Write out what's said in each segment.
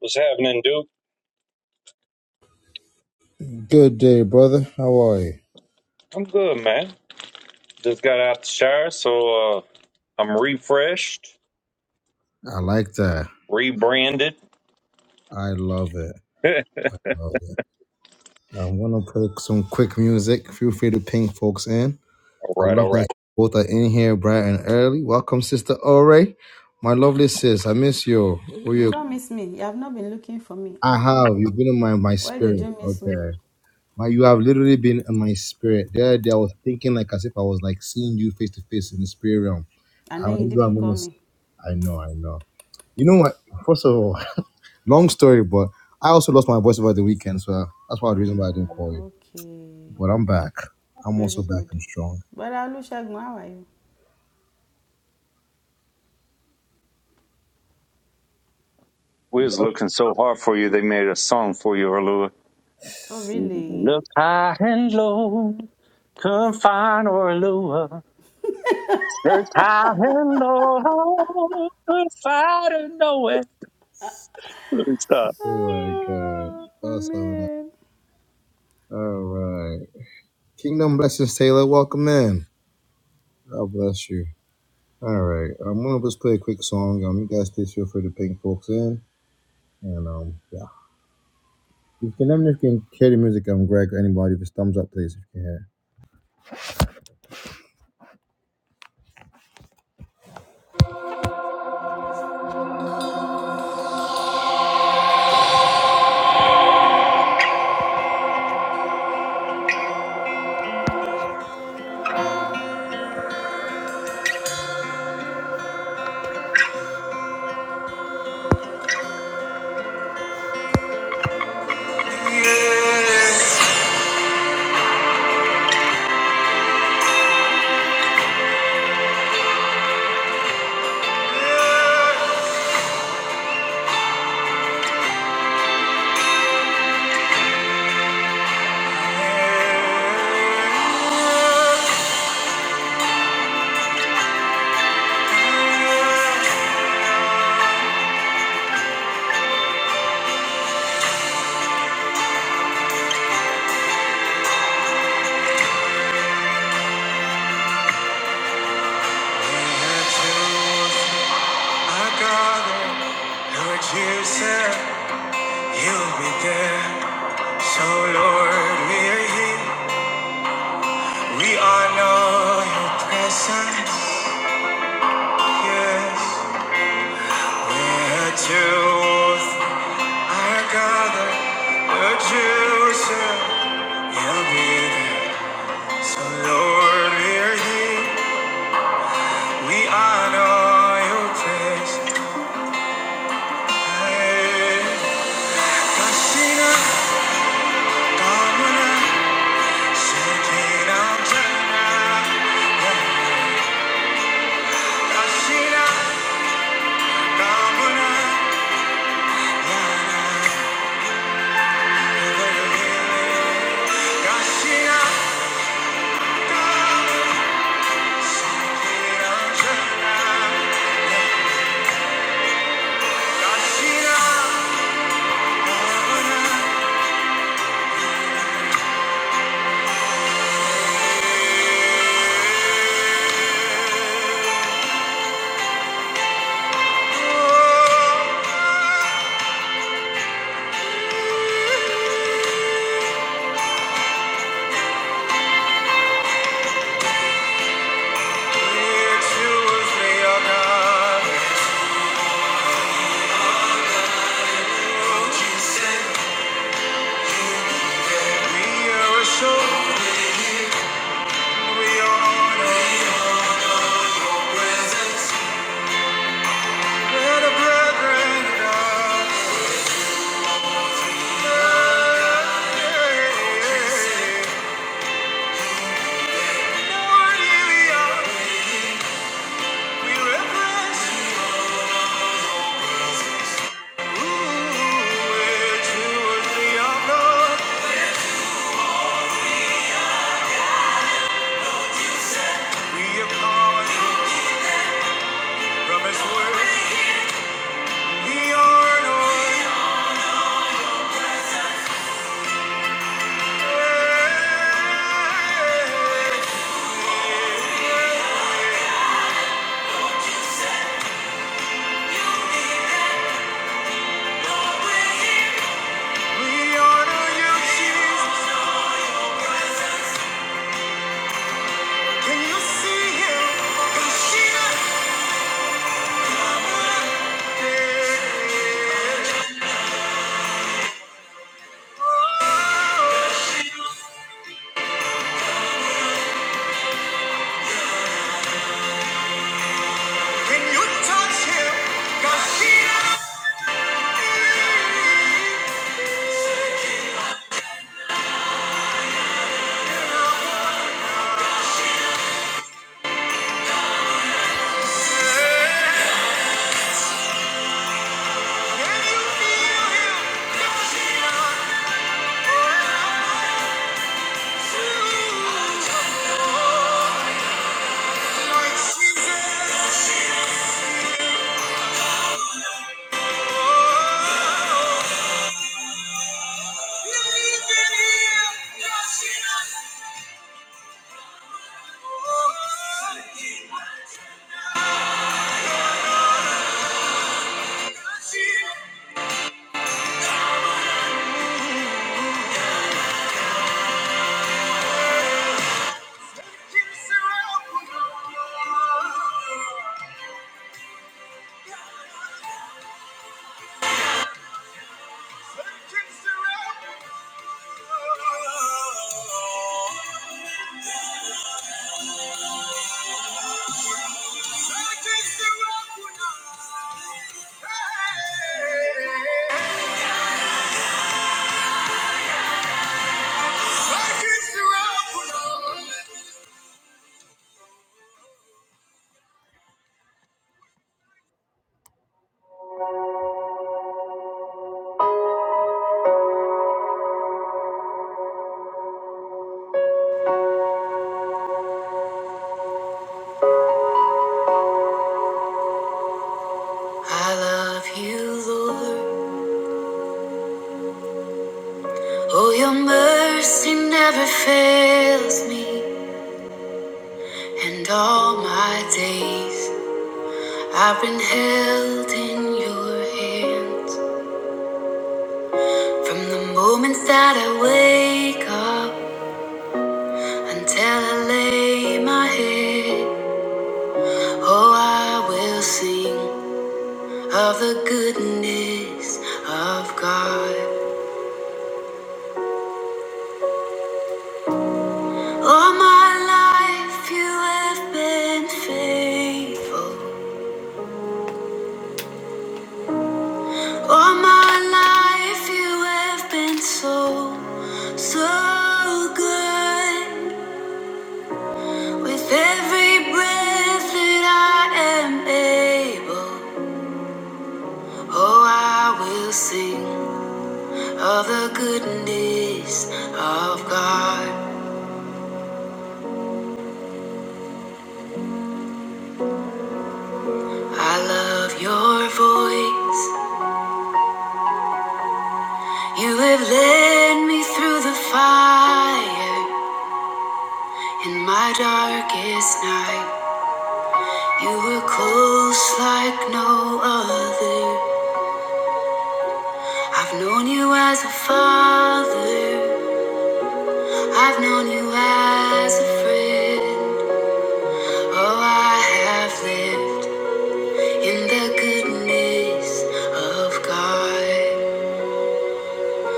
What's happening, Duke? Good day, brother. How are you? I'm good, man. Just got out the shower, so uh, I'm refreshed, I like that. rebranded. I love it. all Love it. I'm gonna play some quick music. Feel free to ping folks in. I right, love all that right. both are in here bright and early. Welcome, Sister Ore. My lovely sis, I miss you. Oh, You you don't miss me. You have not been looking for me I at have. all. You've been in my, my Why did spirit. you miss me? Okay. My, you have literally been in my spirit. The other day I was thinking like as if I was like seeing you face to face in the spirit realm. And I'm like, then this you is what didn't I'm call gonna see. me. I know, I know. You know what? First of all, Long story, but I also lost my voice over the weekend, so that's why the reason why I didn't call Ah, you. okay. But I'm back. I'm Very also back good. and strong. But Olusegun, how are you? We was looking so hard for you, they made a song for you, Alua. Oh, really? Look high and low, couldn't find Orlua. Search high and low, couldn't find her nowhere. Let me Stop. Oh my god. Oh, That's so nice. man. All right. Kingdom blessings, Taylor. Welcome in. God bless you. All right. I'm gonna just play a quick song. Um, you guys please feel free to ping folks in. And um, yeah. If you can let me know if you can hear the music, I'm Greg or anybody. If it's thumbs up, please, if you can hear. I gather what you said, you'll be there. So, Lord, we are here. We honor your presence. Yes, we're truth. are gathered. Lord, you said, you'll be there. So, Lord, we are here. We honor your presence. Hey. Kasina, Kamana. Choose me, O We are on a show. We are Can you see him? Can she not? Can you touch him? Cause he don't Can you feel him? 'Cause he don't want you. Like Jesus. Oh. I love you, Lord. Oh, your mercy never fails me. And all my days I've been held in your hands. From the moment that I wake up until I lay my head, oh, I will sing. of the goodness of God. All my life you have been faithful. All my life you have been so, so good. With every breath that I am able, oh, I will sing of the goodness of God. I love your voice. You have led me through the fire in my darkest night. You were close like no other. I've known you as a father, I've known you as a friend. Oh, I have lived in the goodness of God.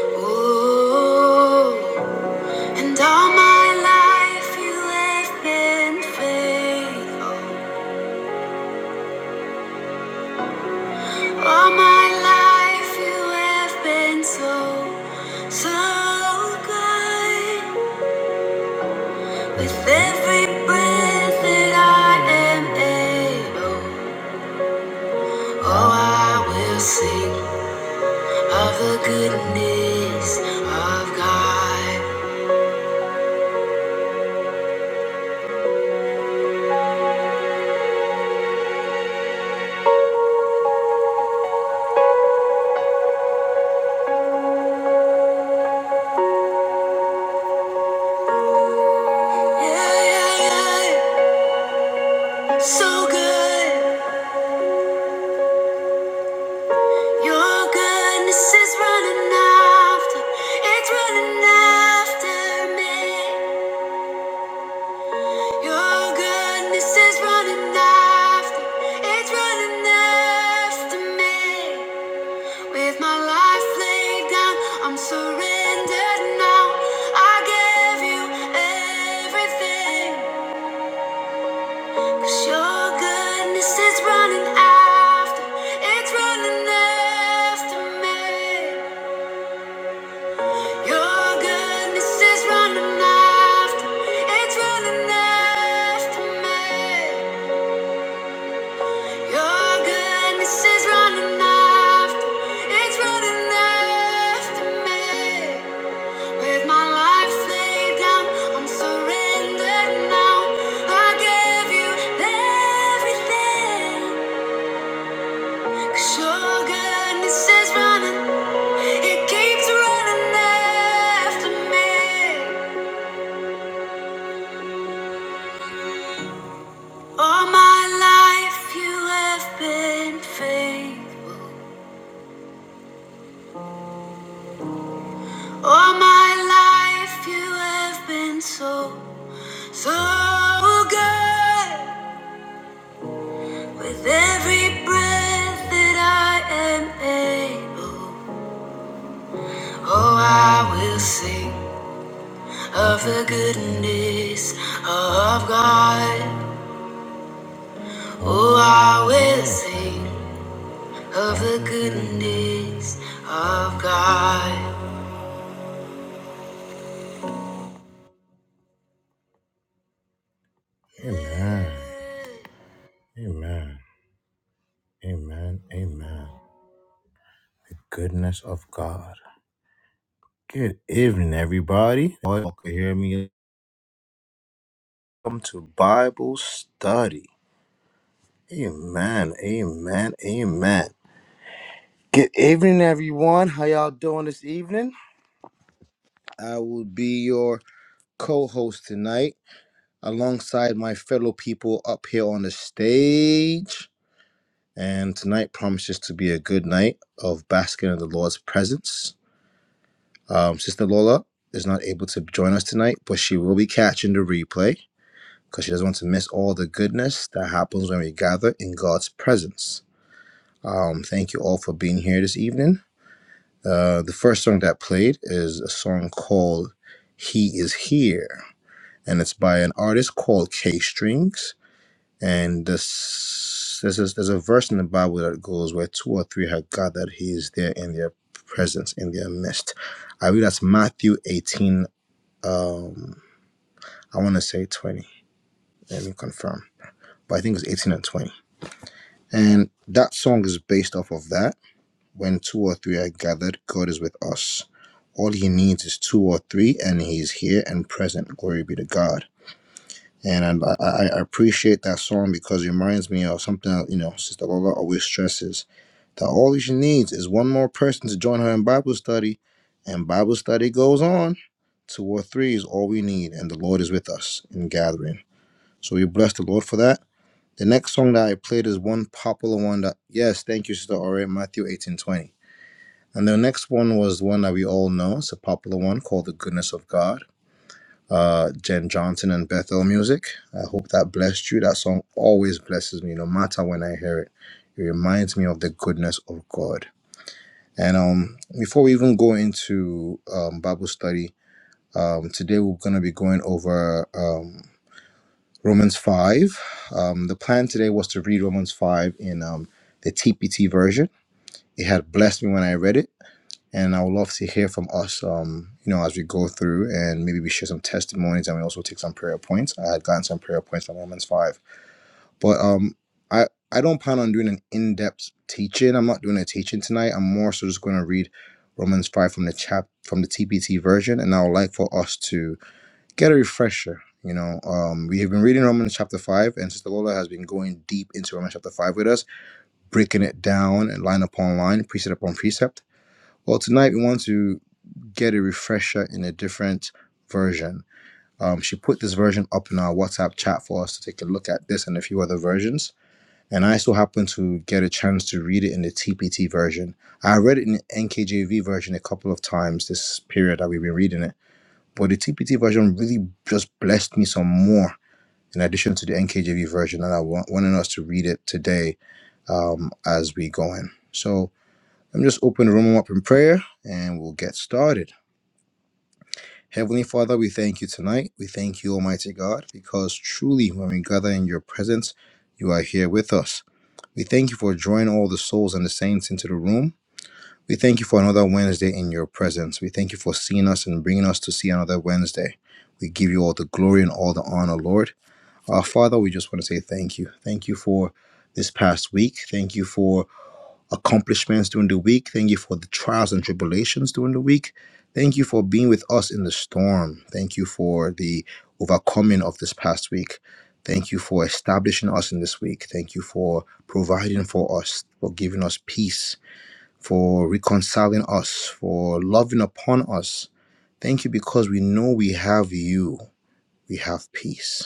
Oh, and all my life you have been faithful. All my life you have been so, so good. With every breath that I am able, oh, I will sing of the goodness of God. Yeah, yeah, yeah. So good. Your goodness is running after, it's running after me. Your goodness is running after, it's running after me. With my life laid down, I'm surrendered now. I give you everything. 'Cause your goodness is running after, it's running after me. Your goodness is running after, it's running after me. Your goodness is running after, it's running after me. With my life laid down, I'm surrendered now. I give you everything. 'Cause your goodness is running, it keeps running after me. All my life you have been faithful. All my life you have been so So good with every breath that I am able. Oh, I will sing of the goodness of God. Oh, I will sing of the goodness of God. Amen. Amen. Amen. Amen. The goodness of God. Good evening, everybody. All can hear me. Welcome to Bible study. Amen. Amen. Amen. Good evening, everyone. How y'all doing this evening? I will be your co-host tonight, alongside my fellow people up here on the stage. And tonight promises to be a good night of basking in the Lord's presence. Um, Sister Lola is not able to join us tonight, but she will be catching the replay because she doesn't want to miss all the goodness that happens when we gather in God's presence. Um, thank you all for being here this evening. Uh, the first song that played is a song called He Is Here, and it's by an artist called K Strings. And this, this is, there's a verse in the Bible that goes, Where two or three have gathered, He is there in their presence, in their midst. I read that's Matthew 18, um, I want to say 20. Let me confirm. But I think it's 18 and 20. And that song is based off of that When two or three are gathered, God is with us. All he needs is two or three, and he's here and present. Glory be to God. And I, I I appreciate that song because it reminds me of something that, you know, Sister Lola always stresses that all she needs is one more person to join her in Bible study, and Bible study goes on. Two or three is all we need, and the Lord is with us in gathering. So we bless the Lord for that. The next song that I played is one popular one that, yes, thank you, Sister Ore, Matthew eighteen twenty. And the next one was one that we all know. It's a popular one called The Goodness of God. Uh, Jen Johnson and Bethel Music. I hope that blessed you. That song always blesses me, no matter when I hear it. It reminds me of the goodness of God. And um, before we even go into um, Bible study, um, today we're going to be going over um, Romans 5. Um, the plan today was to read Romans 5 in um, the TPT version. It had blessed me when I read it And I would love to hear from us, um, you know, as we go through and maybe we share some testimonies and we also take some prayer points. I had gotten some prayer points from Romans 5. But um, I, I don't plan on doing an in depth teaching. I'm not doing a teaching tonight. I'm more so just going to read Romans 5 from the chap from the TPT version. And I would like for us to get a refresher. You know, um, we have been reading Romans chapter 5, and Sister Lola has been going deep into Romans chapter 5 with us breaking it down and line upon line, precept upon precept. Well, tonight we want to get a refresher in a different version. Um, she put this version up in our WhatsApp chat for us to take a look at this and a few other versions. And I so happened to get a chance to read it in the TPT version. I read it in the NKJV version a couple of times this period that we've been reading it, but the TPT version really just blessed me some more in addition to the NKJV version. And I wa- wanted us to read it today um, as we go in. So let me just open the room up in prayer and we'll get started. Heavenly Father, we thank you tonight. We thank you, Almighty God, because truly when we gather in your presence, you are here with us. We thank you for drawing all the souls and the saints into the room. We thank you for another Wednesday in your presence. We thank you for seeing us and bringing us to see another Wednesday. We give you all the glory and all the honor, Lord. Our Father, we just want to say thank you. Thank you for this past week. Thank you for accomplishments during the week. Thank you for the trials and tribulations during the week. Thank you for being with us in the storm. Thank you for the overcoming of this past week. Thank you for establishing us in this week. Thank you for providing for us, for giving us peace, for reconciling us, for loving upon us. Thank you because we know we have you. We have peace.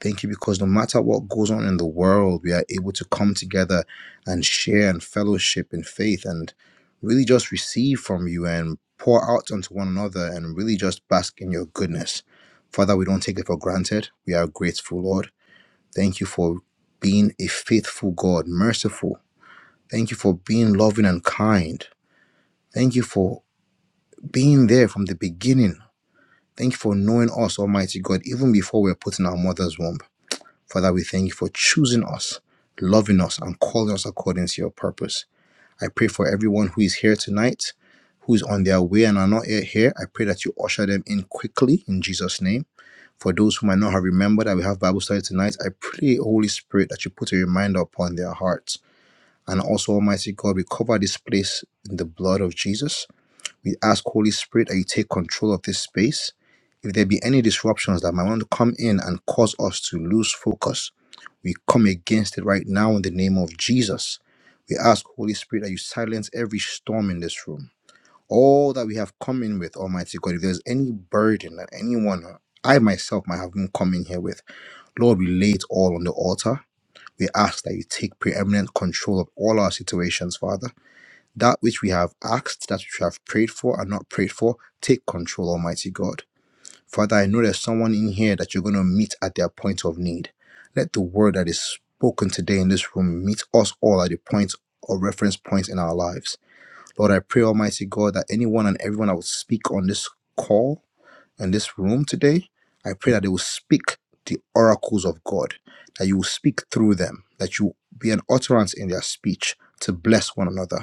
Thank you because no matter what goes on in the world, we are able to come together and share and fellowship in faith and really just receive from you and pour out onto one another and really just bask in your goodness. Father, we don't take it for granted. We are grateful, Lord. Thank you for being a faithful God, merciful. Thank you for being loving and kind. Thank you for being there from the beginning. Thank you for knowing us, Almighty God, even before we were put in our mother's womb. Father, we thank you for choosing us, loving us, and calling us according to your purpose. I pray for everyone who is here tonight, who is on their way and are not yet here. I pray that you usher them in quickly in Jesus' name. For those who might not have remembered that we have Bible study tonight, I pray, Holy Spirit, that you put a reminder upon their hearts. And also, Almighty God, we cover this place in the blood of Jesus. We ask, Holy Spirit, that you take control of this space if there be any disruptions that might want to come in and cause us to lose focus we come against it right now in the name of Jesus. We ask, Holy Spirit, that you silence every storm in this room. All that we have come in with, Almighty God, if there's any burden that anyone, I myself, might have been coming here with, Lord, we lay it all on the altar. We ask that you take preeminent control of all our situations, Father. That which we have asked, that which we have prayed for and not prayed for, take control, Almighty God. Father, I know there's someone in here that you're going to meet at their point of need. Let the word that is spoken today in this room meet us all at the point or reference points in our lives. Lord, I pray, Almighty God, that anyone and everyone that will speak on this call and this room today, I pray that they will speak the oracles of God, that you will speak through them, that you will be an utterance in their speech to bless one another.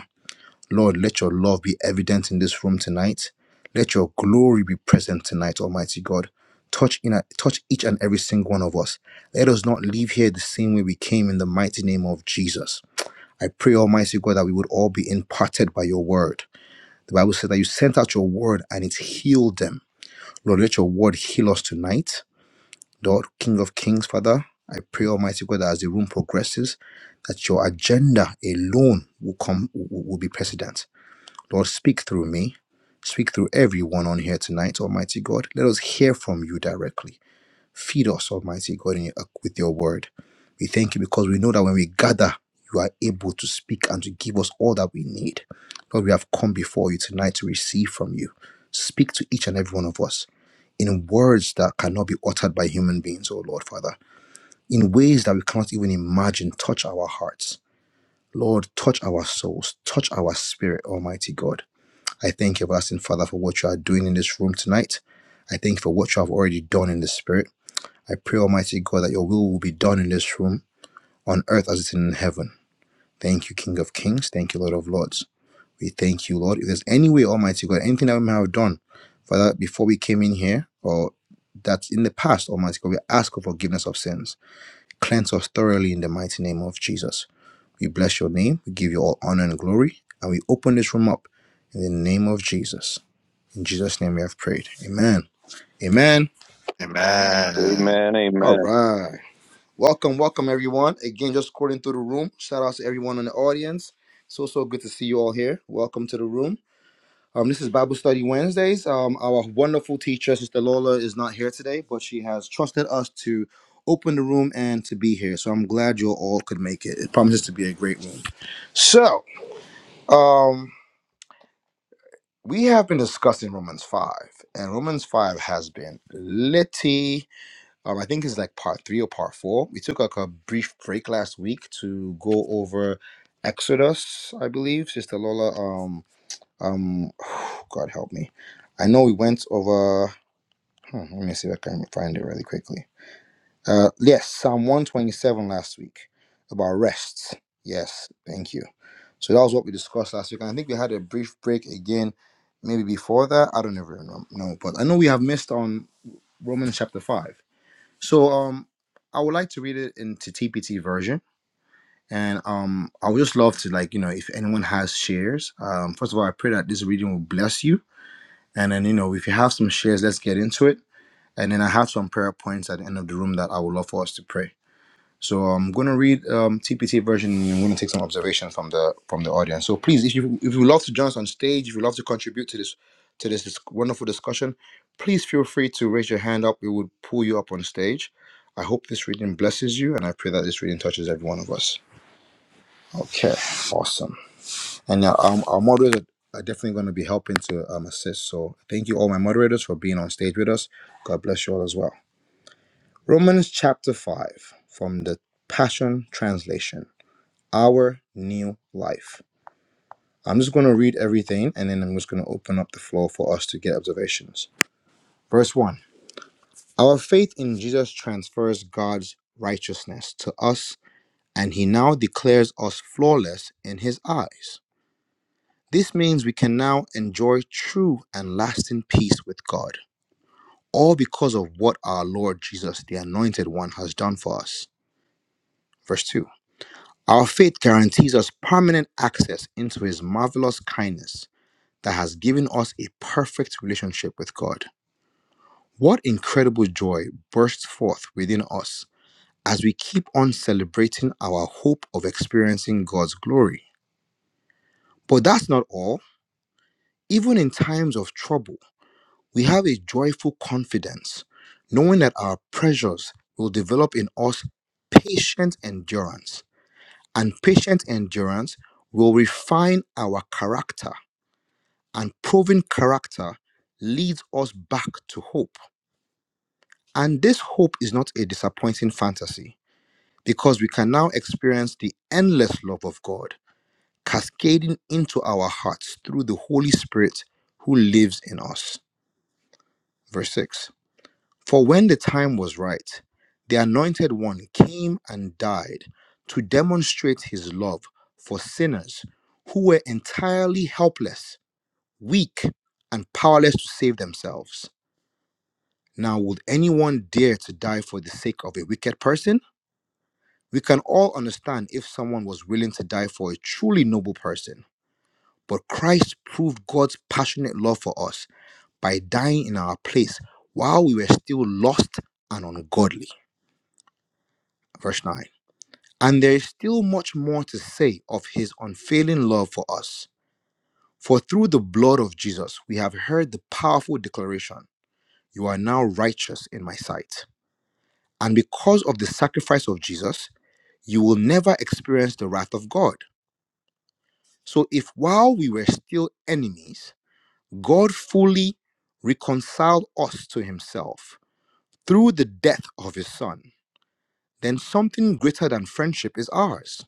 Lord, let your love be evident in this room tonight. Let your glory be present tonight, Almighty God. Touch in a, touch each and every single one of us. Let us not leave here the same way we came in the mighty name of Jesus. I pray, Almighty God, that we would all be imparted by your word. The Bible says that you sent out your word and it healed them. Lord, let your word heal us tonight. Lord, King of Kings, Father, I pray, Almighty God, that as the room progresses, that your agenda alone will come will will be precedent. Lord, speak through me. Speak through everyone on here tonight, Almighty God. Let us hear from you directly. Feed us, Almighty God, in your, uh, with your word. We thank you because we know that when we gather, you are able to speak and to give us all that we need. Lord, we have come before you tonight to receive from you. Speak to each and every one of us in words that cannot be uttered by human beings, oh Lord, Father, in ways that we cannot even imagine. Touch our hearts. Lord, touch our souls, touch our spirit, Almighty God I thank you, everlasting Father, for what you are doing in this room tonight. I thank you for what you have already done in the Spirit. I pray, Almighty God, that your will will be done in this room, on earth as it is in heaven. Thank you, King of Kings. Thank you, Lord of Lords. We thank you, Lord. If there's any way, Almighty God, anything that we may have done, Father, before we came in here, or that in the past, Almighty God, we ask for forgiveness of sins. Cleanse us thoroughly in the mighty name of Jesus. We bless your name. We give you all honor and glory. And we open this room up in the name of Jesus. In Jesus' name we have prayed. Amen. Amen. Amen. Amen, All amen, right. Welcome, welcome everyone. Again, just according through the room. Shout out to everyone in the audience. So so good to see you all here. Welcome to the room. Um, this is Bible Study Wednesdays. Um, our wonderful teacher, Sister Lola, is not here today, but she has trusted us to open the room and to be here. So I'm glad you all could make it. It promises to be a great room. So, um, we have been discussing Romans 5, and Romans 5 has been litty Um, I think it's like part three or part four. We took like a brief break last week to go over Exodus, I believe. Sister Lola, um, um, God help me. I know we went over. hmm, let me see if I can find it really quickly. Uh, yes, Psalm one twenty seven last week about rest. Yes, thank you. So that was what we discussed last week, and I think we had a brief break again, maybe before that. I don't even know, know, but I know we have missed on Romans chapter five. So um, I would like to read it into TPT version, and um, I would just love to like you know if anyone has shares. Um, first of all, I pray that this reading will bless you, and then you know if you have some shares, let's get into it. And then I have some prayer points at the end of the room that I would love for us to pray. So I'm going to read um, TPT version. and I'm going to take some observations from the from the audience. So please, if you if you love to join us on stage, if you love to contribute to this to this, dis- wonderful discussion, please feel free to raise your hand up. We would pull you up on stage. I hope this reading blesses you, and I pray that this reading touches every one of us. Okay, awesome. And now um, our moderators are definitely going to be helping to um, assist. So thank you all my moderators for being on stage with us. God bless you all as well. Romans chapter five from the Passion Translation our new life. I'm just going to read everything and then I'm just going to open up the floor for us to get observations. Verse 1 Our faith in Jesus transfers God's righteousness to us, and He now declares us flawless in His eyes. This means we can now enjoy true and lasting peace with God, all because of what our Lord Jesus, the Anointed One, has done for us. Verse 2 Our faith guarantees us permanent access into His marvelous kindness that has given us a perfect relationship with God. What incredible joy bursts forth within us as we keep on celebrating our hope of experiencing God's glory. But that's not all. Even in times of trouble, we have a joyful confidence, knowing that our pressures will develop in us patient endurance, and patient endurance will refine our character, and proven character leads us back to hope. And this hope is not a disappointing fantasy because we can now experience the endless love of God cascading into our hearts through the Holy Spirit who lives in us. Verse 6 For when the time was right, the Anointed One came and died to demonstrate his love for sinners who were entirely helpless, weak, and powerless to save themselves. Now, would anyone dare to die for the sake of a wicked person? We can all understand if someone was willing to die for a truly noble person, but Christ proved God's passionate love for us by dying in our place while we were still lost and ungodly. Verse 9. And there is still much more to say of his unfailing love for us. For through the blood of Jesus, we have heard the powerful declaration, You are now righteous in my sight. And because of the sacrifice of Jesus, you will never experience the wrath of God. So if while we were still enemies, God fully reconciled us to himself through the death of his son, then something greater than friendship is ours.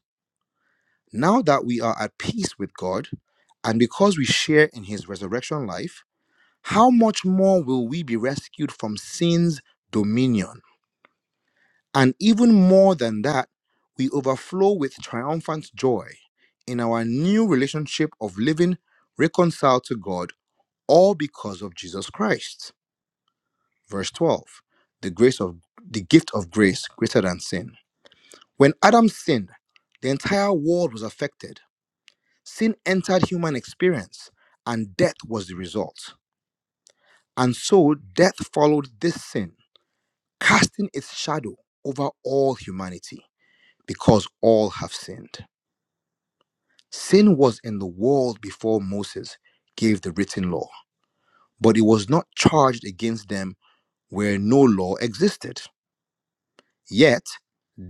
Now that we are at peace with God, and because we share in his resurrection life, how much more will we be rescued from sin's dominion? And even more than that, we overflow with triumphant joy in our new relationship of living reconciled to God all because of Jesus Christ. Verse 12. The grace of the gift of grace greater than sin. When Adam sinned, the entire world was affected. Sin entered human experience and death was the result. And so death followed this sin, casting its shadow over all humanity because all have sinned. Sin was in the world before Moses gave the written law, but it was not charged against them where no law existed. Yet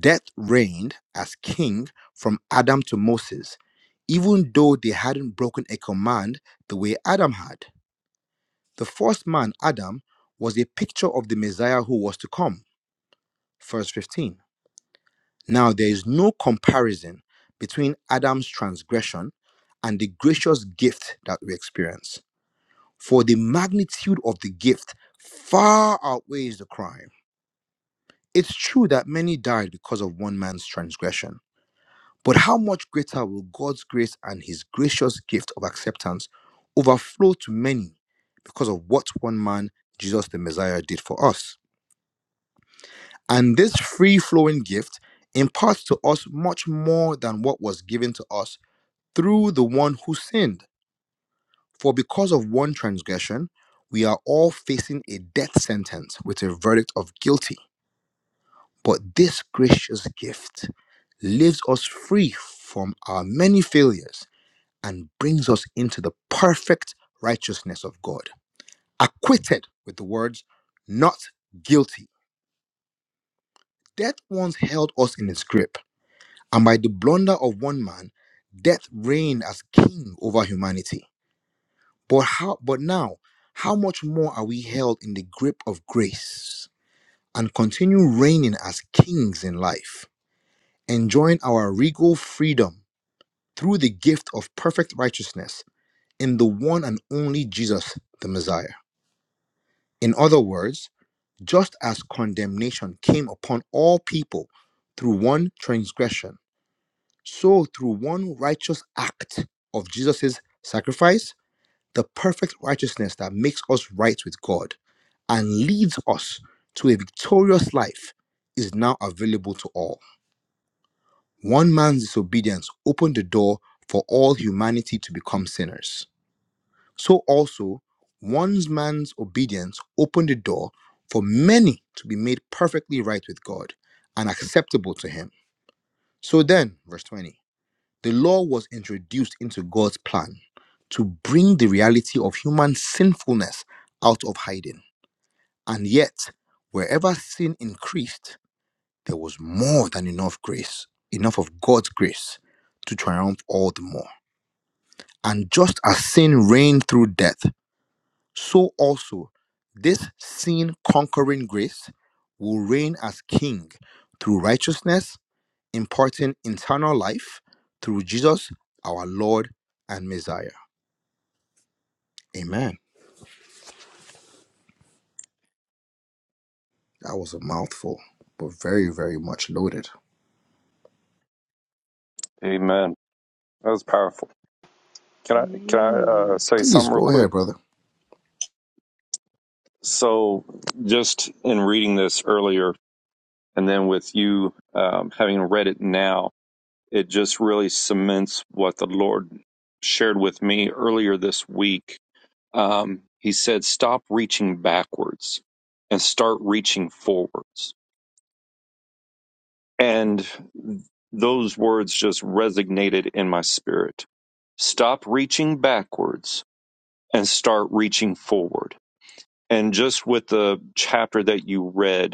death reigned as king from Adam to Moses, even though they hadn't broken a command the way Adam had. The first man, Adam, was a picture of the Messiah who was to come. Verse 15. Now there is no comparison between Adam's transgression and the gracious gift that we experience. For the magnitude of the gift far outweighs the crime. It's true that many died because of one man's transgression. But how much greater will God's grace and his gracious gift of acceptance overflow to many because of what one man, Jesus the Messiah, did for us? And this free flowing gift imparts to us much more than what was given to us through the one who sinned. For because of one transgression, we are all facing a death sentence with a verdict of guilty. But this gracious gift leaves us free from our many failures and brings us into the perfect righteousness of God. Acquitted with the words, not guilty. Death once held us in its grip, and by the blunder of one man, death reigned as king over humanity. But how but now, how much more are we held in the grip of grace and continue reigning as kings in life, enjoying our regal freedom through the gift of perfect righteousness in the one and only Jesus, the Messiah? In other words, just as condemnation came upon all people through one transgression, so through one righteous act of Jesus' sacrifice, the perfect righteousness that makes us right with God and leads us to a victorious life is now available to all. One man's disobedience opened the door for all humanity to become sinners. So also, one man's obedience opened the door for many to be made perfectly right with God and acceptable to Him. So then, verse 20, the law was introduced into God's plan to bring the reality of human sinfulness out of hiding. And yet, wherever sin increased, there was more than enough grace, enough of God's grace to triumph all the more. And just as sin reigned through death, so also this sin conquering grace will reign as king through righteousness, imparting internal life through Jesus, our Lord and Messiah. Amen. That was a mouthful, but very, very much loaded. amen. That was powerful. Can I can I Mm. uh, say Please something real go quick? ahead, brother. So, just in reading this earlier, and then with you um, having read it now, it just really cements what the Lord shared with me earlier this week. Um, he said, Stop reaching backwards and start reaching forwards. And those words just resonated in my spirit. Stop reaching backwards and start reaching forward. And just with the chapter that you read,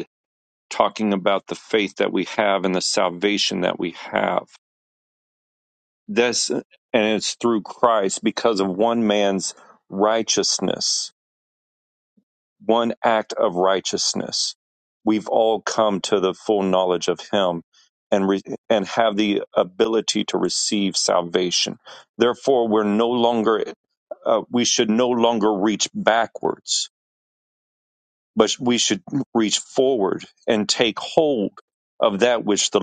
talking about the faith that we have and the salvation that we have. This, and it's through Christ because of one man's righteousness, one act of righteousness. We've all come to the full knowledge of Him and, re- and have the ability to receive salvation. Therefore, we're no longer, uh, we should no longer reach backwards but we should reach forward and take hold of that which the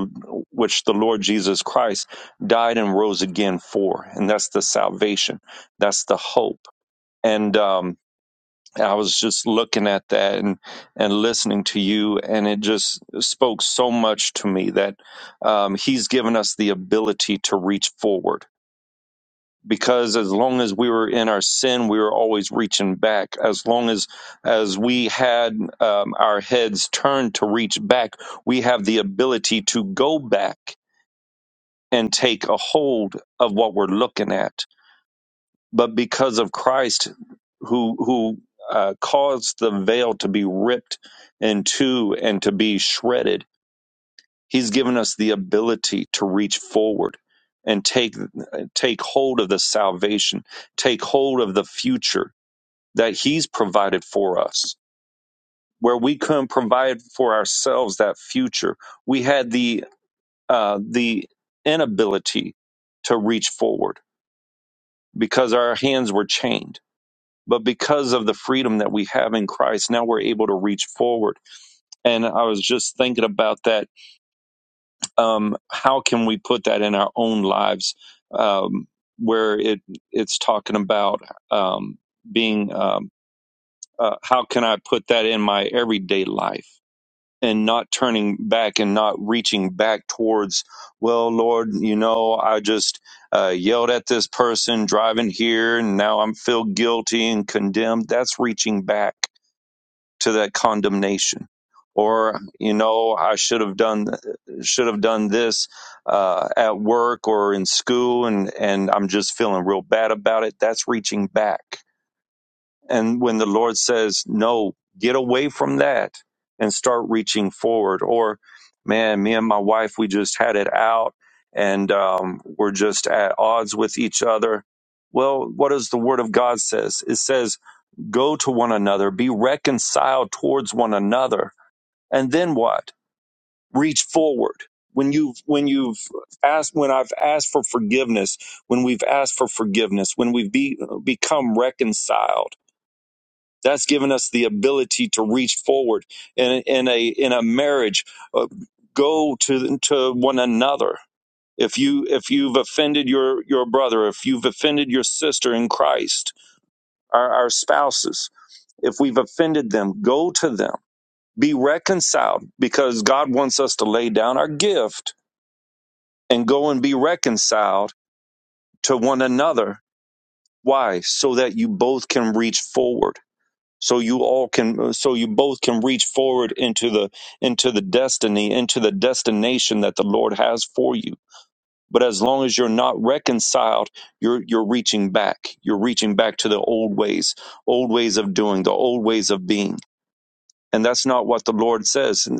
which the Lord Jesus Christ died and rose again for, and that's the salvation, that's the hope. And um, I was just looking at that and and listening to you, and it just spoke so much to me that um, He's given us the ability to reach forward because as long as we were in our sin, we were always reaching back. As long as as we had um, our heads turned to reach back, we have the ability to go back and take a hold of what we're looking at. But because of Christ, who who uh, caused the veil to be ripped in two and to be shredded He's given us the ability to reach forward and take take hold of the salvation, take hold of the future that he's provided for us. Where we couldn't provide for ourselves that future, we had the uh, the inability to reach forward because our hands were chained. But because of the freedom that we have in Christ, now we're able to reach forward. And I was just thinking about that um, how can we put that in our own lives um, where it it's talking about um, being um, uh, how can I put that in my everyday life and not turning back and not reaching back towards well Lord you know I just uh, yelled at this person driving here and now I'm feel guilty and condemned that's reaching back to that condemnation or you know i should have done should have done this uh, at work or in school and and i'm just feeling real bad about it that's reaching back and when the lord says no get away from that and start reaching forward or man me and my wife we just had it out and um, we're just at odds with each other well what does the word of god says it says Go to one another, be reconciled towards one another. And then what? Reach forward. When you've when you've asked when I've asked for forgiveness, when we've asked for forgiveness, when we've be, become reconciled, that's given us the ability to reach forward in, in a in a marriage. Uh, go to to one another. If you if you've offended your your brother, if you've offended your sister in Christ, our, our spouses, if we've offended them, go to them, be reconciled, because God wants us to lay down our gift and go and be reconciled to one another. Why? So that you both can reach forward. So you all can, so you both can reach forward into the, into the destiny, into the destination that the Lord has for you. But as long as you're not reconciled, you're, you're reaching back. You're reaching back to the old ways, old ways of doing, the old ways of being And that's not what the Lord says. In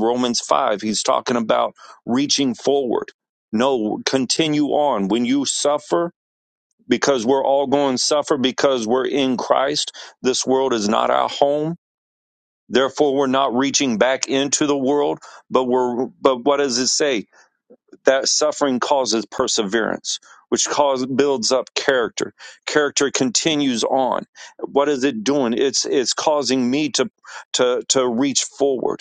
Romans 5, he's talking about reaching forward. No, continue on. When you suffer, because we're all going to suffer because we're in Christ, this world is not our home. Therefore, we're not reaching back into the world, but we're, but what does it say? That suffering causes perseverance, which cause, builds up character. Character continues on. What is it doing? It's, it's causing me to, to, to reach forward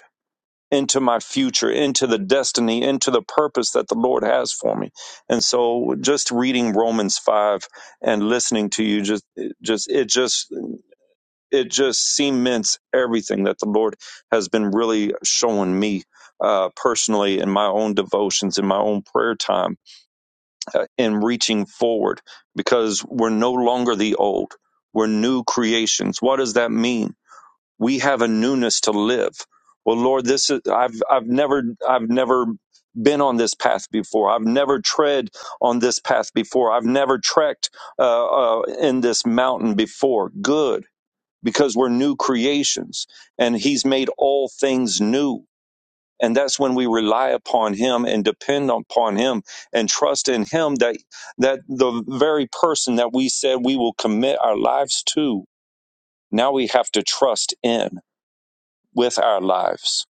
into my future, into the destiny, into the purpose that the Lord has for me. And so just reading Romans 5 and listening to you just it just it just it just cements everything that the Lord has been really showing me uh, personally in my own devotions, in my own prayer time, uh, in reaching forward because we're no longer the old. We're new creations. What does that mean? we have a newness to live. Well, Lord, this is I've I've never I've never been on this path before. I've never tread on this path before. I've never trekked uh, uh, in this mountain before. Good, because we're new creations, and He's made all things new. And that's when we rely upon Him and depend upon Him and trust in Him that that the very person that we said we will commit our lives to, now we have to trust in with our lives,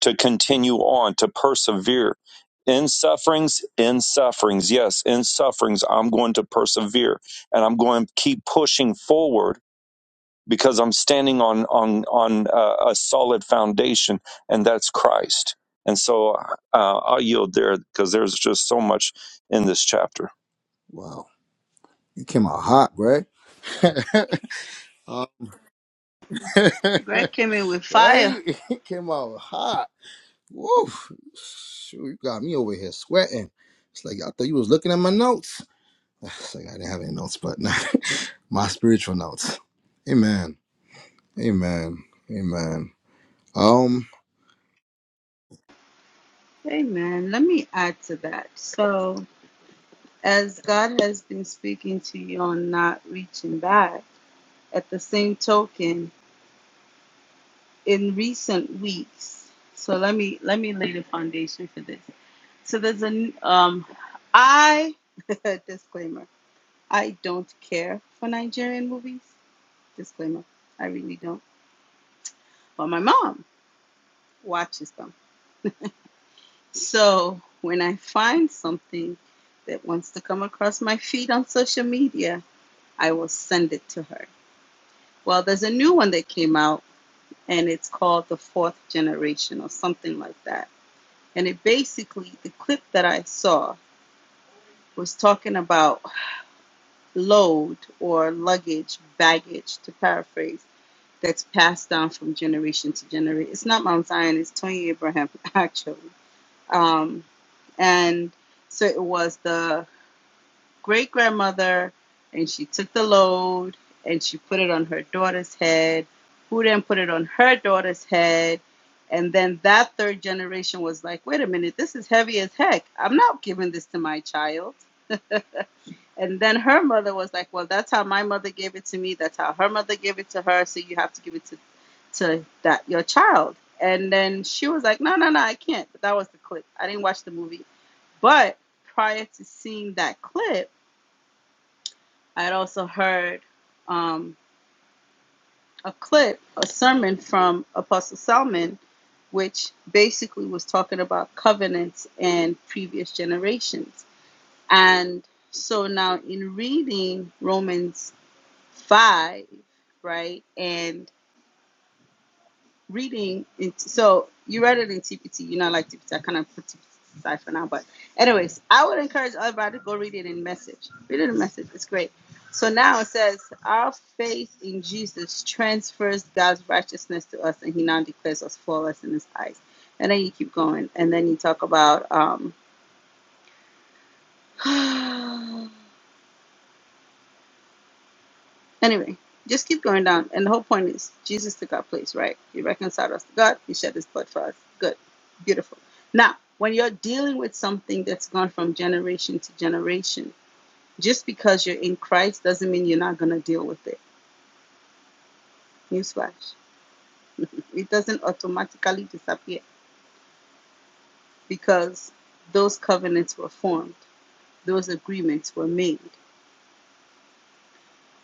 to continue on, to persevere. In sufferings, in sufferings, yes, in sufferings, I'm going to persevere and I'm going to keep pushing forward because I'm standing on on on uh, a solid foundation, and that's Christ. And so uh, I'll yield there because there's just so much in this chapter. Wow. Right? Greg came in with fire. Right? It came out hot. Woo! Shoot, you got me over here sweating. It's like I thought you was looking at my notes. It's like I didn't have any notes, but nah, my spiritual notes. Amen. Amen. Amen. Um, Amen. Let me add to that. So, as God has been speaking to you on not reaching back, at the same token, in recent weeks so let me let me lay the foundation for this so there's an um i disclaimer i don't care for nigerian movies disclaimer i really don't but my mom watches them so when i find something that wants to come across my feed on social media i will send it to her well there's a new one that came out and it's called the fourth generation or something like that And it basically, the clip that I saw was talking about load or luggage, baggage, to paraphrase, that's passed down from generation to generation. It's not Mount Zion, it's Tony Abraham, actually. Um, and so it was the great grandmother, and she took the load and she put it on her daughter's head, who then put it on her daughter's head. And then that third generation was like, wait a minute, this is heavy as heck. I'm not giving this to my child. And then her mother was like, well, that's how my mother gave it to me. That's how her mother gave it to her. So you have to give it to, to that your child. And then she was like, no, no, no, I can't. But that was the clip. I didn't watch the movie. But prior to seeing that clip, I had also heard um, a clip, a sermon from Apostle Salmon, which basically was talking about covenants and previous generations. And so now in reading Romans 5, right, and reading in so you read it in TPT. You know, like TPT. I kind of put TPT aside for now, but anyways, I would encourage everybody to go read it in message. Read it in message. It's great. So now it says, our faith in Jesus transfers God's righteousness to us, and He now declares us flawless in His eyes. And then you keep going, and then you talk about um, Anyway, just keep going down. And the whole point is Jesus took our place, right? He reconciled us to God. He shed his blood for us. Good. Beautiful. Now, when you're dealing with something that's gone from generation to generation, just because you're in Christ doesn't mean you're not going to deal with it. Newsflash. It doesn't automatically disappear because those covenants were formed, those agreements were made.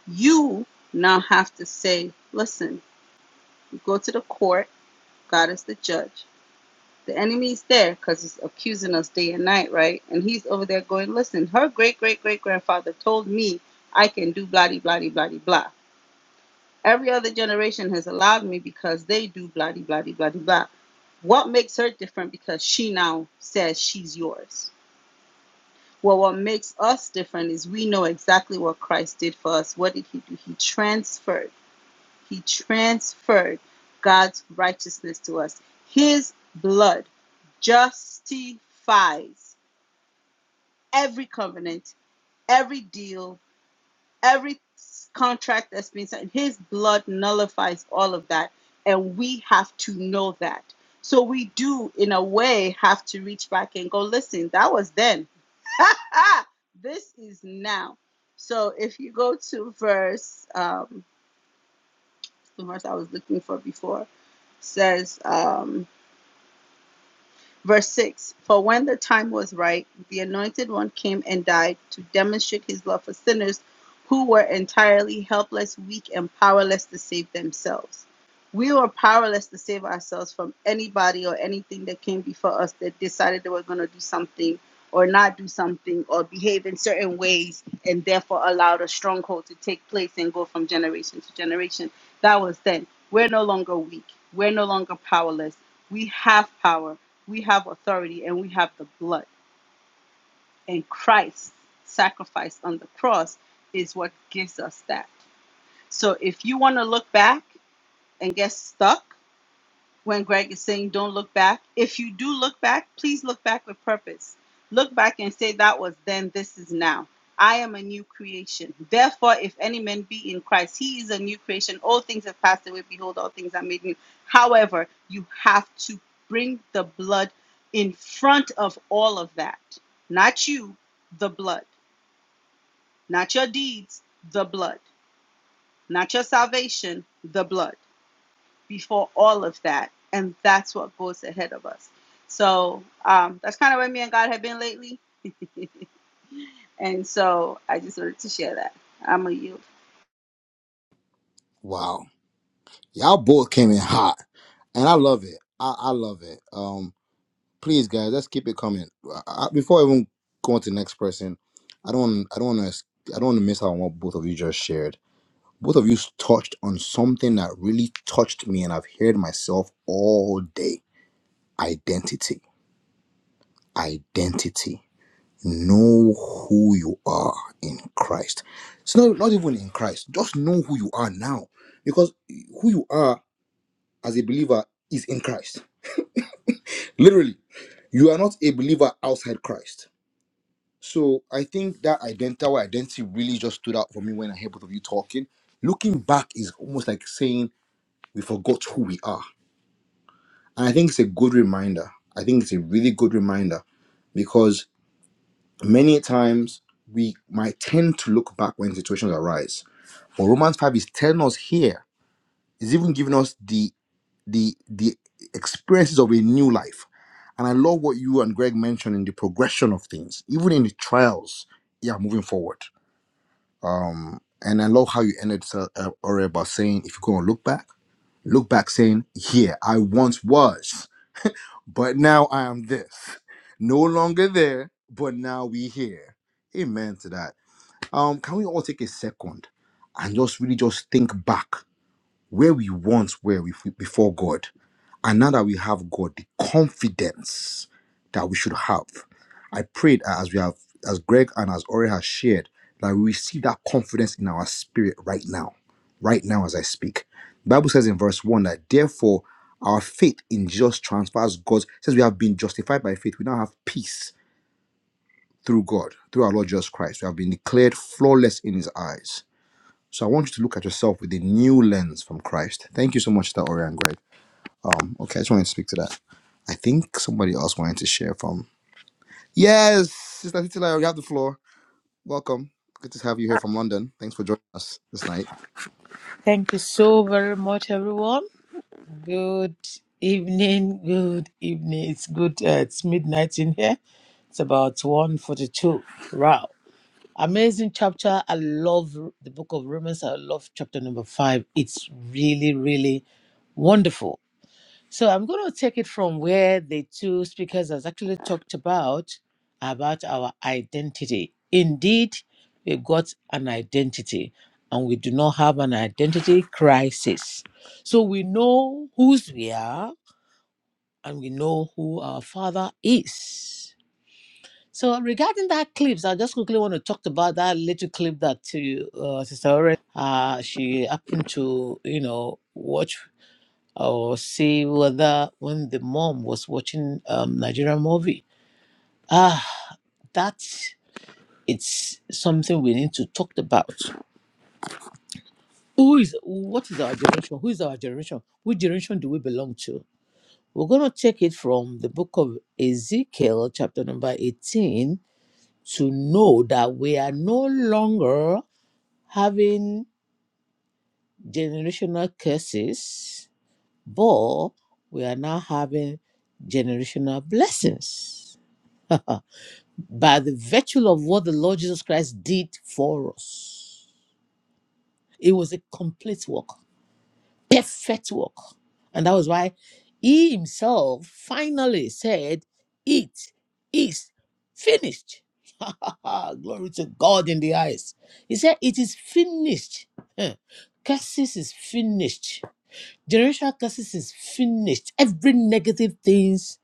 You now have to say, listen, you go to the court, God is the judge. The enemy's there because he's accusing us day and night, right? And he's over there going, listen, her great great great grandfather told me I can do bloody bloody bloody blah. Every other generation has allowed me because they do bloody bloody bloody blah. What makes her different because she now says she's yours? Well, what makes us different is we know exactly what Christ did for us. What did he do? He transferred he transferred God's righteousness to us. His blood justifies every covenant, every deal, every contract that's been signed. His blood nullifies all of that. And we have to know that. So we do, in a way, have to reach back and go, listen, that was then. Ah, this is now. So if you go to verse, um, the verse I was looking for before, so. um, Verse 6 For when the time was right, the Anointed One came and died to demonstrate his love for sinners who were entirely helpless, weak, and powerless to save themselves to save ourselves from anybody or anything that came before us that decided they were going to do something or not do something or behave in certain ways and therefore allowed a stronghold to take place and go from generation to generation. That was then. We're no longer weak. We're no longer powerless. We have power, we have authority, and we have the blood. And Christ's sacrifice on the cross is what gives us that. So if you want to look back and get stuck, when Greg is saying don't look back. If you do look back, please look back with purpose. Look back and say that was then, this is now. I am a new creation. Therefore, if any man be in Christ, he is a new creation. All things have passed away. Behold, all things are made new. However, you have to bring the blood in front of all of that. Not you, the blood. Not your deeds, the blood. Not your salvation, the blood before all of that. And that's what goes ahead of us. So um, that's kind of where me and God have been lately. And so I just wanted to share that. I'm a you. wow. Y'all both came in hot. And I love it. I, I love it. Um, please guys, let's keep it coming. I, I, before I even go on to the next person, I don't I don't wanna I don't wanna miss out on what both of you just shared. Both of you touched on something that really touched me and I've heard myself all day. Identity. Identity Know who you are in Christ. It's not, not even in Christ. Just know who you are now. Because who you are as a believer is in Christ. Literally, you are not a believer outside Christ. So I think that ident- our identity really just stood out for me when I heard both of you talking. Looking back is almost like saying we forgot who we are. And I think it's a good reminder. I think it's a really good reminder because many times we might tend to look back when situations arise But Romans 5 is telling us here, it's even giving us the the the experiences of a new life. And I love what you and Greg mentioned in the progression of things, even in the trials. Yeah, moving forward. Um, and I love how you ended uh, uh, Ori, by saying, if you're going to look back, look back saying, yeah, I once was, but now I am this. No longer there, but now we here. Amen to that. Um, can we all take a second and just really just think back where we once were with- before God. And now that we have God, the confidence that we should have. I pray that as we have, as Greg and as Ori has shared, that we receive that confidence in our spirit right now, right now as I speak. The Bible says in verse 1 that therefore our faith in Jesus transfers God's, it says we have been justified by faith. We now have peace through God, through our Lord Jesus Christ. We have been declared flawless in his eyes. So I want you to look at yourself with a new lens from Christ. Thank you so much, that Orion Greg. Um, okay, I just wanted to speak to that. I think somebody else wanted to share from. Yes, Sister Titila, you have the floor. Welcome. Good to have you here from London. Thanks for joining us this night. Thank you so very much, everyone. Good evening. Good evening. It's good. Uh, it's midnight in here. It's about one forty-two. Wow. Amazing chapter. I love the book of Romans. I love chapter number five. It's really, really wonderful. So I'm going to take it from where the two speakers has actually talked about about our identity. Indeed, we got an identity and we do not have an identity crisis. So we know whose we are and we know who our father is. So regarding that clips, I just quickly want to talk about that little clip that uh, Sister Ore, uh, she happened to, you know, watch or say whether when the mom was watching um, Nigerian movie. Ah, that it's something we need to talk about. Who is what is our generation? Who is our generation? Which generation do we belong to? We're gonna take it from the book of Ezekiel, chapter number 18, to know that we are no longer having generational curses, but we are now having generational blessings. by the virtue of what the Lord Jesus Christ did for us. It was a complete work, perfect work. And that was why he himself finally said, It is finished. Glory to God in the highest. He said, It is finished. Huh. Curses is finished. Generational curses is finished. Every negative things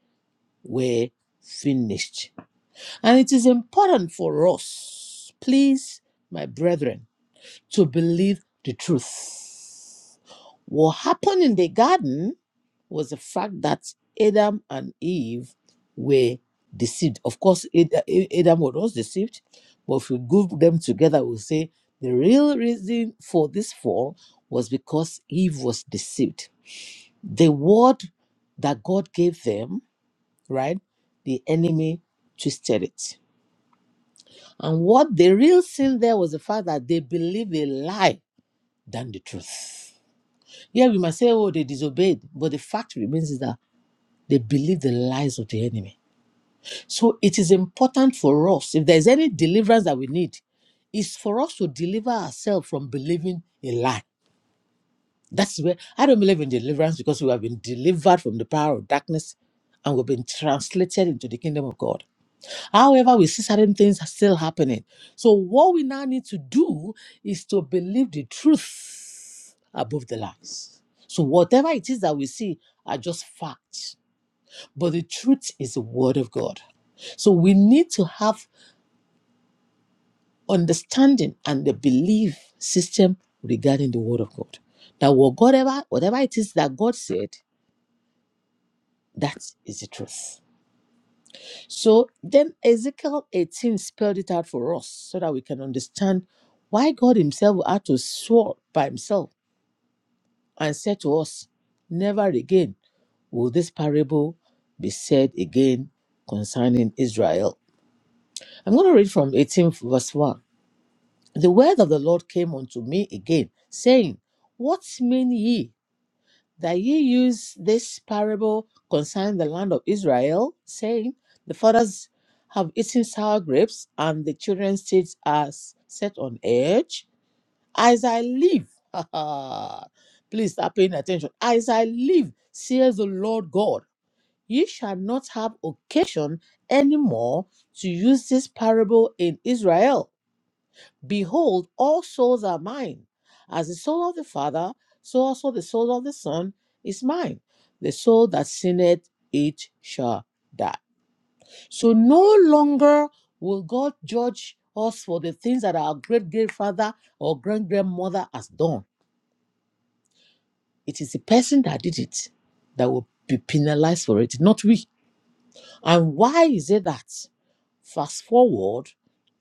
were finished And it is important for us, please, my brethren, to believe the truth. What happened in the garden was the fact that Adam and Eve were deceived. Of course, Ad- Adam was deceived, but if we group them together, we'll say the real reason for this fall was because Eve was deceived. The word that God gave them, right, the enemy twisted it And what the real sin there was the fact that they believed a lie than the truth. Yeah, we must say, oh, they disobeyed, but the fact remains is that they believe the lies of the enemy. So it is important for us, if there's any deliverance that we need, is for us to deliver ourselves from believing a lie. That's where I don't believe in deliverance because we have been delivered from the power of darkness and we've been translated into the kingdom of God. However, we see certain things are still happening. So, what we now need to do is to believe the truth above the lies. So, whatever it is that we see are just facts, but the truth is the word of God. So, we need to have understanding and the belief system regarding the word of God. That whatever, whatever it is that God said, that is the truth. So then Ezekiel 18 spelled it out for us so that we can understand why God Himself had to swear by Himself and said to us, Never again will this parable be said again concerning Israel. I'm going to read from 18 verse 1. The word of the Lord came unto me again, saying, What mean ye? that ye use this parable concerning the land of Israel, saying, The fathers have eaten sour grapes, and the children's teeth are s- set on edge. As I live, please start paying attention. As I live, says the Lord God, ye shall not have occasion any more to use this parable in Israel Behold, all souls are mine. As the soul of the Father, so also the soul of the Son is mine. The soul that sinneth, it shall die. So no longer will God judge us for the things that our great grandfather or grand grandmother has done. It is the person that did it that will be penalized for it, not we. And why is it that? Fast forward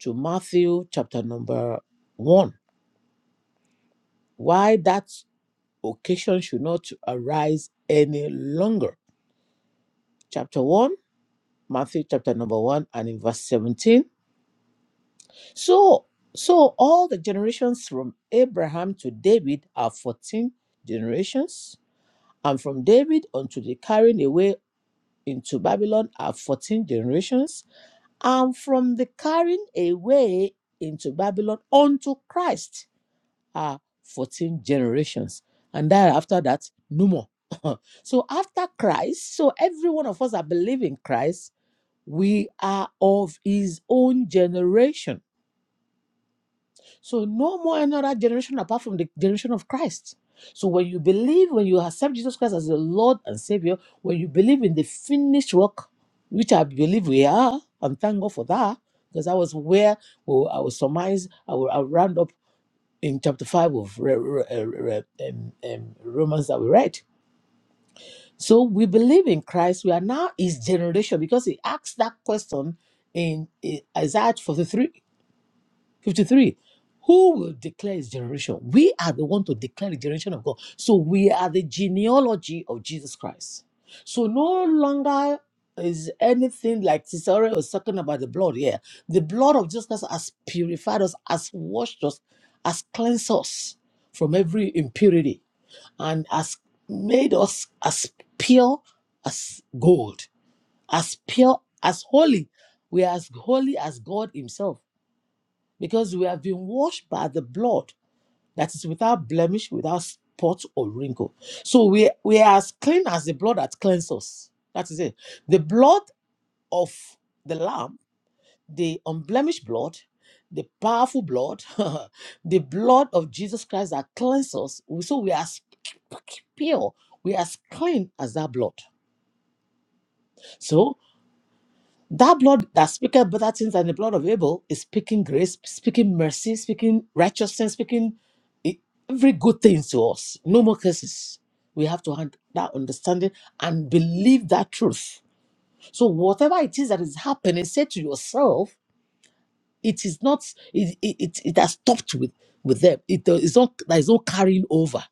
to Matthew chapter number one. Why that? occasion should not arise any longer. Chapter 1, Matthew chapter number 1 and in verse 17. So so all the generations from Abraham to David are 14 generations, and from David unto the carrying away into Babylon are 14 generations, and from the carrying away into Babylon unto Christ uh, 14 generations. And then after that, no more. so after Christ, so every one of us that believe in Christ, we are of his own generation. So no more another generation apart from the generation of Christ. So when you believe, when you accept Jesus Christ as the Lord and Savior, when you believe in the finished work, which I believe we are, and thank God for that, because that was where well, I will surmise, I will, I will round up in chapter 5 of Re- Re- uh, Re- um, um, Romans that we read. So we believe in Christ. We are now his generation because he asked that question in uh, Isaiah 43 53. Who will declare his generation? We are the one to declare the generation of God. So we are the genealogy of Jesus Christ. So no longer is anything like Cesare was talking about the blood here. The blood of Jesus Christ has purified us, has washed us, has cleansed us from every impurity, and has made us as pure as gold, as pure as holy. We are as holy as God Himself because we have been washed by the blood that is without blemish, without spot or wrinkle. So we, we are as clean as the blood that cleanses us. That is it. The blood of the Lamb, the unblemished blood, the powerful blood, the blood of Jesus Christ that cleanses us. So we are as pure, we are as clean as that blood. So. That blood that speaketh better things than the blood of Abel is speaking grace, speaking mercy, speaking righteousness, speaking e- every good thing to us. No more curses. We have to have that understanding and believe that truth. So whatever it is that is happening, say to yourself, it is not. It it, it, it has stopped with with them. It there is not. There is no carrying over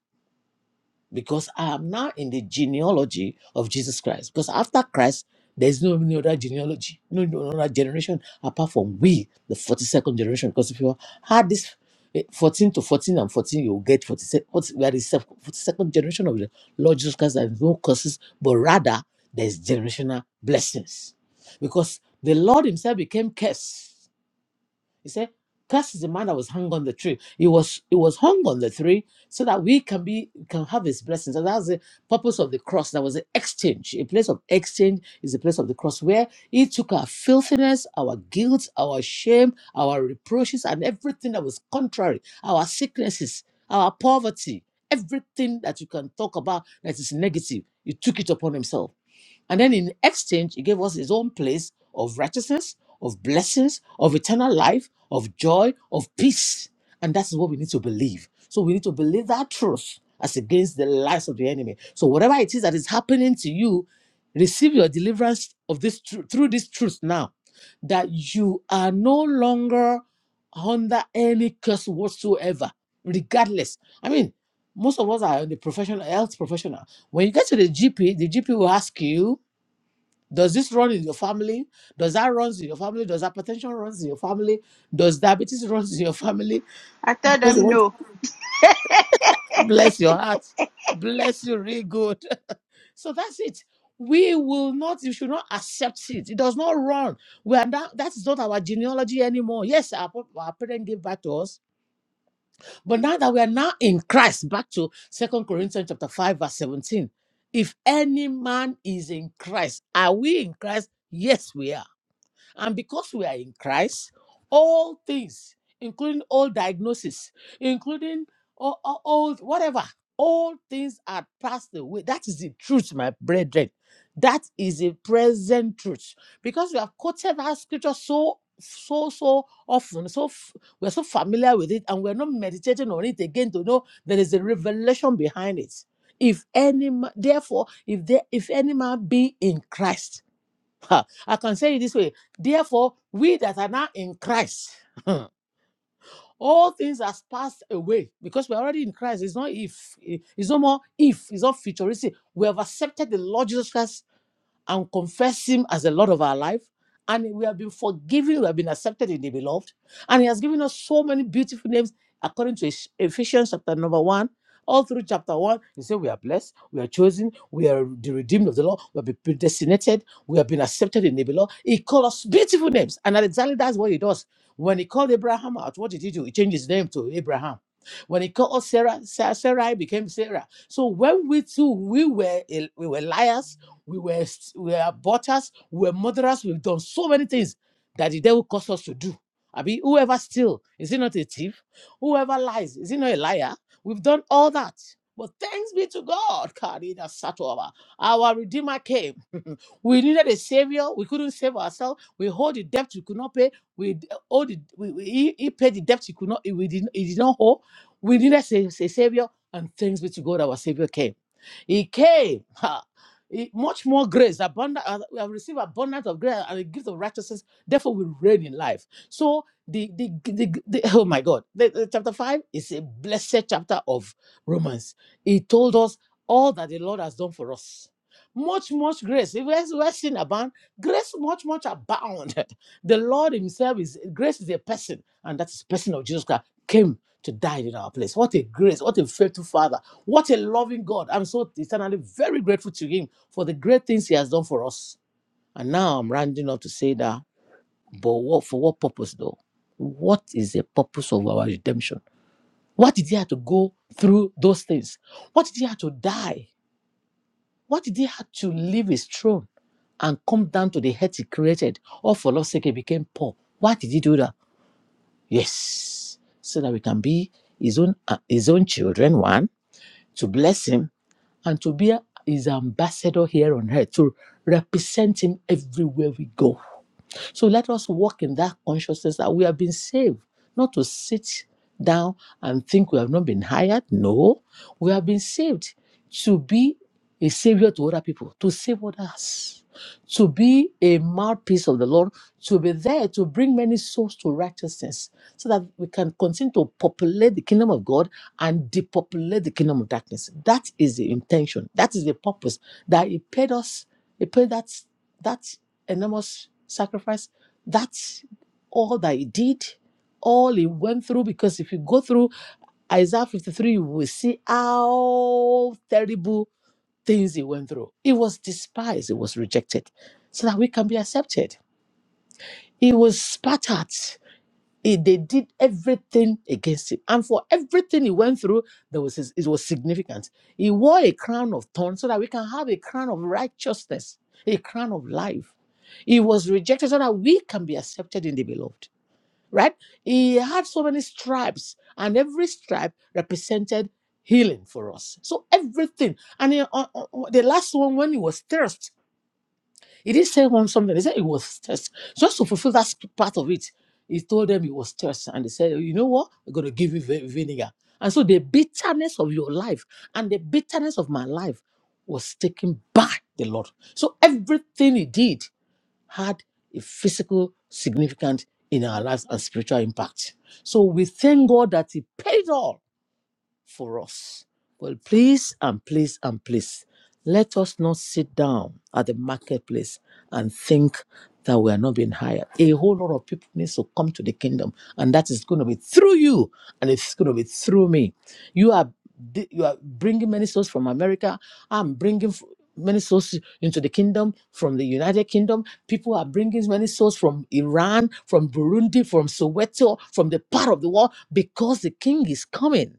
because I am now in the genealogy of Jesus Christ. Because after Christ, there's no any other genealogy, no no other generation apart from we, the 42nd generation. Because if you had this eh, 14 to 14 and 14, you'll get 46. We are the se- 42nd generation of the Lord Jesus Christ. There's no curses, but rather there's generational blessings. Because the Lord Himself became cursed he said, Cursed is the man that was hung on the tree. He was it was hung on the tree so that we can be can have his blessings. And that's the purpose of the cross. That was an exchange. A place of exchange is a place of the cross where he took our filthiness, our guilt, our shame, our reproaches, and everything that was contrary, our sicknesses, our poverty, everything that you can talk about that is negative. He took it upon himself. And then in exchange, he gave us his own place of righteousness, of blessings, of eternal life, of joy, of peace. And that's what we need to believe. So we need to believe that truth as against the lies of the enemy. So whatever it is that is happening to you, receive your deliverance of this tru- through this truth now that you are no longer under any curse whatsoever, regardless. I mean, most of us are in the professional health professional. When you get to the GP, the GP will ask you, does this run in your family? Does that runs in your family? Does hypertension runs in your family? Does diabetes runs in your family? I tell Does it them want no. to bless your heart? Bless you really good. So that's it. We will not, you should not accept it. It does not run. We are not, that is not our genealogy anymore. Yes, our, pa- our parents gave back to us But now that we are now in Christ, back to Second Corinthians chapter 5, verse 17. If any man is in Christ, are we in Christ? Yes, we are. And because we are in Christ, all things, including all diagnosis, including all, all, all- whatever, all things are passed away. That is the truth, my brethren. That is a present truth. Because we have quoted that scripture so so so often so f- we're so familiar with it and we're not meditating on it again to know there is a revelation behind it if any ma- therefore if there if any man be in christ Ha, I can say it this way. Therefore, we that are now in Christ, all things has passed away because we're already in Christ. It's not if, eh, it's no more if, it's not futuristic. We have accepted the Lord Jesus Christ and confess him as the Lord of our life. And we have been forgiven, we have been accepted in the beloved. And he has given us so many beautiful names according to Eph- Ephesians chapter number one. All through chapter one, he said, We are blessed, we are chosen, we are the redeemed of the Lord, we have been predestinated, we have been accepted in the beloved. He called us beautiful names. And exactly that's what he does. When he called Abraham out, what did he do? He changed his name to Abraham. When he called us Sarah, Sarah, Sarah became Sarah. So when we too, we were we were liars, we were we were aborters, we were murderers, we've done so many things that the devil caused us to do. I mean, whoever steals is he not a thief? Whoever lies, is he not a liar? We've done all that. But thanks be to God, Karina Satova. Our Redeemer came. we needed a savior. We couldn't save ourselves. We hold the debt we could not pay. We d- owe the we, we- he, he paid the debt he could not, we did, he did not owe. We needed a, a savior. And thanks be to God, our savior came. He came. ha, he- much more grace, abundant. uh, We have received abundance of grace and the gift of righteousness. Therefore, we reign in life. So the the, the, the oh my God, the, the chapter five is a blessed chapter of Romans. He told us all that the Lord has done for us. Much, much grace. If where where sin abound, grace much, much abound. The Lord Himself is grace is a person, and that's the person of Jesus Christ came to die in our place. What a grace! What a faithful Father! What a loving God. I'm so eternally very grateful to Him for the great things He has done for us. And now I'm rounding up to say that, but what, for what purpose though? What is the purpose of our redemption? What did He have to go through those things? What did He have to die? What did He have to leave His throne and come down to the earth He created? All for love's sake, He became poor. Why did He do that? Yes, so that we can be His own, uh, His own children, one to bless him, and to be his ambassador here on earth, to represent him everywhere we go. So let us walk in that consciousness that we have been saved, not to sit down and think we have not been hired. No, we have been saved to be a savior to other people, to save others, to be a mouthpiece of the Lord, to be there to bring many souls to righteousness so that we can continue to populate the kingdom of God and depopulate the kingdom of darkness. That is the intention. That is the purpose that He paid us. He paid that. That enormous sacrifice. That's all that he did, all he went through. Because if you go through Isaiah 53, you will see how terrible things he went through. He was despised, he was rejected, so that we can be accepted. He was spat at he- they did everything against him. And for everything he went through, there was his- it was significant. He wore a crown of thorns so that we can have a crown of righteousness, a crown of life. He was rejected so that we can be accepted in the beloved. Right? He had so many stripes, and every stripe represented healing for us. So everything. And he- on- on- on- the last one, when he was thirst. He didn't say one something. He said it was test. Just to fulfill that sp- part of it, he told them it was test. And they said, "Oh, you know what? We're going to give you vi- vinegar. And so the bitterness of your life and the bitterness of my life was taken by the Lord. So everything he did had a physical significance in our lives and spiritual impact. So we thank God that he paid all for us. Well, please and please and please let us not sit down at the marketplace and think that we are not being hired. A whole lot of people needs to come to the kingdom, and that is going to be through you, and it's going to be through me. You are di- you are bringing many souls from America. I'm bringing f- many souls into the kingdom from the United Kingdom. People are bringing many souls from Iran, from Burundi, from Soweto, from the part of the world because the king is coming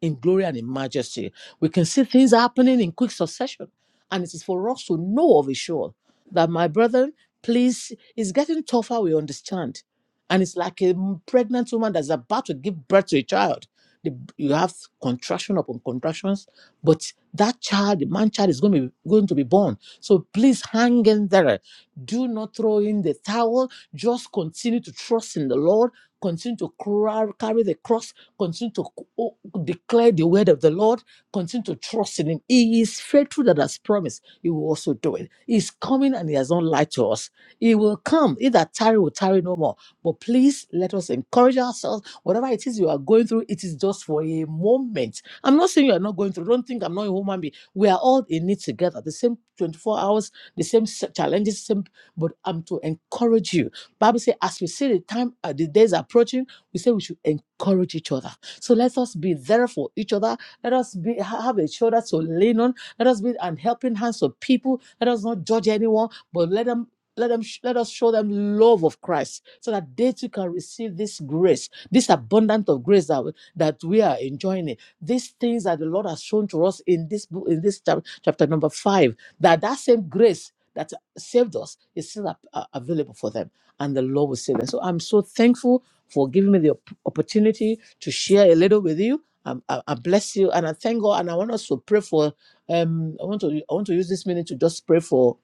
in glory and in majesty. We can see things happening in quick succession. And it is for us to know of a sure that, my brethren, please, it's getting tougher, we understand. And it's like a pregnant woman that's about to give birth to a child. The You have contraction upon contractions, but that child, the man child, is going to be going to be born. So please hang in there. Do not throw in the towel. Just continue to trust in the Lord. Continue to cra- carry the cross Continue to o- declare the word of the Lord. Continue to trust in Him. He is faithful that has promised. He will also do it. He's coming and He has not lied to us. He will come. He that tarry will tarry no more. But please let us encourage ourselves. Whatever it is you are going through, it is just for a moment. I'm not saying you are not going through. Don't think I'm not a human being. We are all in it together. The same 24 hours, the same s- challenges, same. But I'm to encourage you. Bible says, as we see the time, uh, the days approaching we say we should encourage each other. So let us be there for each other. Let us be ha- have a shoulder to lean on. Let us be an helping hands to people. Let us not judge anyone, but let them let them sh- let us show them love of Christ so that they too can receive this grace, this abundant of grace that, that we are enjoying. It. These things that the Lord has shown to us in this book, in this chap- chapter number five, that that same grace that saved us is still ap- a- available for them, and the Lord will save them. So I'm so thankful for giving me the op- opportunity to share a little with you. Um, I, I bless you and I thank God. And I want us to pray for. Um, I want to I want to use this minute to just pray for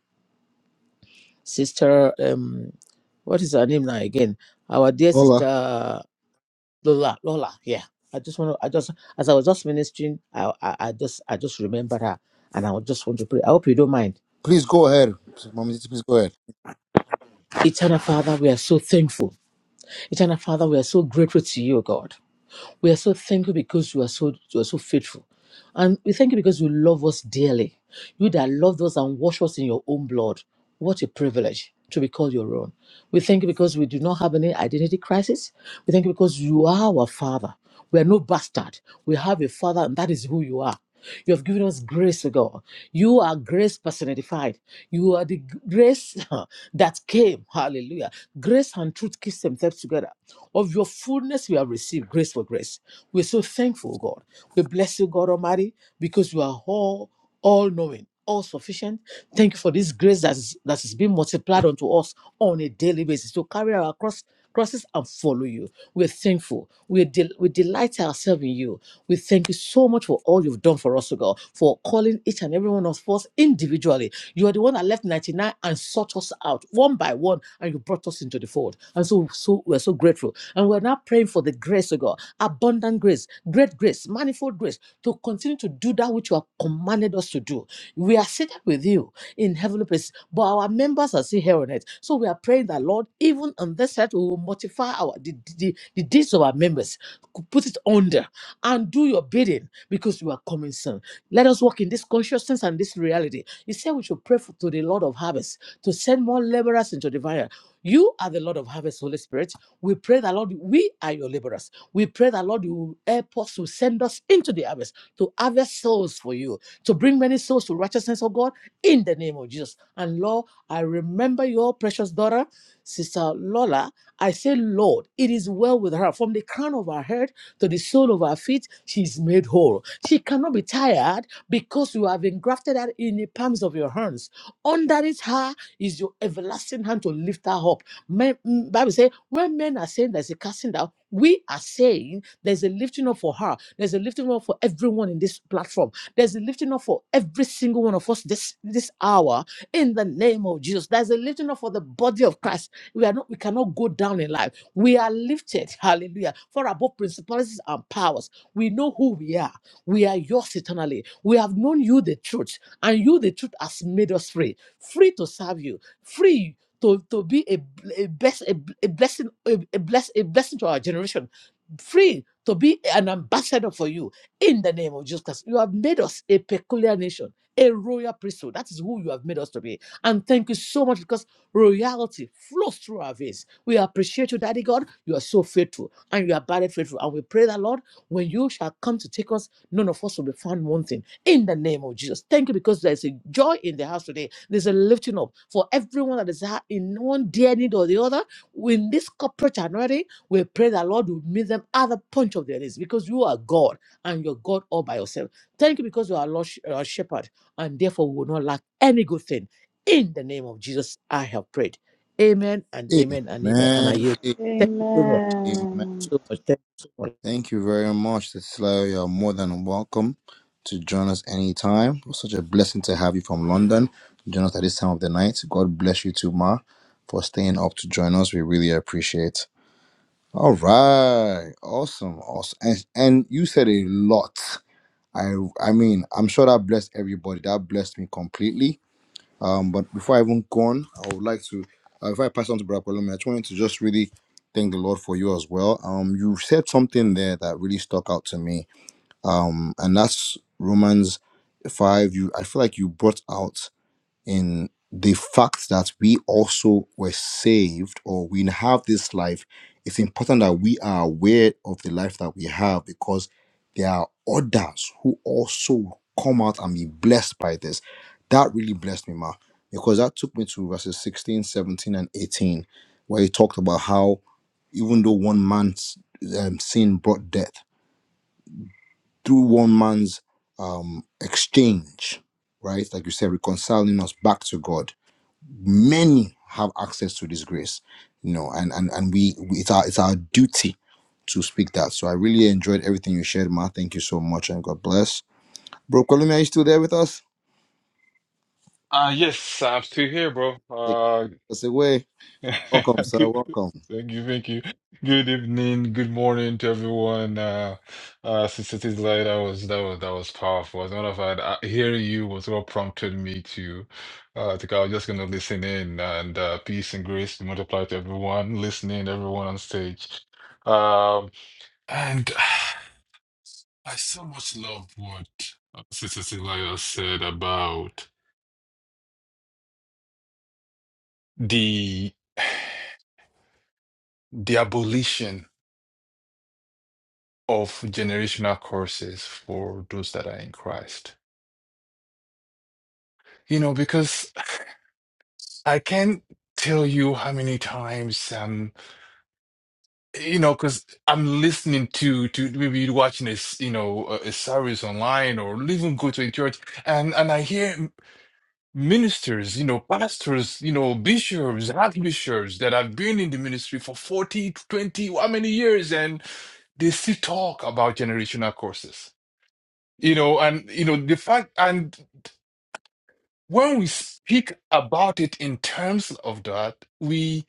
Sister. Um, what is her name now again? Our dear Hola. Sister Lola. Lola. Yeah. I just want to. I just as I was just ministering, I, I I just I just remembered her. And I would just want to pray. I hope you don't mind. Please go ahead. Mommy, please go ahead. Eternal Father, we are so thankful. Eternal Father, we are so grateful to you, God. We are so thankful because you are so you are so faithful. And we thank you because you love us dearly. You that loved us and washed us in your own blood. What a privilege to be called your own. We thank you because we do not have any identity crisis. We thank you because you are our father. We are no bastard. We have a father, and that is who you are. You have given us grace, O God. You are grace personified. You are the g- grace that came. Hallelujah. Grace and truth kiss themselves together. Of your fullness, we have received grace for grace. We're so thankful, O God. We bless you, God Almighty, because you are all, all knowing. All sufficient. Thank you for this grace that is, that is being multiplied unto us on a daily basis to carry our cross crosses and follow you. We're thankful. We, del- we delight ourselves in you. We thank you so much for all you've done for us, O God, for calling each and every one of us individually. You are the one that left 99 and sought us out one by one, and you brought us into the fold. And so, so we're so grateful. And we're now praying for the grace, O God, abundant grace, great grace, manifold grace, to continue to do that which you have commanded us to do. We are seated with you in heavenly places. But our members are still here on earth. So we are praying that, Lord, even on this earth, we will mortify our the, the, the deeds of our members, put it under, and do your bidding because you are coming soon. Let us walk in this consciousness and this reality. You said we should pray for, to the Lord of harvest to send more laborers into the vineyard. You are the Lord of harvest, Holy Spirit. We pray that, Lord, we are your laborers. We pray that, Lord, you will help us to send us into the harvest, to harvest souls for you, to bring many souls to righteousness, of God, in the name of Jesus. And Lord, I remember your precious daughter, Sister Lola. I say, Lord, it is well with her. From the crown of her head to the sole of her feet, she is made whole. She cannot be tired because you have engrafted her in the palms of your hands. Underneath her is your everlasting hand to lift her up. Men, mm, Bible says, when men are saying there's a casting down, we are saying there's a lifting up for her. There's a lifting up for everyone in this platform there's a lifting up for every single one of us this this hour in the name of Jesus. There's a lifting up for the body of Christ. We are not we cannot go down in life. We are lifted, hallelujah, for above principalities and powers. We know who we are. We are yours eternally. We have known you the truth, and you the truth has made us free, free to serve you, free. To, to be a, a, bless, a, a blessing a, a, bless, a blessing to our generation free to be an ambassador for you in the name of Jesus Christ. You have made us a peculiar nation, a royal priesthood. That is who you have made us to be. And thank you so much because royalty flows through our veins. We appreciate you, Daddy God. You are so faithful and you are very faithful. And we pray that, Lord, when you shall come to take us, none of us will be found wanting in the name of Jesus. Thank you because there's a joy in the house today. There's a lifting up for everyone that is in one dear need or the other. In this corporate anointing, we pray that, Lord, will meet them at the punch of their knees because you are God and your God all by yourself. Thank you because you are Lord, our shepherd, and therefore we will not lack any good thing. In the name of Jesus, I have prayed. Amen and amen and amen. And I Amen. yield. Amen. Thank you so much. Amen. Thank you so much. Thank you so much. Thank you very much, Titila. You're more than welcome to join us anytime. It was such a blessing to have you from London. Join us at this time of the night. God bless you too, Ma. for staying up to join us. We really appreciate. All right, awesome, awesome, and and you said a lot. I I mean, I'm sure that blessed everybody. That blessed me completely. Um, but before I even go on, I would like to, uh, if I pass on to Brother Paloma, I just wanted to just really thank the Lord for you as well. Um, you said something there that really stuck out to me. Um, and that's Romans five. You, I feel like you brought out in the fact that we also were saved or we have this life, it's important that we are aware of the life that we have because there are others who also come out and be blessed by this. That really blessed me, Ma, because that took me to verses 16, 17, and 18, where he talked about how even though one man's um, sin brought death, through one man's um, exchange, right, like you said, reconciling us back to God many have access to this grace you know and and, and we, we it's our it's our duty to speak that so i really enjoyed everything you shared ma thank you so much and god bless bro Columbia, are you still there with us Uh yes, I'm still here, bro. take Uh us away welcome sir good. welcome Thank you, thank you. Good evening, good morning to everyone. Uh uh since it is late, that was that was that was powerful. As a matter of fact, uh, hearing you was what prompted me to uh I think I was just gonna listen in and uh peace and grace be multiplied to everyone listening, everyone on stage. Um and I so much love what uh, Sister Celia said about the the abolition. of generational curses for those that are in Christ. You know, because I can't tell you how many times um you know because i'm listening to to maybe watching a s- you know a, a service online or even go to a church and and i hear ministers you know pastors you know bishops archbishops that have been in the ministry for 40, 20, how many years and they still talk about generational curses you know and you know the fact and when we speak about it in terms of that, we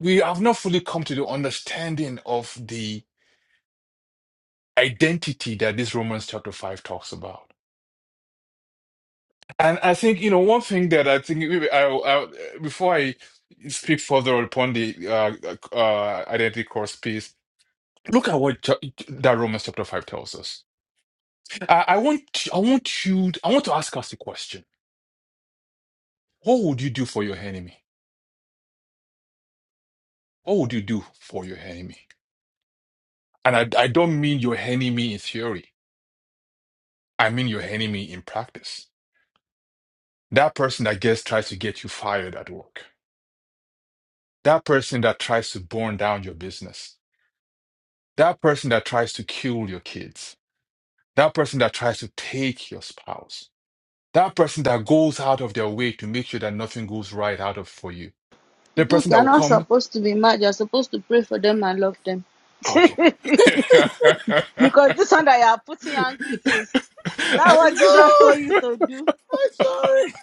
we have not fully come to the understanding of the identity that this Romans chapter five talks about. And I think you know one thing that I think we- I, I, before I speak further upon the uh, uh, identity course piece, look at what cha- that Romans chapter five tells us. I, I want I want you I want to ask us a question: What would you do for your enemy? What would you do for your enemy? And I, I don't mean your enemy in theory. I mean your enemy in practice. That person that gets tries to get you fired at work. That person that tries to burn down your business. That person that tries to kill your kids. That person that tries to take your spouse. That person that goes out of their way to make sure that nothing goes right out of for you. The Duke, person that you're will not come, supposed to be mad. You're supposed to pray for them and love them. okay. Because this one that you are putting angry face, is that what Jesus told you to do?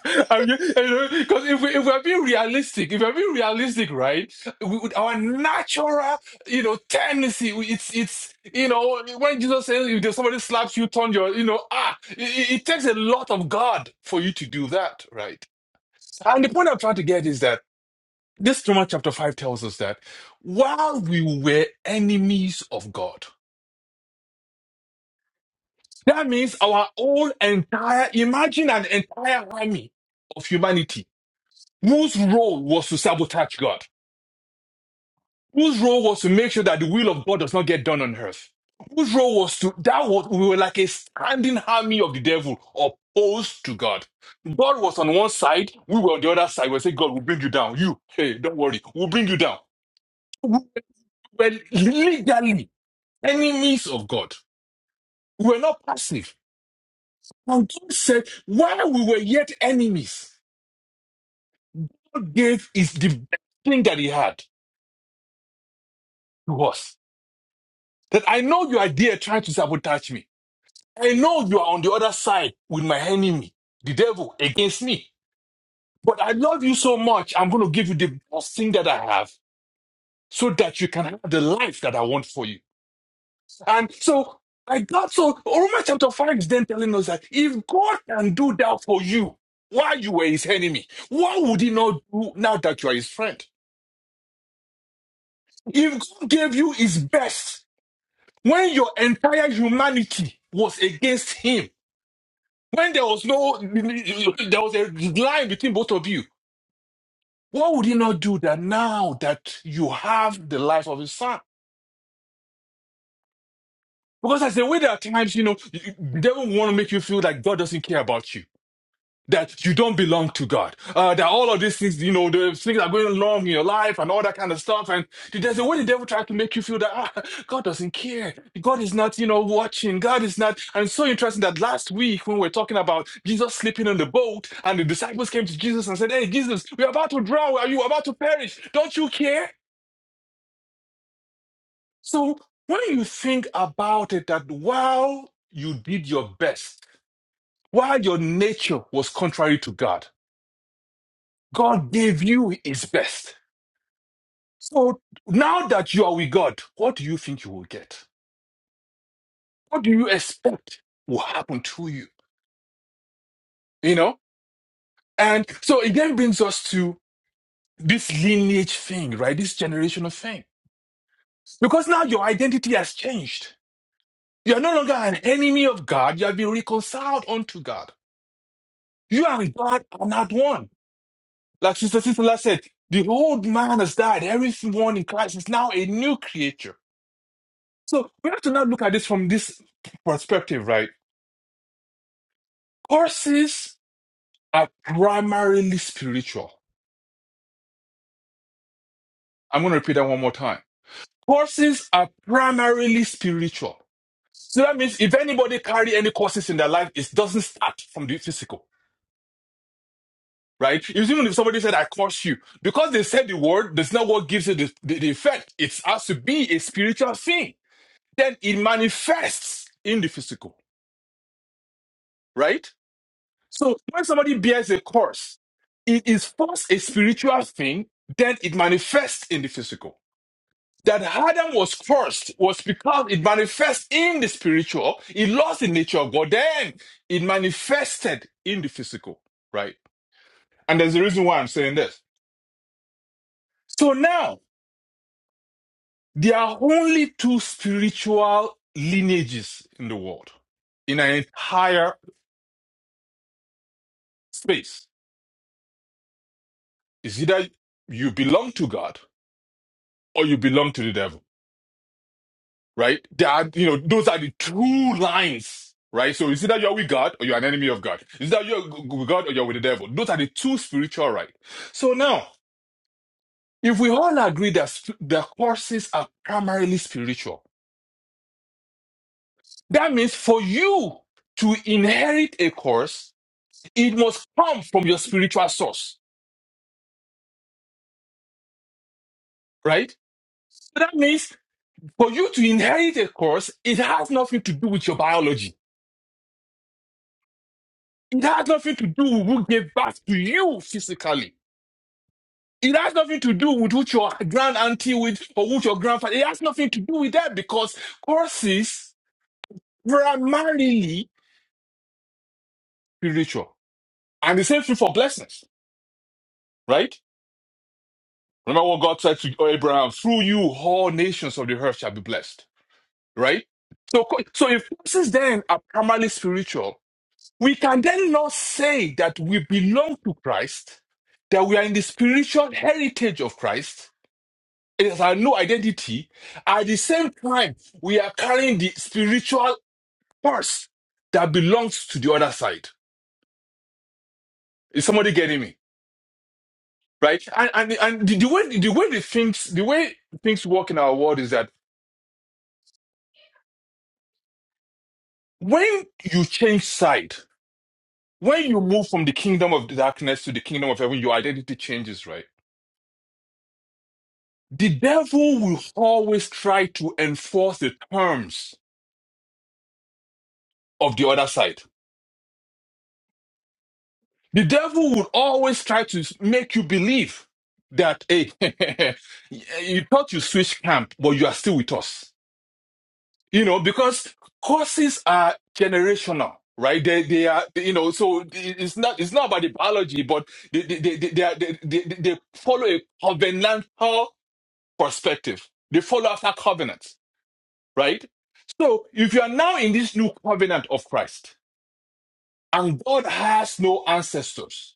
I'm ju- you know, Because if we if we're being realistic, if we're being realistic, right, we, with our natural, you know, tendency, we- it's it's you know, when Jesus says if there's somebody slaps you, turn your, you know, ah, it, it it takes a lot of God for you to do that, right? And the point I'm trying to get is that this Romans chapter five tells us that while we were enemies of God, that means our whole entire imagine an entire army of humanity whose role was to sabotage God whose role was to make sure that the will of God does not get done on earth. Whose role was to that was we were like a standing army of the devil opposed to God. God was on one side, we were on the other side. We say, God will bring you down. You, hey, don't worry, we'll bring you down. We were legally enemies of God. We were not passive. And God said, while we were yet enemies, God gave is the best thing that He had to us. That I know you are there trying to sabotage me. I know you are on the other side with my enemy, the devil, against me. But I love you so much, I'm going to give you the best thing that I have so that you can have the life that I want for you. And so I got so, Romans chapter 5 is then telling us that if God can do that for you while you were his enemy, what would he not do now that you are his friend? If God gave you his best when your entire humanity was against him, When there was no, there was a line between both of you. What would he not do that now that you have the life of his son? Because as the way there are times, you know, the devil want to make you feel like God doesn't care about you. that you don't belong to God, uh, that all of these things, you know, the things are going wrong in your life and all that kind of stuff. And there's a way the devil tries to make you feel that ah, God doesn't care. God is not, you know, watching. God is not. And it's so interesting that last week when we were talking about Jesus sleeping on the boat and the disciples came to Jesus and said, Hey, Jesus, we're about to drown. Are you about to perish? Don't you care? So when you think about it, that while you did your best, while your nature was contrary to God, God gave you his best. So now that you are with God, what do you think you will get? What do you expect will happen to you? You know? And so it then brings us to this lineage thing, right? This generational thing. Because now your identity has changed. You are no longer an enemy of God. You have been reconciled unto God. You and God are not one. Like Sister Sister said, the old man has died. Everyone in Christ is now a new creature. So we have to now look at this from this perspective, right? Courses are primarily spiritual. I'm going to repeat that one more time. Courses are primarily spiritual. So that means if anybody carry any courses in their life, it doesn't start from the physical, right? If- Even if somebody said, I curse you, because they said the word, that's not what gives it the, the, the effect. It has to be a spiritual thing. Then it manifests in the physical, right? So when somebody bears a curse, it is first a spiritual thing, then it manifests in the physical. That Adam was cursed was because it manifests in the spiritual. It lost the nature of God, then it manifested in the physical, right? And there's a reason why I'm saying this. So now there are only two spiritual lineages in the world, in an entire space. It's either you belong to God or you belong to the devil. right? There are, you know, those are the two lines, right? So it's either you're with God or you're an enemy of God. It's either you're with God or you're with the devil. Those are the two spiritual right. So now, if we all agree that sp- the courses are primarily spiritual, that means for you to inherit a course, it must come from your spiritual source, right? So that means for you to inherit a course, it has nothing to do with your biology. It has nothing to do with who gave birth to you physically It has nothing to do with which your grand auntie with or which your grandfather. It has nothing to do with that because curses primarily spiritual. And the same thing for blessings, right? Remember what God said to Abraham, through you all nations of the earth shall be blessed, right? So, cu- so if curses then are primarily spiritual, we can then not say that we belong to Christ, that we are in the spiritual heritage of Christ, It is our no identity. At the same time, we are carrying the spiritual purse that belongs to the other side. Is somebody getting me? Right? And and, and the, the way the way the things the way things work in our world is that when you change side, when you move from the kingdom of darkness to the kingdom of heaven, your identity changes, right? The devil will always try to enforce the terms of the other side The devil would always try to make you believe that, hey, you thought you switched camp, but you are still with us. You know, because courses are generational, right? They, they are, you know, so it's not, it's not about the biology, but they, they, they, they, are, they, they, they follow a covenantal perspective. They follow after covenants, right? So if you are now in this new covenant of Christ and God has no ancestors,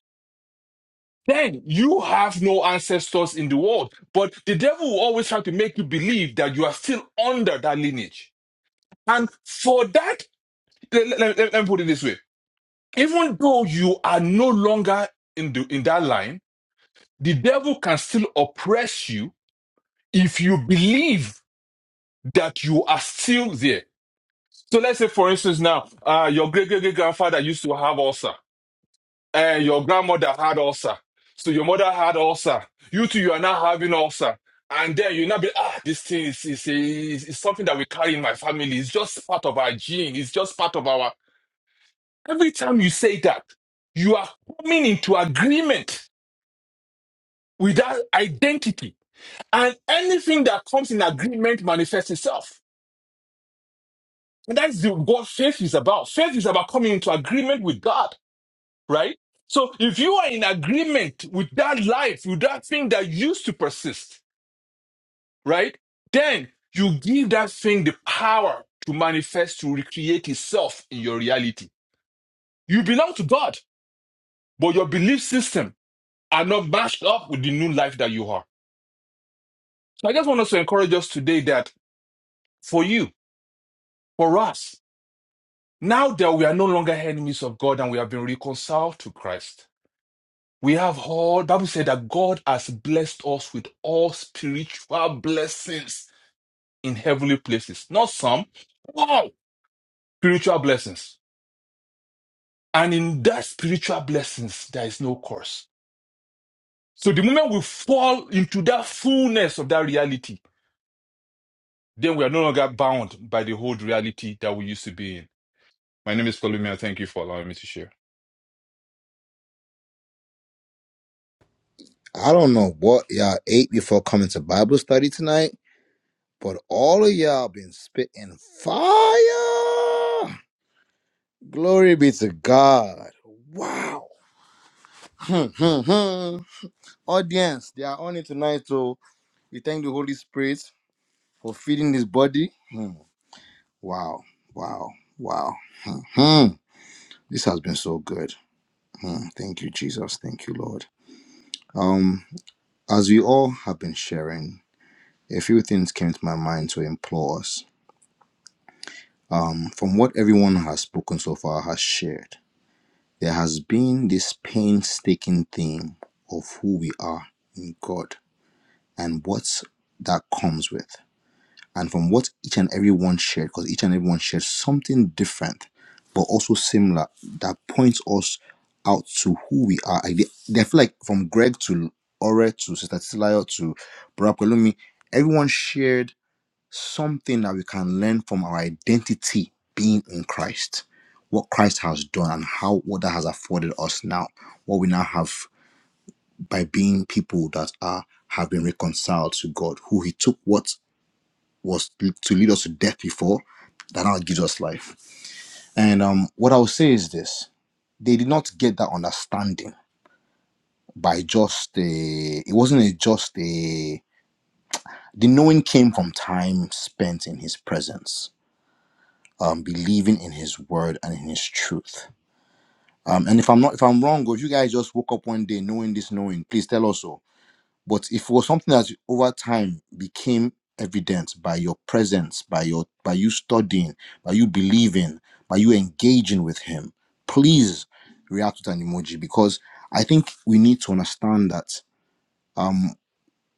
then you have no ancestors in the world. But the devil will always try to make you believe that you are still under that lineage. And for that, let, let- let- let me put it this way. Even though you are no longer in, the, in that line, the devil can still oppress you if you believe that you are still there. So let's say, for instance, now, uh, your great great great grandfather used to have ulcer. Uh, your grandmother had ulcer. So your mother had ulcer. You two, you are now having ulcer. And then you now be, ah, this thing is, is, is, is something that we carry in my family. It's just part of our gene. It's just part of our. Every time you say that, you are coming into agreement with that identity. And anything that comes in agreement manifests itself. And that's the, what faith is about. Faith is about coming into agreement with God. right? So if you are in agreement with that life, with that thing that used to persist, right? Then you give that thing the power to manifest, to recreate itself in your reality. You belong to God, but your belief system are not matched up with the new life that you are. So I just want us to encourage us today that for you, for us, now that we are no longer enemies of God and we have been reconciled to Christ, We have all Bible said that God has blessed us with all spiritual blessings in heavenly places. Not some, all spiritual blessings. And in that spiritual blessings, there is no curse. So the moment we fall into that fullness of that reality, then we are no longer bound by the old reality that we used to be in. My name is Columbia. Thank you for allowing me to share. i don't know what y'all ate before coming to bible study tonight but all of y'all been spitting fire glory be to god wow Mhm. audience they are on it tonight so we thank the holy spirit for feeding his body. Wow, wow, wow. Hmm, so good. Thank you, Jesus. Thank you, Lord. Um, as we all have been sharing, a few things came to my mind to implore us. Um, from what everyone has spoken so far has shared, there has been this painstaking theme of who we are in God and what that comes with. and from what each and every one shared, because each and every one shared something different, but also similar that points us out to who we are. I, I feel like from Greg to Ore to Sister Tilayo to Brother Olumi, everyone shared something that we can learn from our identity being in Christ, what Christ has done and how what that has afforded us now, what we now have by being people that are have been reconciled to God, who He took what was to lead us to death before that now gives us life. And um, what I would say is this: they did not get that understanding by just a. It wasn't a just a. The knowing came from time spent in His presence, um, believing in His word and in His truth. Um, and if I'm not, if I'm wrong, or if you guys just woke up one day knowing this, knowing, please tell us so But if it was something that over time became evident by your presence, by your by you studying, by you believing, by you engaging with him, please react with an emoji because I think we need to understand that um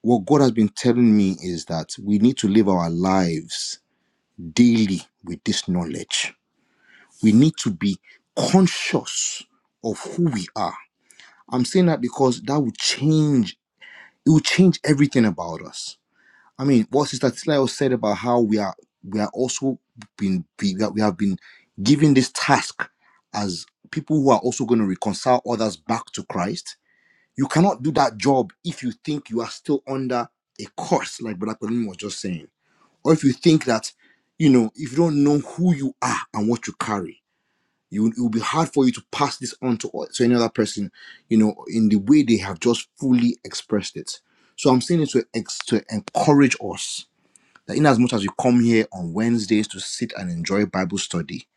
what God has been telling me is that we need to live our lives daily with this knowledge. We need to be conscious of who we are. I'm saying that because that will change, it will change everything about us I mean, what Sister Tlayo said about how we are we are also been we have we have been given this task as people who are also going to reconcile others back to Christ. You cannot do that job if you think you are still under a curse, like Brother Colin was just saying, or if you think that you know if you don't know who you are and what you carry. You, it will be hard for you to pass this on to, o- to any other person, you know, in the way they have just fully expressed it. So I'm saying it to, ex, to encourage us that in as much as you come here on Wednesdays to sit and enjoy Bible study,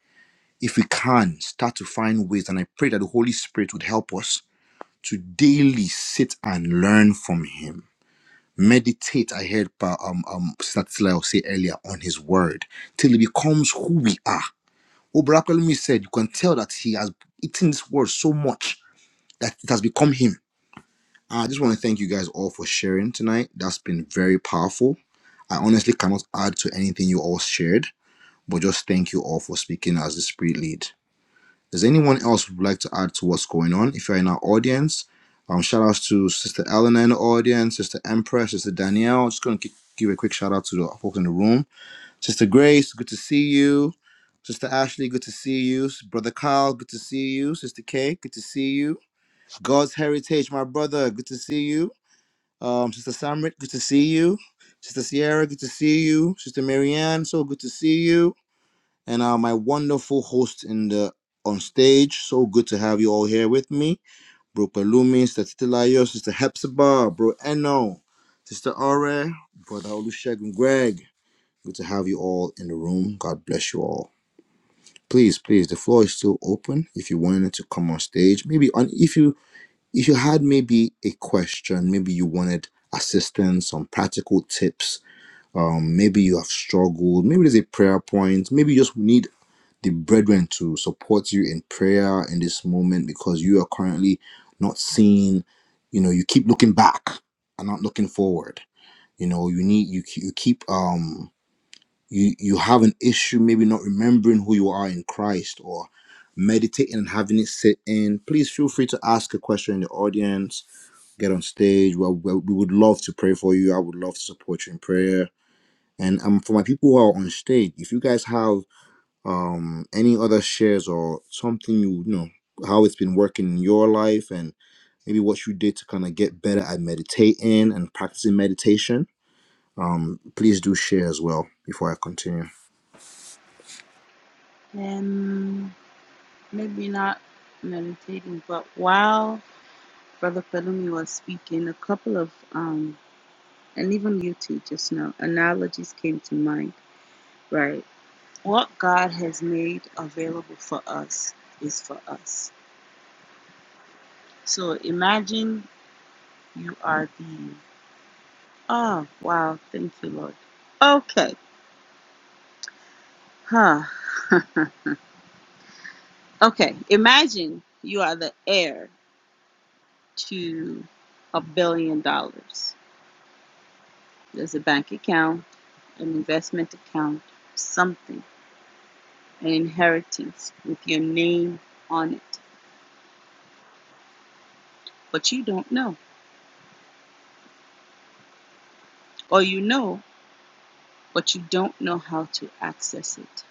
if we can start to find ways, and I pray that the Holy Spirit would help us to daily sit and learn from Him. Meditate, I heard Pa- um, um, Sister Tila say earlier, on His Word till it becomes who we are. Obrakalumi said, You can tell that He has eaten this Word so much that it has become Him. I just want to thank you guys all for sharing tonight. That's been very powerful. I honestly cannot add to anything you all shared. But just thank you all for speaking as the Spirit lead. Does anyone else who would like to add to what's going on? If you're in our audience, um, shout outs to Sister Eleanor in the audience, Sister Empress, Sister Danielle. Just going to give a quick shout out to the folks in the room. Sister Grace, good to see you. Sister Ashley, good to see you. Brother Kyle, good to see you. Sister Kay, good to see you. God's Heritage, my brother, good to see you. Um, Sister Samrit, good to see you. Sister Sierra, good to see you. Sister Marianne, so good to see you and uh, my wonderful host in the on stage. So good to have you all here with me, Bro Pelumi, Sister Titilayo, Sister Hepzibah, Bro Eno, Sister Are, Brother Olusegun, Greg. Good to have you all in the room. God bless you all. Please, please, the floor is still open. If you wanted to come on stage, maybe on if you if you had maybe a question, maybe you wanted assistance, some practical tips. Um, maybe you have struggled. Maybe there's a prayer point. Maybe you just need the brethren to support you in prayer in this moment because you are currently not seeing you know you keep looking back and not looking forward you know you need you, you keep um you you have an issue maybe not remembering who you are in christ or meditating and having it sit in please feel free to ask a question in the audience get on stage well we we would love to pray for you i would love to support you in prayer and um for my people who are on stage if you guys have um any other shares or something you, you know how it's been working in your life and maybe what you did to kind of get better at meditating and practicing meditation um please do share as well before i continue Um, maybe not meditating, but while Brother Pelumi was speaking, a couple of um. and even you too just now, analogies came to mind, right? What God has made available for us is for us. So imagine you are the, oh, wow, thank you, Lord. Okay, huh. okay, imagine you are the heir to a billion dollars. There's a bank account, an investment account, something, an inheritance with your name on it, but you don't know. Or you know, but you don't know how to access it.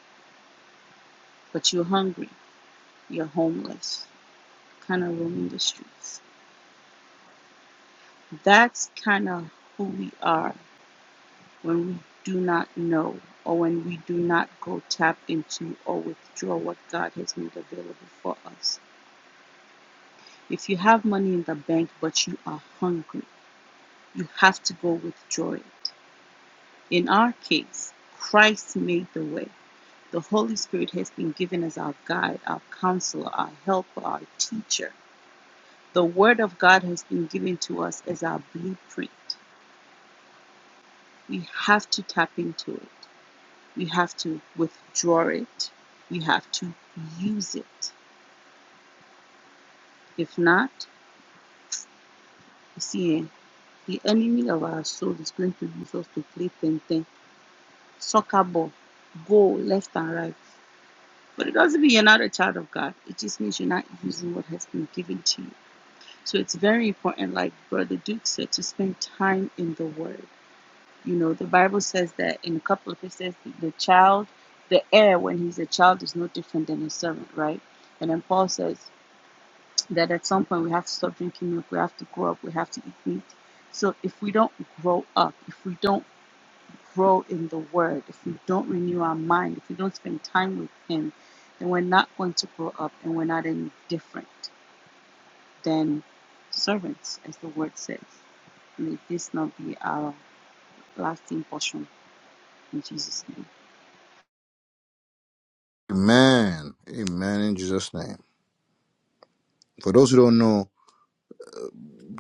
But you're hungry, you're homeless, kind of roaming the streets. That's kind of who we are when we do not know or when we do not go tap into or withdraw what God has made available for us. If you have money in the bank but you are hungry, you have to go withdraw it. In our case, Christ made the way. The Holy Spirit has been given as our guide, our counselor, our helper, our teacher. The Word of God has been given to us as our blueprint. We have to tap into it. We have to withdraw it. We have to use it. If not, you see, eh, the enemy of our soul is going to use us to play ten ten, soccer ball, go left and right. But it doesn't mean you're not a child of God. It just means you're not using what has been given to you. So it's very important, like Brother Duke said, to spend time in the Word. You know, the Bible says that in a couple of places, the child, the heir when he's a child is no different than a servant, right? And then Paul says that at some point we have to stop drinking milk, we have to grow up, we have to eat meat. So if we don't grow up, if we don't grow in the Word, if we don't renew our mind, if we don't spend time with Him, then we're not going to grow up and we're not any different than servants, as the Word says. May this not be our lasting portion in Jesus' name. amen amen in jesus name for those who don't know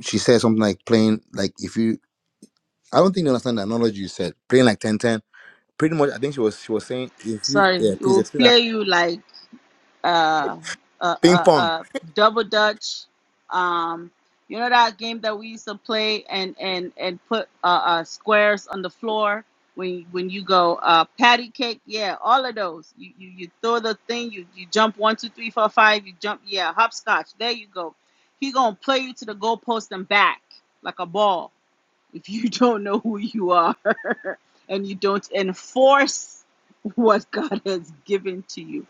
she said something like playing like if you i don't think you understand the analogy you said playing like ten ten, pretty much i think she was she was saying if you Sorry, yeah it please will explain that play you like uh, uh, ping uh, pong uh, double dutch. Um, you know that game that we used to play and and and put uh, uh, squares on the floor when when you go uh, patty cake. Yeah, all of those. You you, you throw the thing. You you jump one two three four five. You jump yeah hopscotch. There you go. He gonna play you to the goalpost and back like a ball if you don't know who you are and you don't enforce what God has given to you.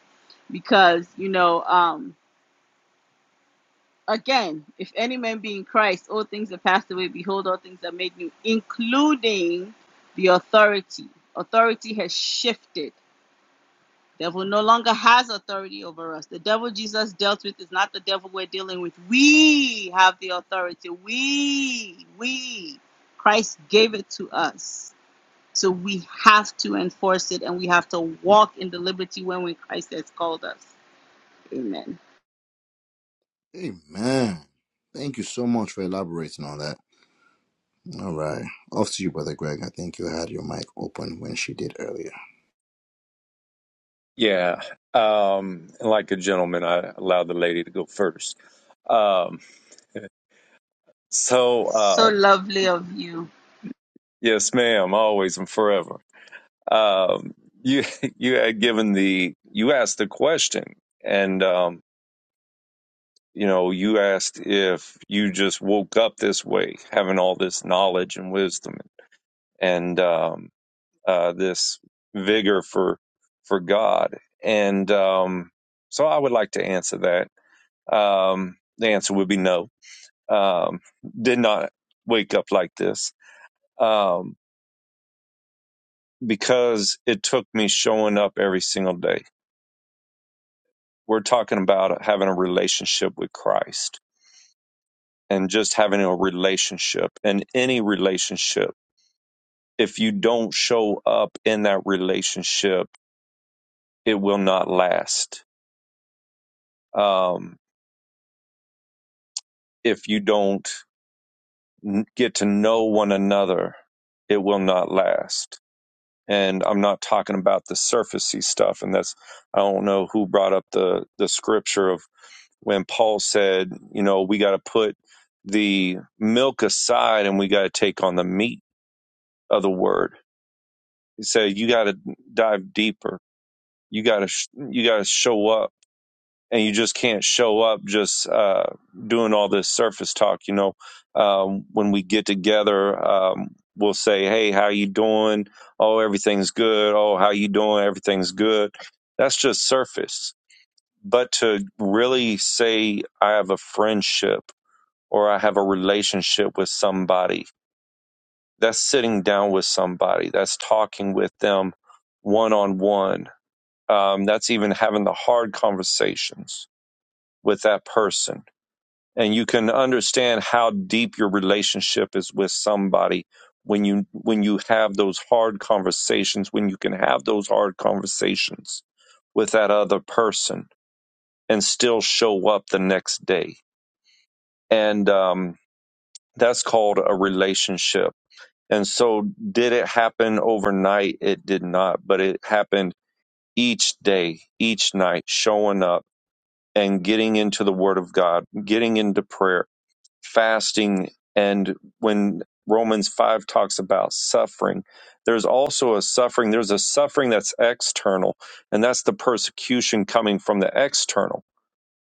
Because, you know, um, again, if any man be in Christ, all things are passed away. Behold, all things are made new, including the authority. Authority has shifted. Devil no longer has authority over us. The devil Jesus dealt with is not the devil we're dealing with. We have the authority. We, we, Christ gave it to us So we have to enforce it and we have to walk in the liberty when Christ has called us. Amen. amen thank you so much for elaborating on that All right. Off to you, Brother Greg. I think you had your mic open when she did earlier. Yeah. Um, like a gentleman, I allowed the lady to go first. Um, so, uh, So lovely of you. yes, ma'am, always and forever. um, you you had given the you asked the question, and um, you know you asked if you just woke up this way, having all this knowledge and wisdom and um, uh, this vigor for for God, and um, so I would like to answer that. Um, the answer would be no. Um, did not wake up like this um, because it took me showing up every single day We're talking about having a relationship with Christ and just having a relationship and any relationship. If you don't show up in that relationship, it will not last. Um, if you don't n- get to know one another, it will not last. And I'm not talking about the surfacey stuff. And that's, I don't know who brought up the, the scripture of when Paul said, you know, we got to put the milk aside and we got to take on the meat of the word. He said, you got to dive deeper. You got to sh- you got to show up, and you just can't show up just uh, doing all this surface talk. You know, um, when we get together, um, we'll say, hey, how you doing? Oh, everything's good. Oh, how you doing? Everything's good. That's just surface. But to really say, I have a friendship or I have a relationship with somebody. That's sitting down with somebody. That's talking with them one on one. That's even having the hard conversations with that person. And you can understand how deep your relationship is with somebody when you when you have those hard conversations, when you can have those hard conversations with that other person and still show up the next day. And um, that's called a relationship And so, did it happen overnight? It did not, but it happened each day, each night, showing up and getting into the Word of God, getting into prayer, fasting. And when Romans 5 talks about suffering, there's also a suffering, there's a suffering that's external, and that's the persecution coming from the external.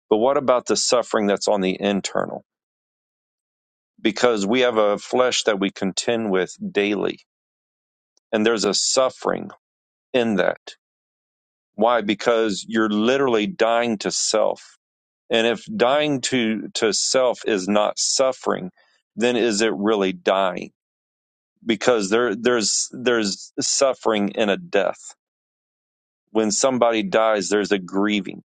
But what about the suffering that's on the internal? Because we have a flesh that we contend with daily and there's a suffering. in that. Why? Because you're literally dying to self. And if dying to, to self is not suffering, then is it really dying? Because there, there's, there's suffering in a death. When somebody dies, there's a grieving.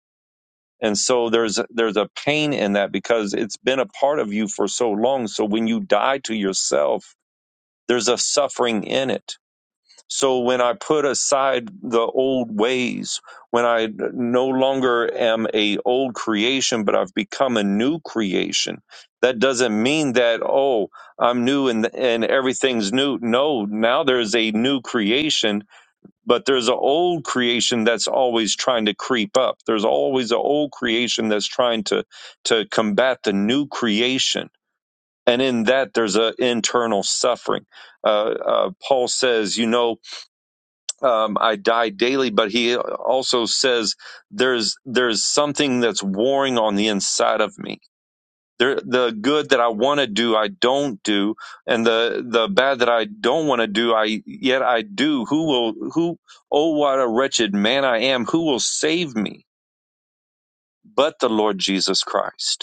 And so there's, there's a pain in that because it's been a part of you for so long. So when you die to yourself, there's a suffering in it So when I put aside the old ways, when I no longer am a old creation, but I've become a new creation, that doesn't mean that oh I'm new and and everything's new. No, now there's a new creation, but there's an old creation that's always trying to creep up. There's always an old creation that's trying to to combat the new creation, and in that there's an internal suffering. Uh, uh, Paul says, you know um, I die daily, but he also says there's there's something that's warring on the inside of me. There, the good that I want to do, I don't do, and the the bad that I don't want to do, I yet I do. Who will who? Oh, what a wretched man I am! Who will save me but the Lord Jesus Christ?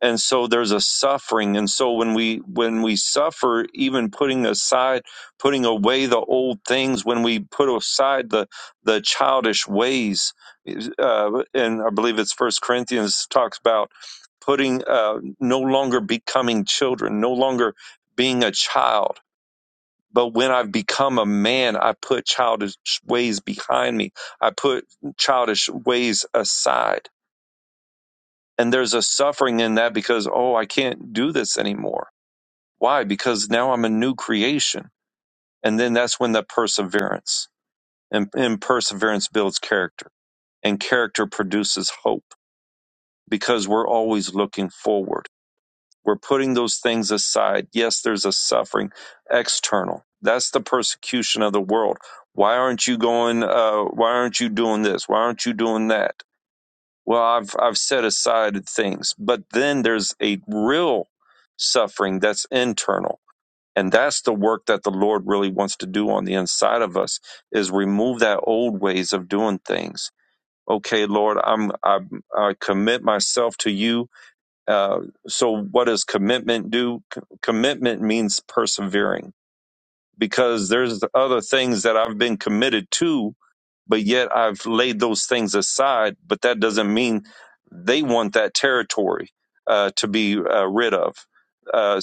and so there's a suffering and so when we when we suffer even putting aside putting away the old things when we put aside the the childish ways uh, and i believe it's first corinthians talks about putting uh, no longer becoming children no longer being a child but when I've become a man, I put childish ways behind me. I put childish ways aside and there's a suffering in that because, oh, I can't do this anymore. Why? Because now I'm a new creation. And then that's when the perseverance and, and perseverance builds character and character produces hope because we're always looking forward. We're putting those things aside. Yes, there's a suffering external. That's the persecution of the world. Why aren't you going? Uh, why aren't you doing this? Why aren't you doing that? Well, I've I've set aside things, but then there's a real suffering that's internal. And that's the work that the Lord really wants to do on the inside of us is remove that old ways of doing things. Okay, Lord, I'm I, I commit myself to you. Uh, so, what does commitment do? C- commitment means persevering because there's other things that I've been committed to but yet I've laid those things aside. But that doesn't mean they want that territory uh, to be uh, rid of. Uh,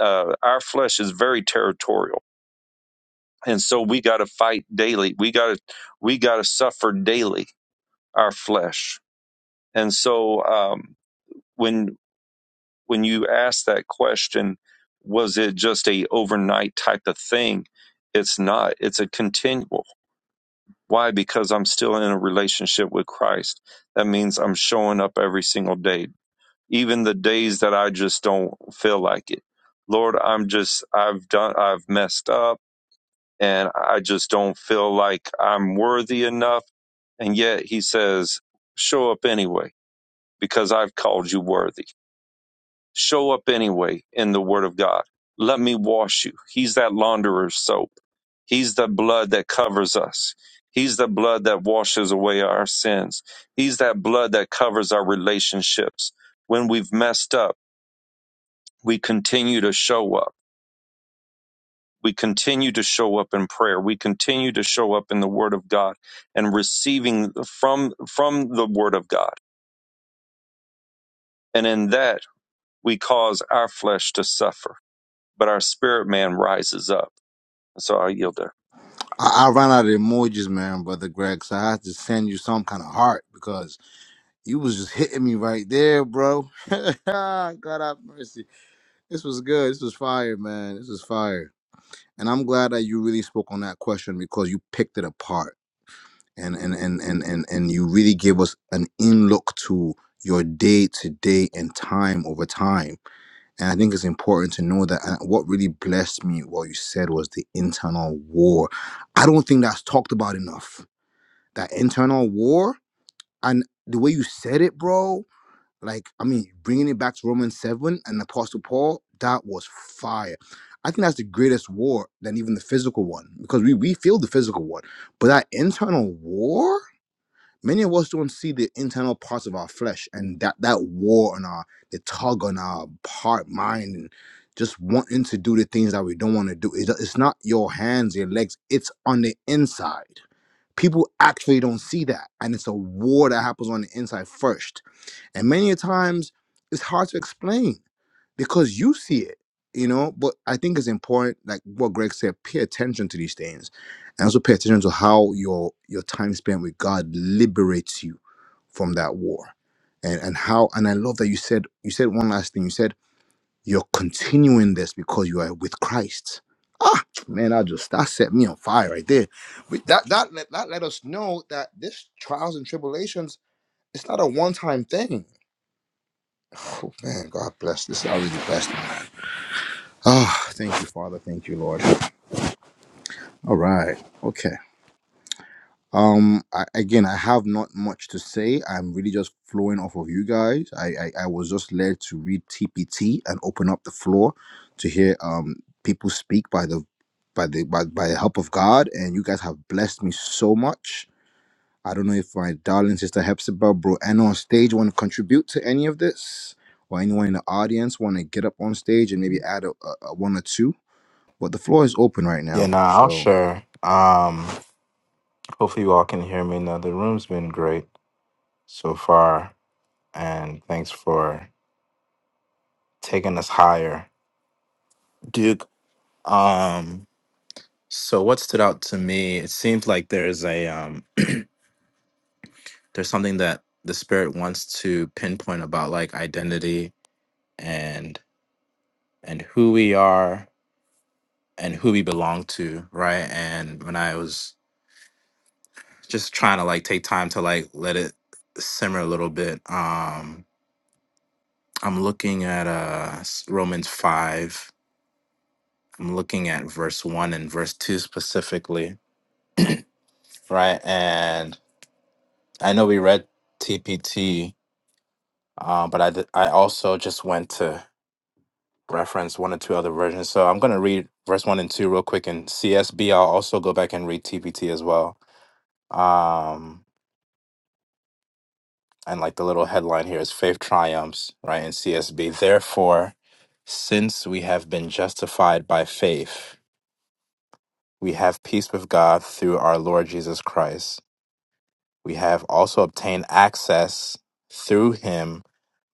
uh, our flesh is very territorial, and so we got to fight daily. We got to we got to suffer daily our flesh. And so um, when when you ask that question, was it just a overnight type of thing? It's not. It's a continual. Why? Because I'm still in a relationship with Christ. That means I'm showing up every single day, even the days that I just don't feel like it. Lord, I'm just, I've done, I've messed up and I just don't feel like I'm worthy enough. And yet he says, show up anyway because I've called you worthy. Show up anyway in the Word of God. Let me wash you. He's that launderer's soap. He's the blood that covers us. He's the blood that washes away our sins. He's that blood that covers our relationships. When we've messed up, we continue to show up. We continue to show up in prayer. We continue to show up in the Word of God and receiving from, from the Word of God. And in that, we cause our flesh to suffer, but our spirit man rises up And So I yield there. I, I ran out of emojis, man, Brother Greg, so I had to send you some kind of heart because you was just hitting me right there, bro. God have mercy. This was good. This was fire, man. This was fire. And I'm glad that you really spoke on that question because you picked it apart. And and and and and, and you really gave us an in look to your day to day and time over time And I think it's important to know that and what really blessed me, what you said, was the internal war. I don't think that's talked about enough. That internal war and the way you said it, bro. Like, I mean, bringing it back to Romans 7 and Apostle Paul, that was fire. I think that's the greatest war than even the physical one because we, we feel the physical one. But that internal war, many of us don't see the internal parts of our flesh and that that war on our the tug on our heart mind and just wanting to do the things that we don't want to do it's, it's not your hands your legs it's on the inside people actually don't see that and it's a war that happens on the inside first and many a times it's hard to explain because you see it you know but i think it's important like what greg said pay attention to these things and also pay attention to how your your time spent with god liberates you from that war and and how and i love that you said you said one last thing you said you're continuing this because you are with christ ah man i just that set me on fire right there but that that let- that let us know that this trials and tribulations it's not a one-time thing oh man god bless this I really blessed ah thank you father thank you lord all right Okay. Um, I, again, I have not much to say. I'm really just flowing off of you guys. I, I, I was just led to read TPT and open up the floor to hear um people speak by the by the by, by the help of God, and you guys have blessed me so much. I don't know if my darling sister Hepzibah, bro, and on stage want to contribute to any of this, or anyone in the audience want to get up on stage and maybe add a, a, a one or two. But the floor is open right Yeah, now, nah, I'll so share. Um, hopefully you all can hear me now. The room's been great so far, and thanks for taking us higher, Duke. Um, so what stood out to me? It seems like there is a um, there's something that the spirit wants to pinpoint about like identity and and who we are and who we belong to, right? And when I was just trying to like take time to like let it simmer a little bit. Um, I'm looking at uh s- Romans five. I'm looking at verse one and verse two specifically, right? And I know we read TPT, uh, but I d- I also just went to reference one or two other versions. So I'm gonna read verse one and two real quick, and CSB. I'll also go back and read TPT as well. Um, and like the little headline here is faith triumphs right in csb therefore since we have been justified by faith we have peace with god through our lord jesus christ we have also obtained access through him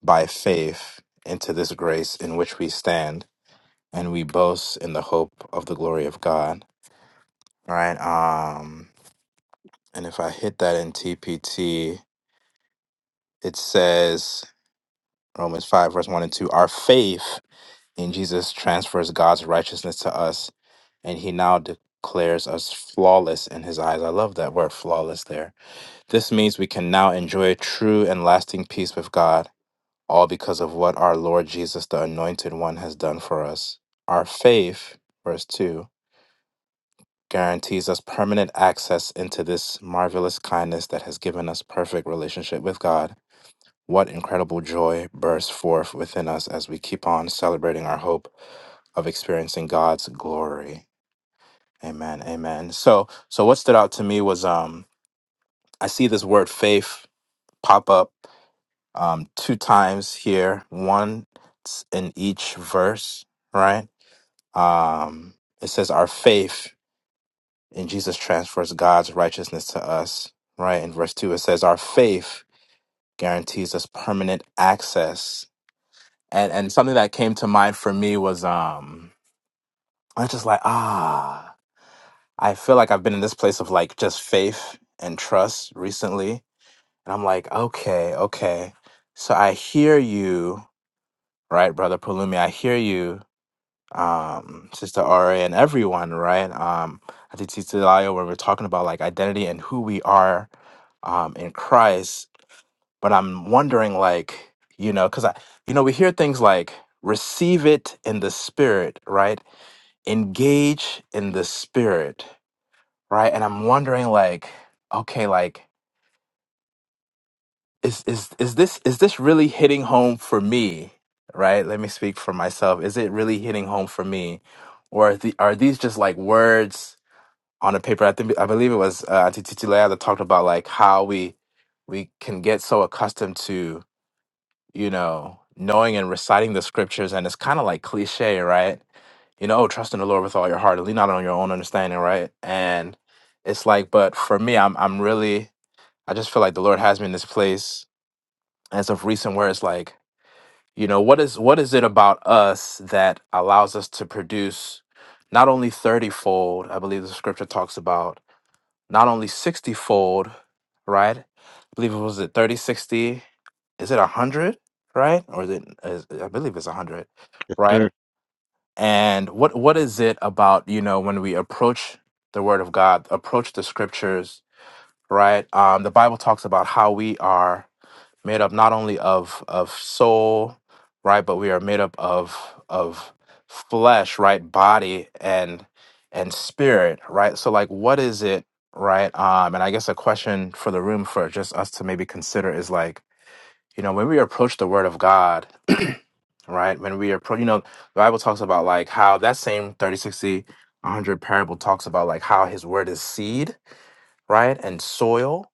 by faith into this grace in which we stand and we boast in the hope of the glory of god all right um and if i hit that in tpt it says romans 5 verse 1 and 2 our faith And Jesus transfers God's righteousness to us, and he now declares us flawless in his eyes. I love that word flawless there. This means we can now enjoy true and lasting peace with God, all because of what our Lord Jesus, the Anointed One, has done for us. Our faith, verse 2, guarantees us permanent access into this marvelous kindness that has given us perfect relationship with God. What incredible joy bursts forth within us as we keep on celebrating our hope of experiencing God's glory. Amen. Amen. So so what stood out to me was um I see this word faith pop up um two times here, one in each verse, right? Um it says our faith in Jesus transfers God's righteousness to us, right? In verse 2 it says our faith guarantees us permanent access and and something that came to mind for me was um i was just like ah i feel like i've been in this place of like just faith and trust recently and i'm like okay okay so i hear you right brother palumi i hear you um sister ra and everyone right um i think Sister Layo, when we're talking about like identity and who we are um in christ but I'm wondering, like, you know, because I, you know, we hear things like receive it in the spirit, right? Engage in the spirit, right? And I'm wondering, like, okay, like, is is is this is this really hitting home for me, right? Let me speak for myself. Is it really hitting home for me, or are, the, are these just like words on a paper? I think I believe it was uh, Auntie Titi Leah that talked about like how we we can get so accustomed to you know, knowing and reciting the scriptures. And it's kind of like cliche, right? You know, oh, trust in the Lord with all your heart and lean not on your own understanding, right? And it's like, but for me, I'm I'm really I just feel like the Lord has me in this place as of recent where it's like, you know, what is what is it about us that allows us to produce not only 30 fold, I believe the scripture talks about, not only 60 fold, right? I believe it was it 30 60. is it 100, right? Or is it, is, I believe it's 100, right? And what what is it about, you know, when we approach the word of God, approach the scriptures, right? Um, the Bible talks about how we are made up not only of of soul right but we are made up of of flesh right body and and spirit right so like what is it right um and i guess a question for the room for just us to maybe consider is like you know when we approach the word of god right when we approach you know the bible talks about like how that same 30 60 100 parable talks about like how his word is seed right and soil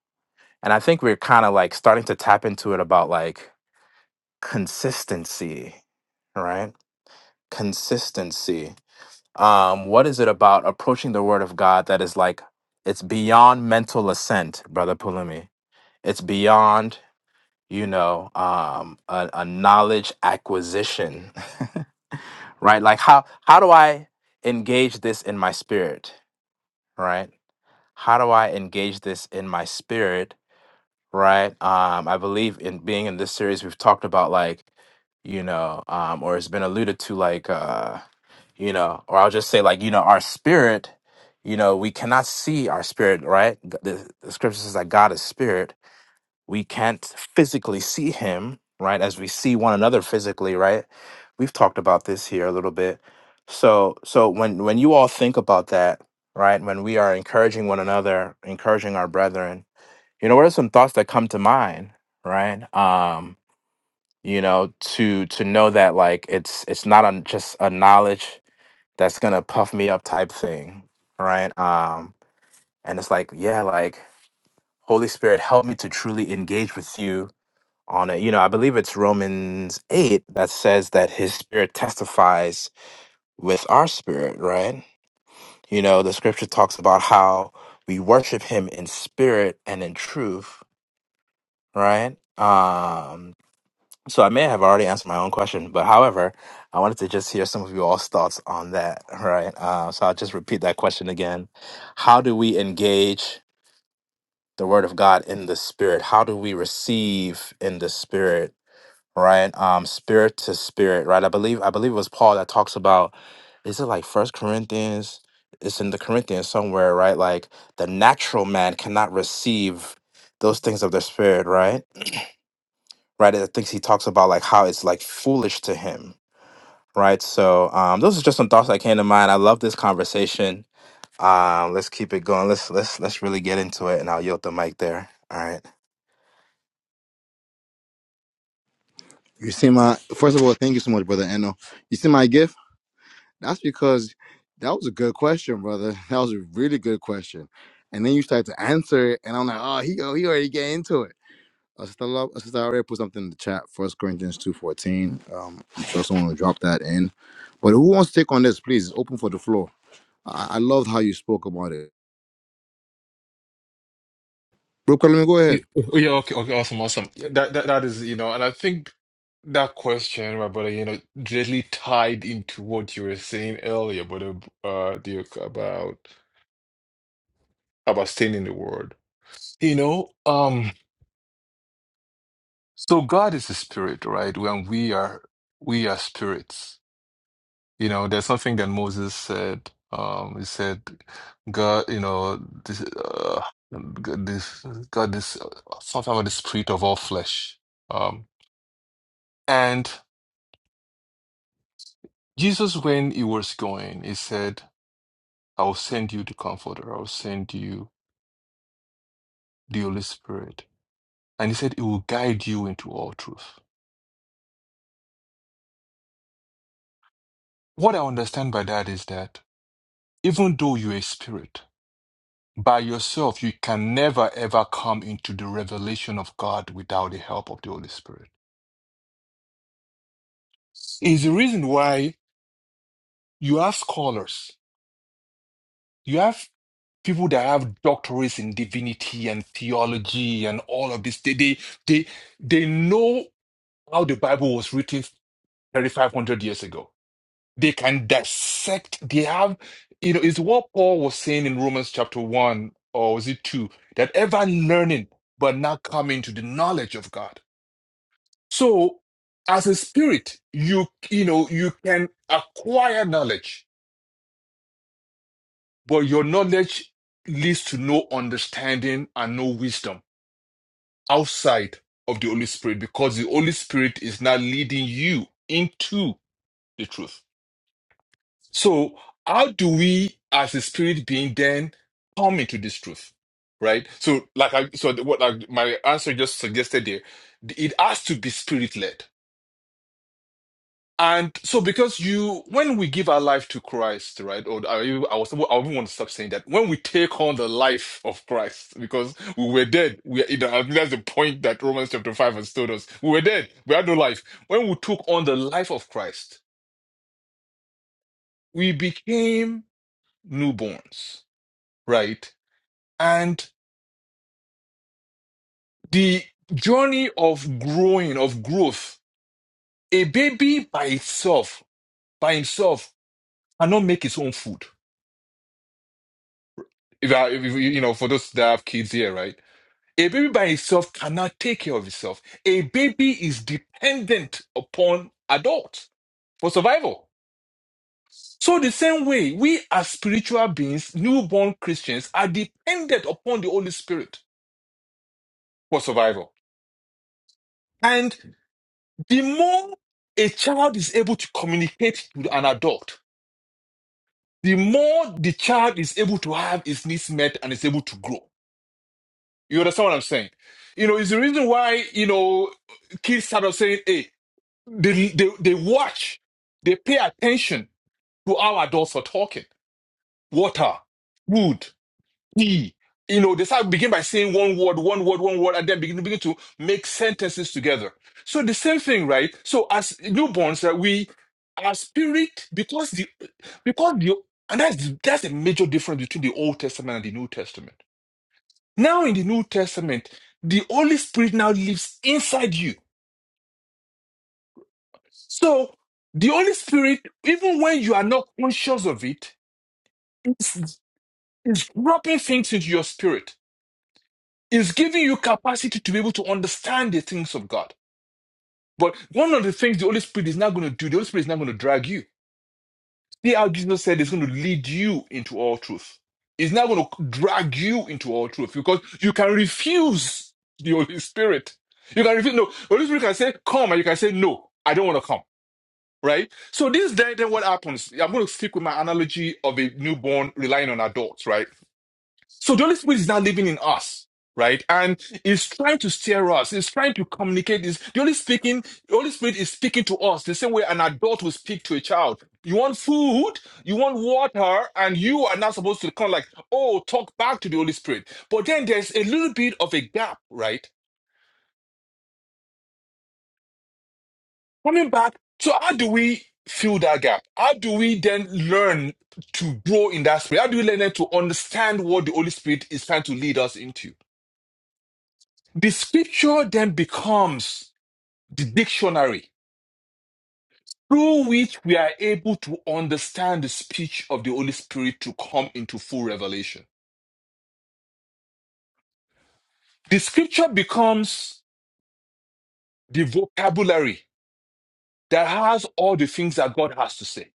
and i think we're kind of like starting to tap into it about like consistency, right? Consistency. Um, what is it about approaching the word of God that is like it's beyond mental assent, brother Pulumi? It's beyond, you know, um, a, a knowledge acquisition, right? Like how how do I engage this in my spirit, right? How do I engage this in my spirit right? Um, I believe in being in this series, we've talked about like, you know, um, or it's been alluded to like, uh, you know, or I'll just say like, you know, our spirit, you know, we cannot see our spirit, right? G- The, the scripture says that God is spirit. We can't physically see him, right? As we see one another physically, right? We've talked about this here a little bit. So, so when when you all think about that, right? When we are encouraging one another, encouraging our brethren, you know what are some thoughts that come to mind right um you know to to know that like it's it's not a, just a knowledge that's gonna puff me up type thing right um and it's like yeah like holy spirit help me to truly engage with you on it you know i believe it's romans 8 that says that his spirit testifies with our spirit right you know the scripture talks about how we worship him in spirit and in truth right um So I may have already answered my own question, but however, I wanted to just hear some of you all's thoughts on that, right? Uh, so I'll just repeat that question again. How do we engage the Word of God in the Spirit? How do we receive in the Spirit, right? Um, spirit to spirit, right? I believe I believe it was Paul that talks about. Is it like First Corinthians? It's in the Corinthians somewhere, right? Like the natural man cannot receive those things of the Spirit, right? Right? I think he talks about like how it's like foolish to him right? So um, those are just some thoughts that came to mind. I love this conversation. Um, let's keep it going. Let's let's let's really get into it, and I'll yield the mic there. All right. you see my first of all, thank you so much, brother Eno. You see my gift. That's because that was a good question, brother. That was a really good question. And then you start to answer it, and I'm like, oh, he oh, he already get into it. Uh, Sister Lo- uh, Sister I already put something in the chat. First Corinthians two fourteen. Um, I'm sure someone will drop that in. But who wants to take on this? Please, it's open for the floor. I, I loved how you spoke about it. Brooke, let me go Yeah, ahead. yeah, okay, okay, awesome, awesome. Yeah, That, that that is, you know, and I think that question, my brother, you know, directly tied into what you were saying earlier, brother, uh, Duke, about about staying in the Word. You know, um, so God is a spirit, right? When we are we are spirits. You know, there's something that Moses said. Um, he said, God, you know, this, uh, God, this, God, this, something about the spirit of all flesh. Um, Jesus, when he was going, he said, I will send you the Comforter, I will send you the Holy Spirit. And he said, It will guide you into all truth. What I understand by that is that even though you're a spirit, by yourself, you can never ever come into the revelation of God without the help of the Holy Spirit. Is the reason why you have scholars, you have people that have doctorates in divinity and theology and all of this. They, they, they, they know how the Bible was written 3,500 years ago. They can dissect, they have, you know, it's what Paul was saying in Romans chapter 1, or was it 2, that ever learning, but not coming to the knowledge of God. So, as a spirit, you, you know, you can acquire knowledge, but your knowledge leads to no understanding and no wisdom outside of the Holy Spirit because the Holy Spirit is now leading you into the truth. So, how do we, as a spirit being, then come into this truth, right? So, like I, so the- what like my answer just suggested there, it has to be spirit led. And so, because you, when we give our life to Christ, right? Or I, I was, I even want to stop saying that. When we take on the life of Christ, because we were dead, we, you know, I think that's the point that Romans chapter five has told us. We were dead. We had no life. When we took on the life of Christ, we became newborns, right? and the journey of growing of growth a baby by itself by himself cannot make its own food if, I, if you you know for those that have kids here right a baby by itself cannot take care of itself a baby is dependent upon adults for survival so the same way we as spiritual beings newborn christians are dependent upon the holy spirit for survival and the more a child is able to communicate with an adult the more the child is able to have his needs met and is able to grow. You understand what I'm saying? You know, it's the reason why, you know, kids start off saying, hey, they, they, they watch, they pay attention to how adults are talking. Water, food. E. You know, they start begin by saying one word, one word, one word, and then begin, begin to make sentences together. So the same thing, right? So as newborns, that we our spirit, because the because the and that's that's a major difference between the Old Testament and the New Testament. Now in the New Testament, the Holy Spirit now lives inside you. So the Holy Spirit, even when you are not conscious of it, it's, it's dropping things into your spirit. It's giving you capacity to be able to understand the things of God. But one of the things the Holy Spirit is not going to do, the Holy Spirit is not going to drag you. See how Jesus said it's going to lead you into all truth. It's not going to drag you into all truth because you can refuse the Holy Spirit. You can refuse. No, the Holy Spirit can say, come, and you can say, no, I don't want to come. Right? So this day, then what happens? I'm going to stick with my analogy of a newborn relying on adults, right? So the Holy Spirit is now living in us, right? And is trying to steer us, is trying to communicate Is The Holy speaking, the Holy Spirit is speaking to us the same way an adult will speak to a child. You want food, you want water, and you are not supposed to kind of like, oh, talk back to the Holy Spirit. But then there's a little bit of a gap, right? Coming back. So how do we fill that gap? How do we then learn to grow in that spirit? How do we learn to understand what the Holy Spirit is trying to lead us into? The scripture then becomes the dictionary through which we are able to understand the speech of the Holy Spirit to come into full revelation. The scripture becomes the vocabulary that has all the things that God has to say,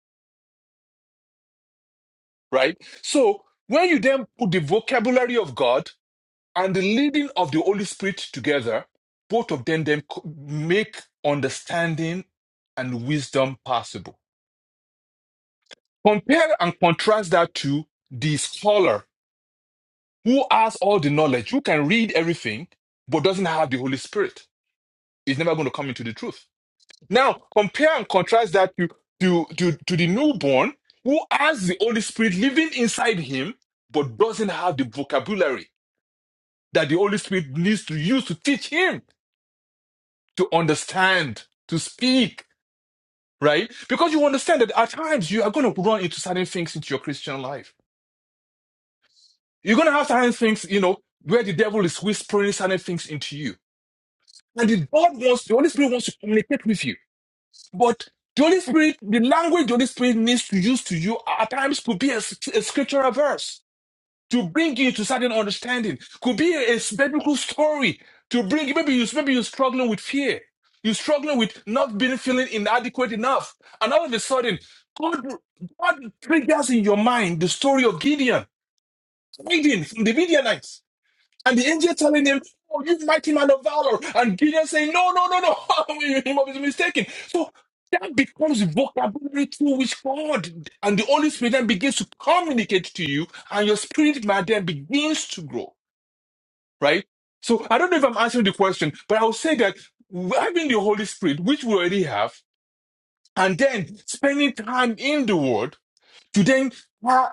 right? So when you then put the vocabulary of God and the leading of the Holy Spirit together, both of them then make understanding and wisdom possible. Compare and contrast that to the scholar who has all the knowledge, who can read everything, but doesn't have the Holy Spirit. Is never going to come into the truth. Now, compare and contrast that to, to, to, to the newborn who has the Holy Spirit living inside him, but doesn't have the vocabulary that the Holy Spirit needs to use to teach him to understand, to speak, right? Because you understand that at times you are going to run into certain things into your Christian life You're going to have certain things, you know, where the devil is whispering certain things into you. And the God wants, the Holy Spirit wants to communicate with you. But the Holy Spirit, the language the Holy Spirit needs to use to you at times could be a a scriptural verse to bring you to certain understanding, could be a, a biblical story to bring, maybe you, maybe you're struggling with fear. You're struggling with not being feeling inadequate enough. And all of a sudden, God, God triggers in your mind the story of Gideon, Gideon from the Midianites and the angel telling him, Oh, you mighty man of valor. And Gideon saying, No, no, no, no. he must be mistaken. So that becomes the vocabulary through which God and the Holy Spirit then begins to communicate to you, and your spirit man then begins to grow, right? So I don't know if I'm answering the question, but I will say that having the Holy Spirit, which we already have, and then spending time in the Word to then uh,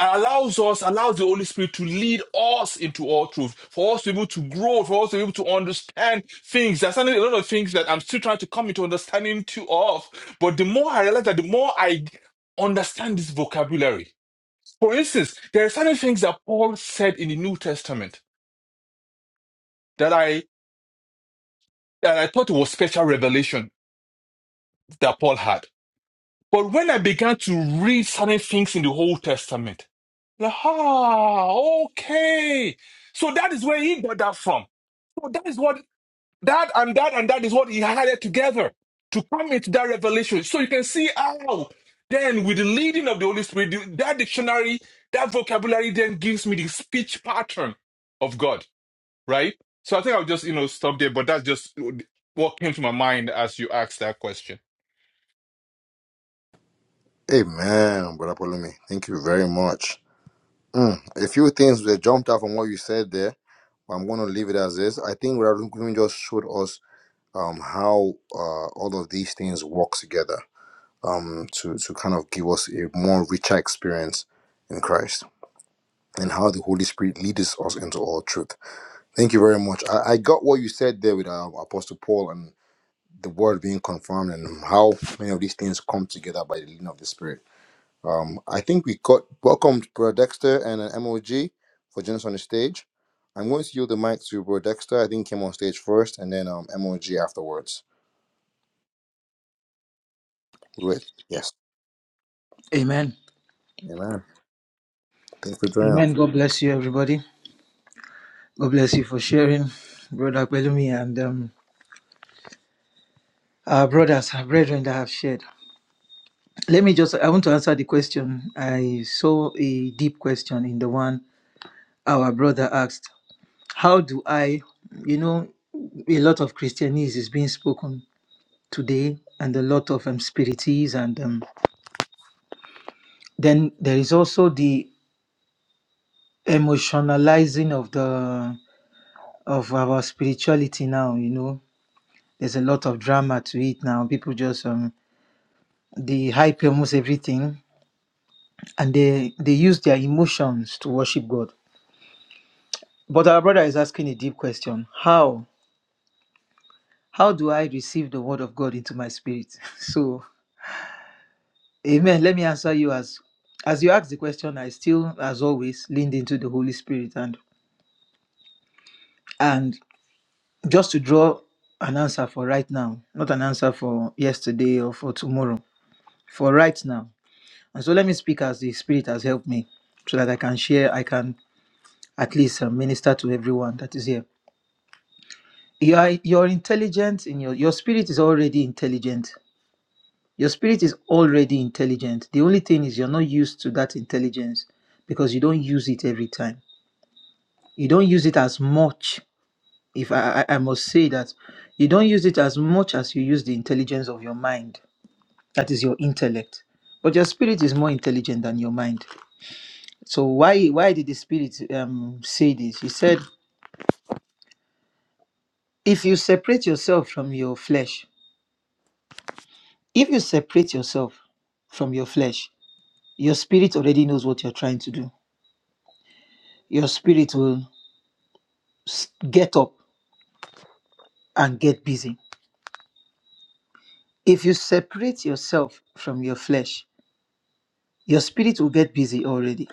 allows us, allows the Holy Spirit to lead us into all truth, for us to be able to grow, for us to be able to understand things. There's certainly a lot of things that I'm still trying to come into understanding too of. But the more I realize that, the more I understand this vocabulary. For instance, there are certain things that Paul said in the New Testament that I that I thought was special revelation that Paul had. But when I began to read certain things in the Old Testament, like, ah, okay. So that is where he got that from. So that is what that and that and that is what he had it together to come into that revelation. So you can see how then with the leading of the Holy Spirit, the- that dictionary, that vocabulary then gives me the speech pattern of God, right? So I think I'll just, you know, stop there, but that's just what came to my mind as you asked that question. Amen, Brother Polumi. Thank you very much. A few things that jumped out from what you said there, but I'm going to leave it as is. I think Brother Polumi just showed us um, how uh, all of these things work together um, to, to kind of give us a more richer experience in Christ and how the Holy Spirit leads us into all truth. Thank you very much. I, I got what you said there with uh, Apostle Paul and the word being confirmed and how many of these things come together by the leading of the Spirit. Um, I think we got welcomed Brother Dexter and an MOG for joining us on the stage. I'm going to yield the mic to Bro Dexter. I think he came on stage first and then um, MOG afterwards. With yes. Amen. Amen. Thanks for joining Amen. us. God bless you, everybody. God bless you for sharing, Brother Pelumi and um, our brothers, our brethren that have shared. Let me just, I want to answer the question. I saw a deep question in the one our brother asked How do I, you know, a lot of Christianese is being spoken today and a lot of um, spiritists. And um, then there is also the emotionalizing of the of our spirituality now you know there's a lot of drama to it now. People just um they hype almost everything and they they use their emotions to worship God. But our brother is asking a deep question. How how do I receive the word of God into my spirit? So amen. Let me answer you as as you ask the question, I still, as always, leaned into the Holy Spirit and and just to draw an answer for right now, not an answer for yesterday or for tomorrow. For right now. And so let me speak as the Spirit has helped me so that I can share, I can at least uh, minister to everyone that is here. You are, you're intelligent in your, your spirit is already intelligent. Your spirit is already intelligent. The only thing is you're not used to that intelligence because you don't use it every time. You don't use it as much. If I, I I must say that you don't use it as much as you use the intelligence of your mind, that is your intellect. But your spirit is more intelligent than your mind So why why did the spirit um say this? He said, if you separate yourself from your flesh, if you separate yourself from your flesh, your spirit already knows what you're trying to do. Your spirit will s- get up and get busy. If you separate yourself from your flesh, your spirit will get busy already.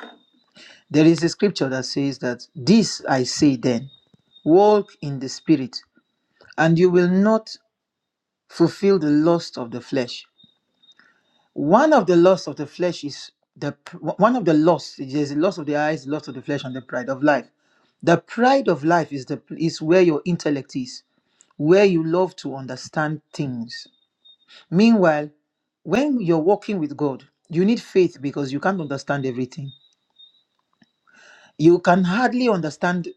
There is a scripture that says that this I say then, walk in the spirit, and you will not fulfill the lust of the flesh. One of the loss of the flesh is the pr- one of the loss. There's a loss of the eyes, loss of the flesh, and the pride of life. The pride of life is the is where your intellect is, where you love to understand things. Meanwhile, when you're walking with God, you need faith because you can't understand everything. You can hardly understand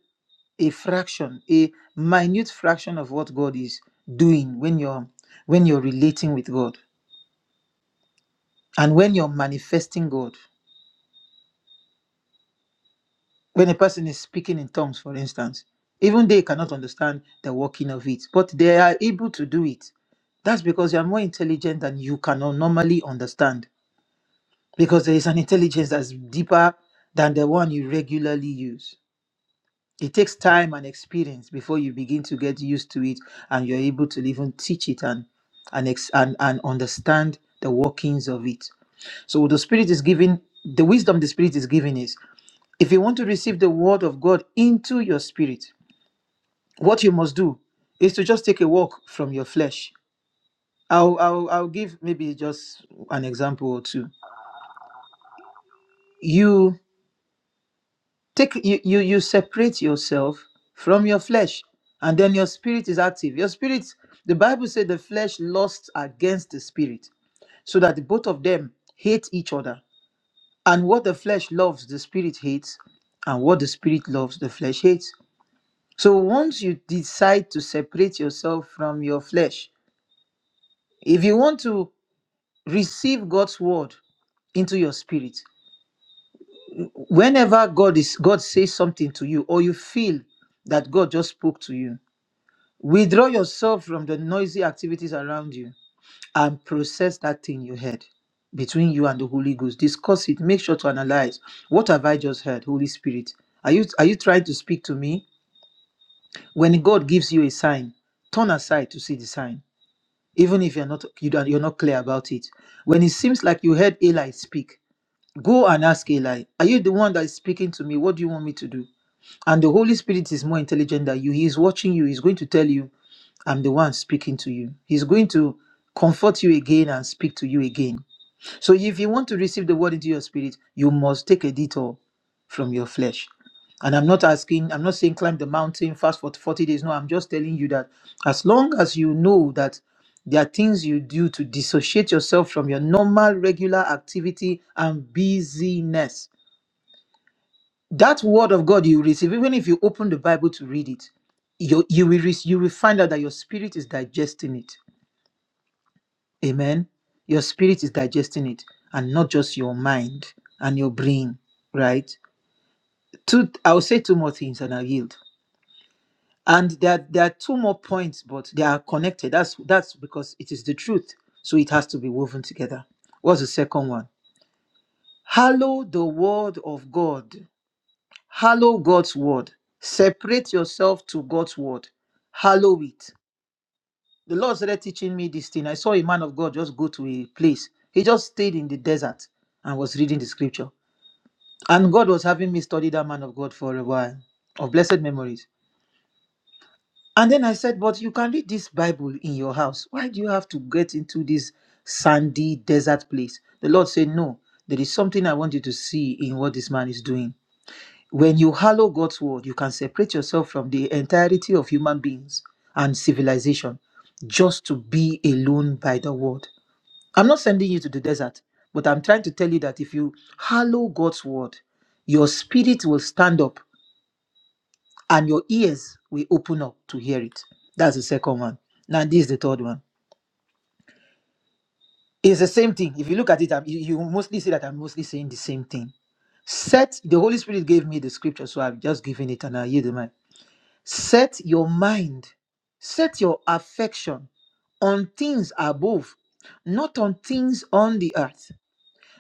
a fraction, a minute fraction of what God is doing when you're when you're relating with God and when you're manifesting God. When a person is speaking in tongues, for instance, even they cannot understand the working of it, but they are able to do it. That's because you are more intelligent than you can normally understand, because there is an intelligence that's deeper than the one you regularly use. It takes time and experience before you begin to get used to it and you're able to even teach it and and, ex- and and understand the workings of it. So the spirit is giving the wisdom the spirit is giving is if you want to receive the word of God into your spirit, what you must do is to just take a walk from your flesh. I'll I'll, I'll give maybe just an example or two. You take you, you you separate yourself from your flesh, and then your spirit is active. Your spirit, the Bible said the flesh lusts against the spirit, so that both of them hate each other. And what the flesh loves, the spirit hates, and what the spirit loves, the flesh hates. So once you decide to separate yourself from your flesh, if you want to receive God's word into your spirit, whenever God is God says something to you or you feel that God just spoke to you, withdraw yourself from the noisy activities around you and process that thing you heard between you and the Holy Ghost. Discuss it. Make sure to analyze what have I just heard, Holy Spirit. Are you are you trying to speak to me? When God gives you a sign, turn aside to see the sign even if you're not you don't, you're not clear about it when it seems like you heard eli speak go and ask eli are you the one that is speaking to me what do you want me to do and the holy spirit is more intelligent than you he is watching you he's going to tell you i'm the one speaking to you he's going to comfort you again and speak to you again so if you want to receive the word into your spirit, you must take a detour from your flesh. And I'm not asking, I'm not saying climb the mountain, fast for 40 days. No, I'm just telling you that as long as you know that there are things you do to dissociate yourself from your normal, regular activity and busyness, that word of God you receive, even if you open the Bible to read it, you, you, will, rec- you will find out that your spirit is digesting it Amen. Your spirit is digesting it and not just your mind and your brain, right? Two, I'll say two more things and I'll yield. And there, there are two more points, but they are connected. That's that's because it is the truth. So it has to be woven together. What's the second one? Hallow the word of God. Hallow God's word. Separate yourself to God's word. Hallow it. the Lord started teaching me this thing. I saw a man of God just go to a place. He just stayed in the desert and was reading the scripture. And God was having me study that man of God for a while of blessed memories. And then I said, But you can read this Bible in your house. Why do you have to get into this sandy desert place? The Lord said, No, there is something I want you to see in what this man is doing. When you hallow God's word, you can separate yourself from the entirety of human beings and civilization just to be alone by the word. I'm not sending you to the desert, but I'm trying to tell you that if you hallow God's word, your spirit will stand up and your ears will open up to hear it. That's the second one. Now, this is the third one. It's the same thing. If you look at it, I'm- you you will mostly see that I'm mostly saying the same thing. Set, the Holy Spirit gave me the scripture, so I've just given it and I yield the mind. Set your mind, set your affection on things above, not on things on the earth.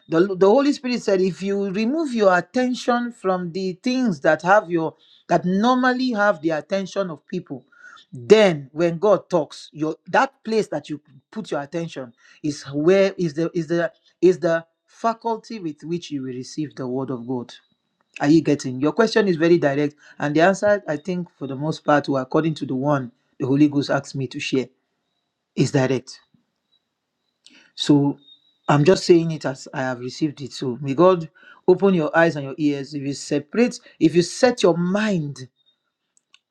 the, the holy spirit said if you remove your attention from the things that have your that normally have the attention of people then when god talks your that place that you put your attention is where is the is the is the faculty with which you will receive the word of god are you getting your question is very direct and the answer i think for the most part or according to the one the holy ghost asked me to share is direct so I'm just saying it as I have received it. So may God open your eyes and your ears. If you separate, if you set your mind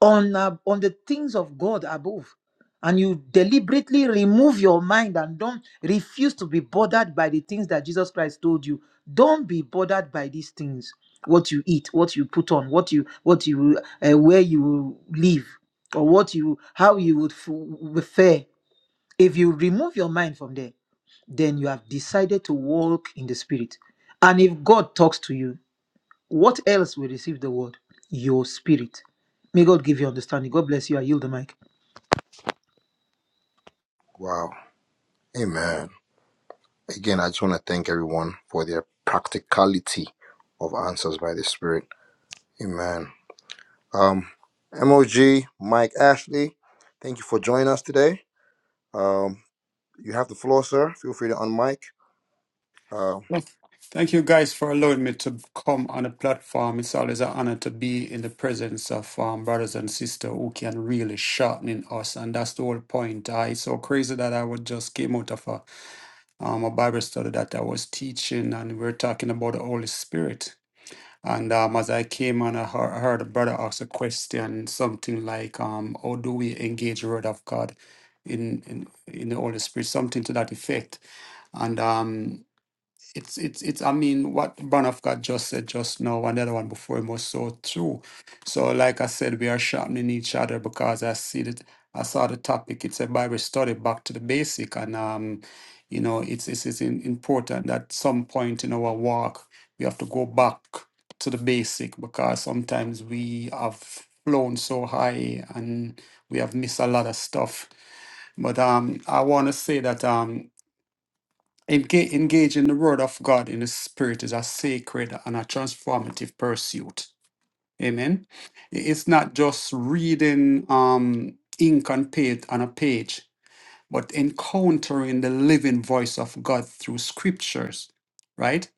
on uh, on the things of God above, and you deliberately remove your mind and don't refuse to be bothered by the things that Jesus Christ told you. Don't be bothered by these things. What you eat, what you put on, what you what you uh, where you live, or what you how you would f- fare if you remove your mind from there then you have decided to walk in the spirit. And if God talks to you, what else will receive the word? Your spirit. May God give you understanding. God bless you. I yield the mic. Wow. Amen. Again, I just want to thank everyone for their practicality of answers by the Spirit. Amen. Um, MOG, Mike Ashley, thank you for joining us today. Um, you have the floor, sir. Feel free to unmic. Uh, Well, Thank you guys for allowing me to come on a platform. It's always an honor to be in the presence of um, brothers and sisters who can really sharpen us, and that's the whole point. I it's so crazy that I would just came out of a um, a Bible study that I was teaching, and we are talking about the Holy Spirit. And um, as I came on, I heard, I heard a brother ask a question, something like, um, "How do we engage the Word of God in in, in the Holy Spirit?" Something to that effect. And um, it's it's it's i mean what Branoff got just said just now and the other one before him was so true so like i said we are sharpening each other because i see that i saw the topic it's a bible study back to the basic and um you know it's it's, it's in, important that some point in our walk we have to go back to the basic because sometimes we have flown so high and we have missed a lot of stuff but um i want to say that um Engage, engage in the word of God in the spirit is a sacred and a transformative pursuit. Amen. I- It's not just reading um, ink and paint on a page, but encountering the living voice of God through scriptures, right?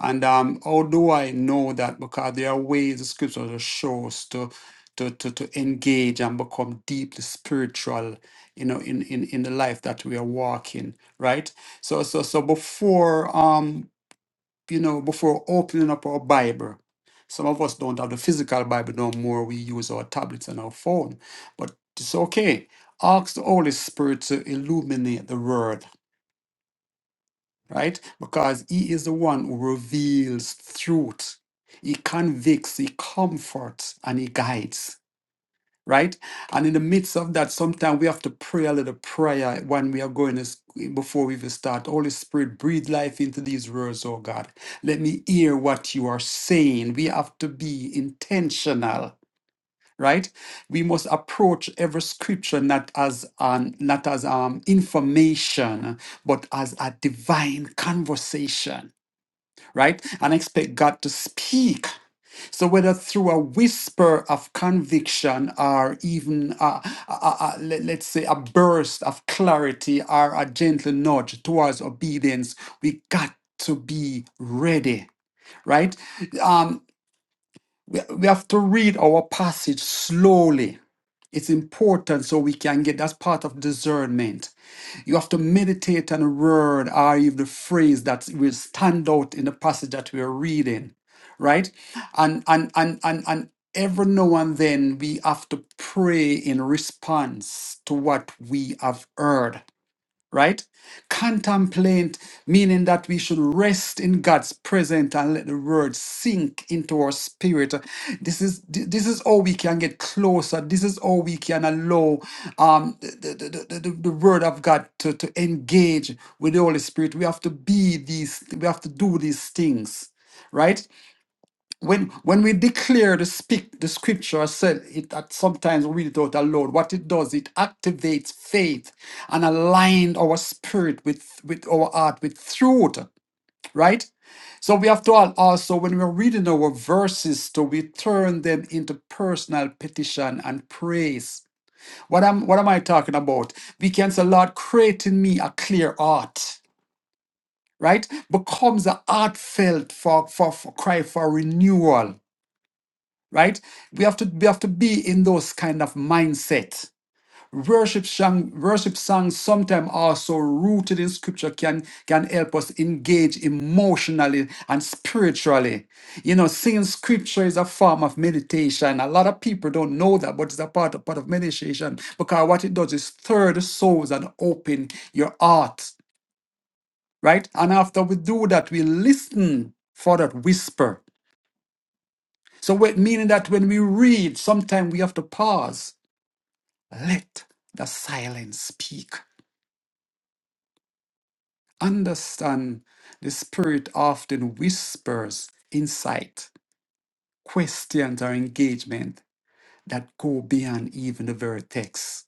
And um, how do I know that? Because there are ways the scripture shows to to to to engage and become deeply spiritual, you know, in in in the life that we are walking, right? So so so before um you know before opening up our Bible. Some of us don't have the physical Bible no more. We use our tablets and our phone. But it's okay. Ask the Holy Spirit to illuminate the word right? Because he is the one who reveals truth. He convicts, he comforts, and he guides, right? And in the midst of that, sometimes we have to pray a little prayer when we are going to, s- before we even start. Holy Spirit, breathe life into these words, oh God. Let me hear what you are saying. We have to be intentional right we must approach every scripture not as an not as um information but as a divine conversation right and expect god to speak so whether through a whisper of conviction or even uh, a, a, a- let- let's say a burst of clarity or a gentle nudge towards obedience we got to be ready right um we we have to read our passage slowly it's important so we can get that's part of discernment. You have to meditate on a word or even the phrase that will stand out in the passage that we are reading, right? And and and and and every now and then we have to pray in response to what we have heard right? Contemplate, meaning that we should rest in God's presence and let the word sink into our spirit. This is thi- this is how we can get closer. This is how we can allow um, the, the, the, the, the the word of God to, to engage with the Holy Spirit. We have to be these, we have to do these things, right? when when we declare the speak the scripture said it that sometimes we read it out aloud what it does it activates faith and align our spirit with with our heart with truth right so we have to al- also when we're reading our verses to we turn them into personal petition and praise what am what am i talking about we can say lord create in me a clear heart right becomes a heartfelt for for, for cry for renewal right we have to we have to be in those kind of mindset worship song worship songs sometimes are so rooted in scripture can can help us engage emotionally and spiritually you know singing scripture is a form of meditation a lot of people don't know that but it's a part of, part of meditation because what it does is stir the souls and open your heart right and after we do that we listen for that whisper so, what meaning that when we read, sometimes we have to pause. Let the silence speak. Understand the Spirit often whispers insight, questions, or engagement that go beyond even the very text.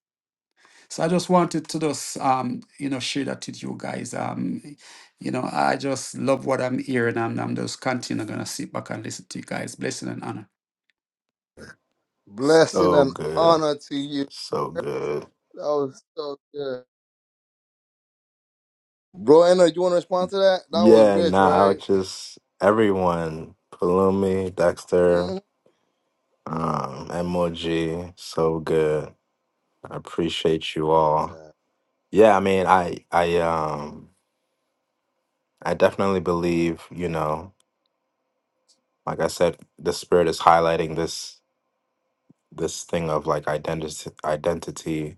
So I just wanted to just um, you know share that with you guys. Um, you know, I just love what I'm hearing, and I'm just continue gonna sit back and listen to you guys. Blessing and honor. blessing So and good, honor to you. so good. That was so good. Bro, Anna, you want to respond to that? That was Yeah, rich, nah, I right? would just everyone, Palumi, Dexter, Mm-hmm. um, MOG, so good. I appreciate you all. Nah. Yeah, I mean, I I um I definitely believe, you know, like I said, the spirit is highlighting this this thing of like identity identity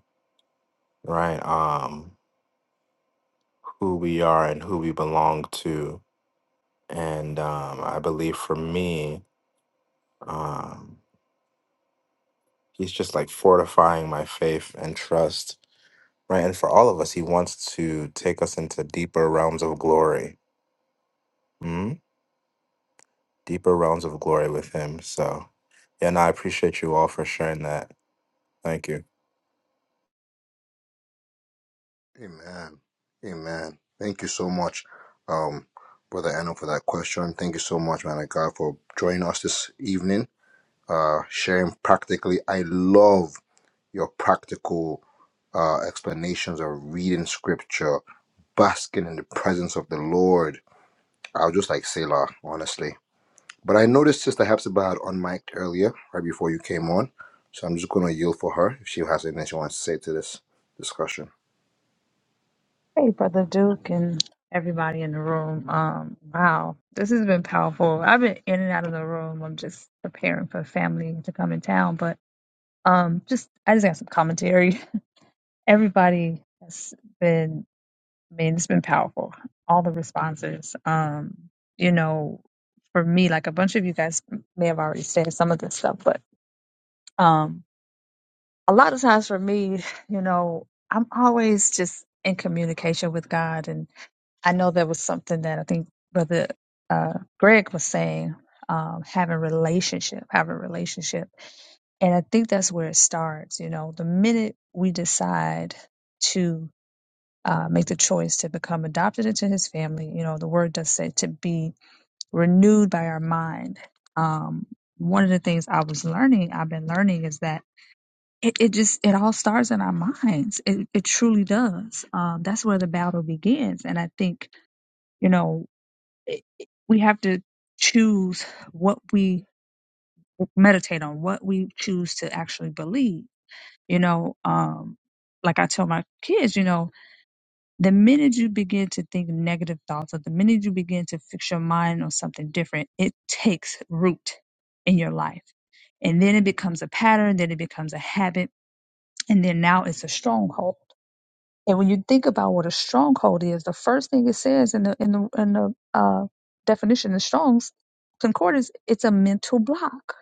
right um who we are and who we belong to and um i believe for me um he's just like fortifying my faith and trust right and for all of us he wants to take us into deeper realms of glory mm? deeper realms of glory with him so yeah and i appreciate you all for sharing that thank you Amen. Amen. Thank you so much, um, Brother Anno, for that question. Thank you so much, man of God, for joining us this evening, uh, sharing practically. I love your practical uh, explanations of reading scripture, basking in the presence of the Lord. I was just like Selah, honestly. But I noticed Sister Hepzibah had unmiked earlier, right before you came on. So I'm just going to yield for her if she has anything she wants to say to this discussion. Hey, Brother Duke and everybody in the room. Um, wow, this has been powerful. I've been in and out of the room. I'm just preparing for family to come in town, but um, just I just got some commentary. Everybody has been, I mean, it's been powerful. All the responses. Um, you know, for me, like a bunch of you guys may have already said some of this stuff, but um, a lot of times for me, you know, I'm always just in communication with God I know there was something that I think Brother uh, Greg was saying, um, having relationship, having relationship, and I think that's where it starts. You know, the minute we decide to uh, make the choice to become adopted into His family, you know, the Word does say to be renewed by our mind. Um, one of the things I was learning, I've been learning, is that it, it just it all starts in our minds. It, it truly does. Um, that's where the battle begins, and I think you know it- it- we have to choose what we meditate on, what we choose to actually believe. You know, um, like I tell my kids, you know, the minute you begin to think negative thoughts or the minute you begin to fix your mind on something different, it takes root in your life. And then it becomes a pattern, then it becomes a habit, and then now it's a stronghold and when you think about what a stronghold is, the first thing it says in the in the in the uh, definition in Strong's Concordance, it's a mental block,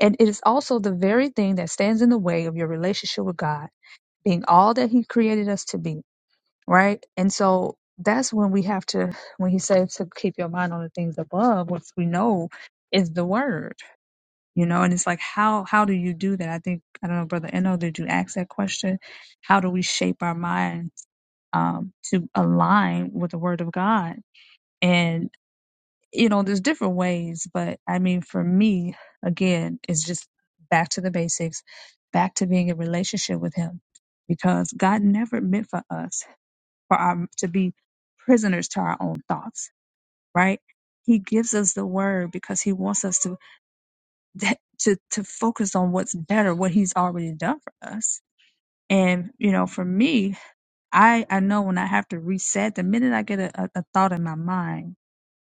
and it is also the very thing that stands in the way of your relationship with God, being all that He created us to be, right? And so that's when we have to, when He says to keep your mind on the things above, which we know is the Word, you know. And it's like, how how do you do that? I think I don't know, brother Eno, did you ask that question? How do we shape our mind? um, to align with the Word of God. And, you know, there's different ways, but I mean, for me, again, it's just back to the basics, back to being in relationship with Him, because God never meant for us for our, to be prisoners to our own thoughts, right? He gives us the Word because He wants us to that, to to focus on what's better, what He's already done for us. And you know, for me, I I know when I have to reset, the minute I get a, a, a thought in my mind,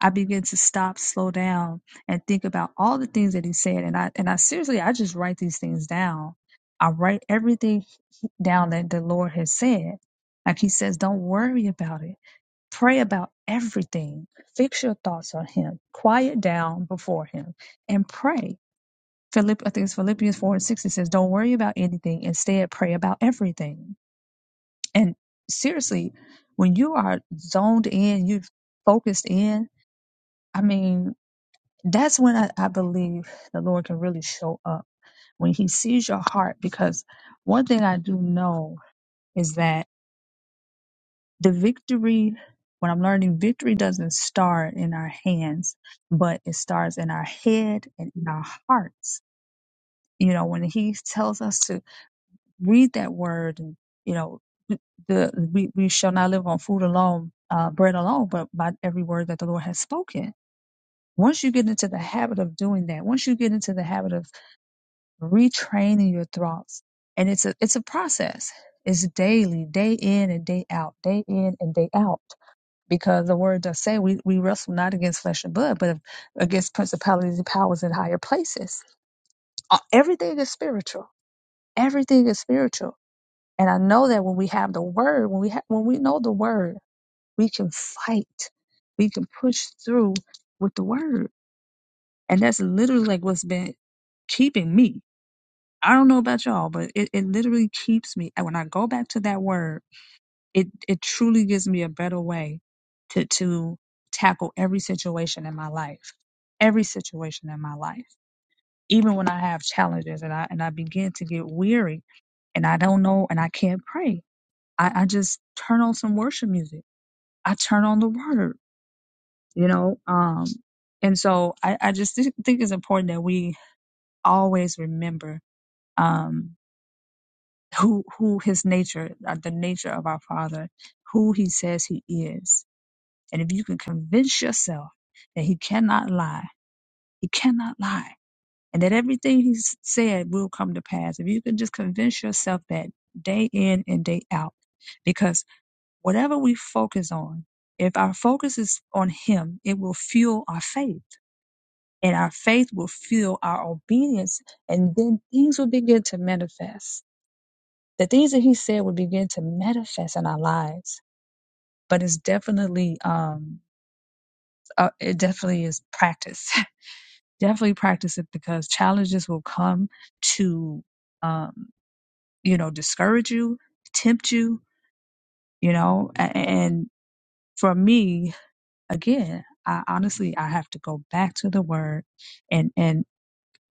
I begin to stop, slow down, and think about all the things that he said. And I and I seriously, I just write these things down. I write everything down that the Lord has said. Like he says, don't worry about it. Pray about everything. Fix your thoughts on him. Quiet down before him and pray. Philipp, I think it's Philippians 4 and 6. It says, Don't worry about anything. Instead, pray about everything and seriously, when you are zoned in, you have focused in, I mean, that's when I, I believe the Lord can really show up when He sees your heart. Because one thing I do know is that the victory, when I'm learning, victory doesn't start in our hands, but it starts in our head and in our hearts. You know, when He tells us to read that word and you know th- the we, we shall not live on food alone uh, bread alone but by every word that the lord has spoken once you get into the habit of doing that once you get into the habit of retraining your thoughts and it's a it's a process it's daily day in and day out day in and day out because the word does say we, we wrestle not against flesh and blood but against principalities and powers in higher places Uh, everything is spiritual everything is spiritual And I know that when we have the word, when we ha- when we know the word, we can fight, we can push through with the word, and that's literally like what's been keeping me. I don't know about y'all, but it, it literally keeps me. And when I go back to that word, it it truly gives me a better way to to tackle every situation in my life, every situation in my life, even when I have challenges and I and I begin to get weary and I don't know and I can't pray. I, I just turn on some worship music. I turn on the word, you know. Um, and so I, I just thi- think it's important that we always remember um, who who his nature, uh, the nature of our Father, who he says he is. And if you can convince yourself that he cannot lie, he cannot lie, and that everything he said will come to pass, if you can just convince yourself that day in and day out, because Whatever we focus on, if our focus is on Him, it will fuel our faith. And our faith will fuel our obedience. And then things will begin to manifest. The things that He said will begin to manifest in our lives. But it's definitely, um, uh, it definitely is practice. definitely practice it because challenges will come to, um, you know, discourage you, tempt you, you know, a- and for me, again, I honestly I have to go back to the word and and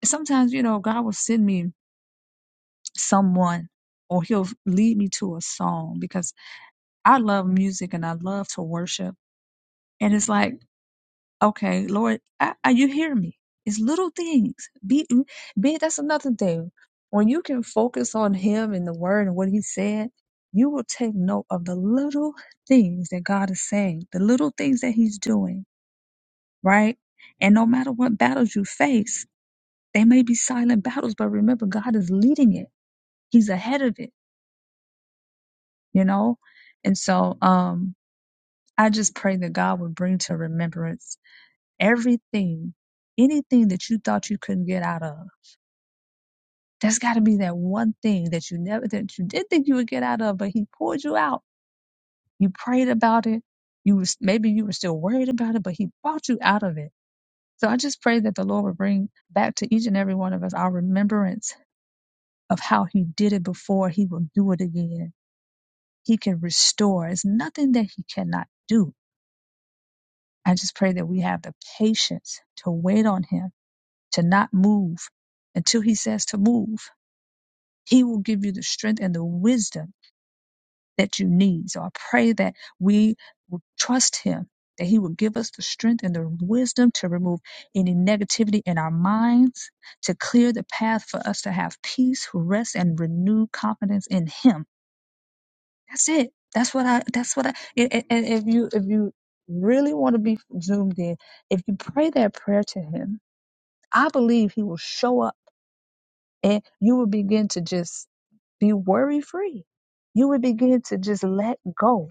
sometimes, you know, God will send me someone or he'll lead me to a song because I love music and I love to worship. And it's like, okay, Lord, I, I, you hear me. It's little things. Be, be that's another thing. When you can focus on him and the word and what he said, you will take note of the little things that God is saying, the little things that he's doing right? And no matter what battles you face, they may be silent battles, but remember, God is leading it. He's ahead of it, you know? And so um, I just pray that God would bring to remembrance everything, anything that you thought you couldn't get out of. There's got to be that one thing that you never, that you did think you would get out of, but He pulled you out. You prayed about it. You was maybe you were still worried about it, but He brought you out of it. So I just pray that the Lord would bring back to each and every one of us our remembrance of how he did it before, he will do it again. He can restore. It's nothing that he cannot do. I just pray that we have the patience to wait on him, to not move until he says to move. He will give you the strength and the wisdom that you need. So I pray that we will trust him, that he will give us the strength and the wisdom to remove any negativity in our minds, to clear the path for us to have peace, rest, and renewed confidence in him That's it. That's what I. That's what I. And, and and if you if you really want to be zoomed in, if you pray that prayer to Him, I believe He will show up, and you will begin to just be worry free. You will begin to just let go,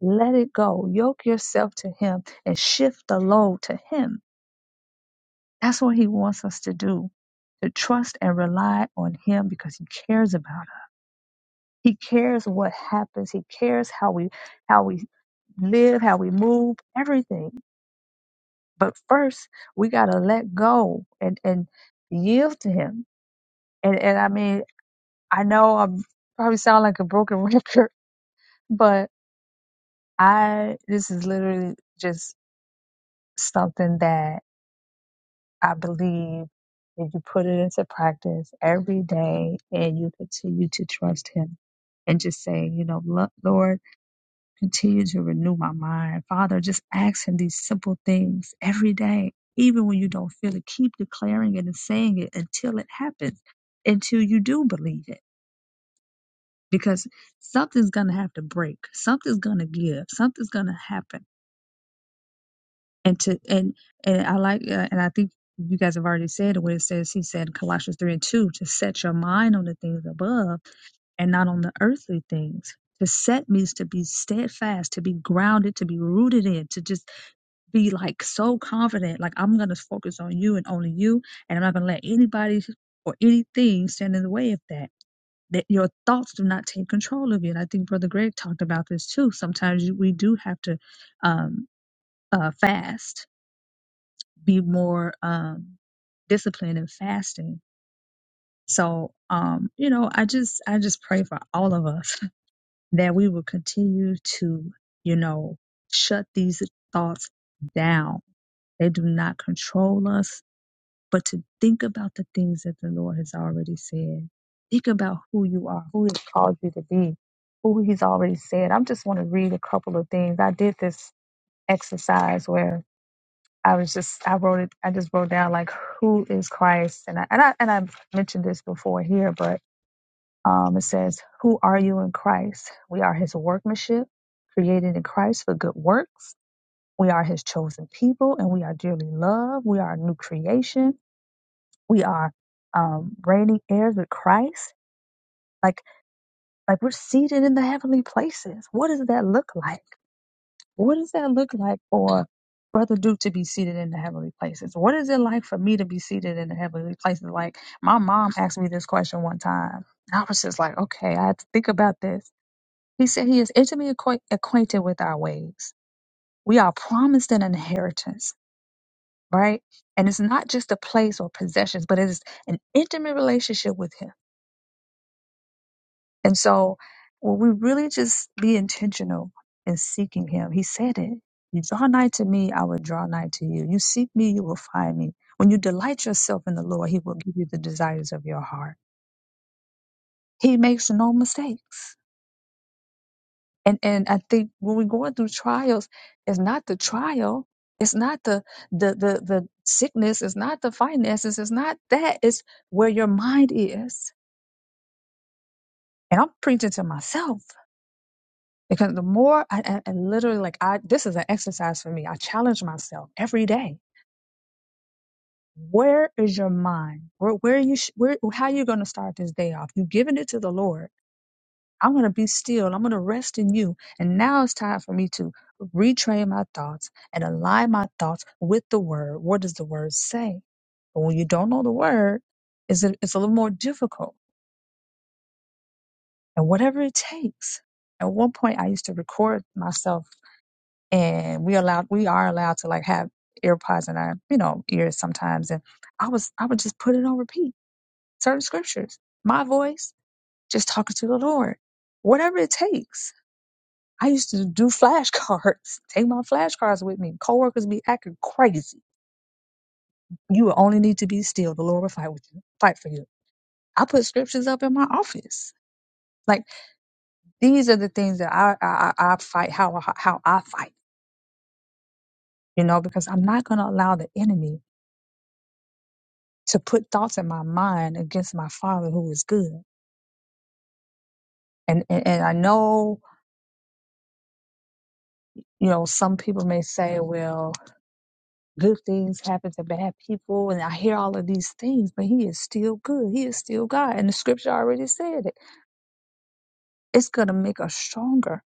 let it go, yoke yourself to Him, and shift the load to Him. That's what He wants us to do. To trust and rely on him because he cares about us. He cares what happens. He cares how we how we live, how we move, everything. But first, we got to let go and, and yield to Him. And, and I mean, I know I probably sound like a broken record, but I, this is literally just something that I believe if you put it into practice every day and you continue to trust Him and just say, you know, "Lo- Lord, Continue to renew my mind. Father, just ask him these simple things every day, even when you don't feel it. Keep declaring it and saying it until it happens, until you do believe it. Because something's gonna have to break, something's gonna give, something's gonna happen. And to and and I like uh, and I think you guys have already said it when it says he said in Colossians three and two to set your mind on the things above and not on the earthly things. To set means to be steadfast, to be grounded, to be rooted in, to just be like so confident, like I'm gonna focus on you and only you, and I'm not gonna let anybody or anything stand in the way of that. That your thoughts do not take control of you. And I think Brother Greg talked about this too. Sometimes you, we do have to um, uh, fast, be more um, disciplined in fasting. So, um, you know, I just I just pray for all of us that we will continue to, you know, shut these thoughts down. They do not control us but to think about the things that the Lord has already said. Think about who you are, who He's called you to be, who He's already said. I just want to read a couple of things. I did this exercise where I was just I wrote it. I just wrote down like who is Christ, and I and I and I mentioned this before here, but um, it says, "Who are you in Christ? We are His workmanship, created in Christ for good works." We are his chosen people and we are dearly loved. We are a new creation we are um, reigning heirs with Christ. Like, like we're seated in the heavenly places. What does that look like? What does that look like for Brother Duke to be seated in the heavenly places? What is it like for me to be seated in the heavenly places? Like, my mom asked me this question one time. I was just like, okay, I had to think about this. He said he is intimately acquaint- acquainted with our ways. We are promised an inheritance, right? And it's not just a place or possessions, but it is an intimate relationship with him And so when we really just be intentional in seeking him, he said it. You draw nigh to me, I will draw nigh to you. You seek me, you will find me. When you delight yourself in the Lord, he will give you the desires of your heart. He makes no mistakes. And and I think when we're going through trials, it's not the trial, it's not the the the the sickness, it's not the finances, it's not that, it's where your mind is. And I'm preaching to myself Because the more I, I, I literally like I this is an exercise for me. I challenge myself every day. Where is your mind? Where where are you sh- where how you going to start this day off? You giving it to the Lord. I'm going to be still. I'm going to rest in you. And now it's time for me to retrain my thoughts and align my thoughts with the word. What does the word say? But when you don't know the word, it's a, it's a little more difficult. And whatever it takes. At one point, I used to record myself and we allowed we are allowed to like have earpods in our you know ears sometimes and i was i would just put it on repeat certain scriptures my voice just talking to the lord whatever it takes i used to do flashcards take my flashcards with me coworkers be acting crazy you will only need to be still the lord will fight with you fight for you i put scriptures up in my office like these are the things that i i, I I fight how how i fight you know because i'm not going to allow the enemy to put thoughts in my mind against my father who is good. And, and and I know, you know, some people may say, well, good things happen to bad people and I hear all of these things, but he is still good. He is still God. And the scripture already said it. It's gonna make us stronger,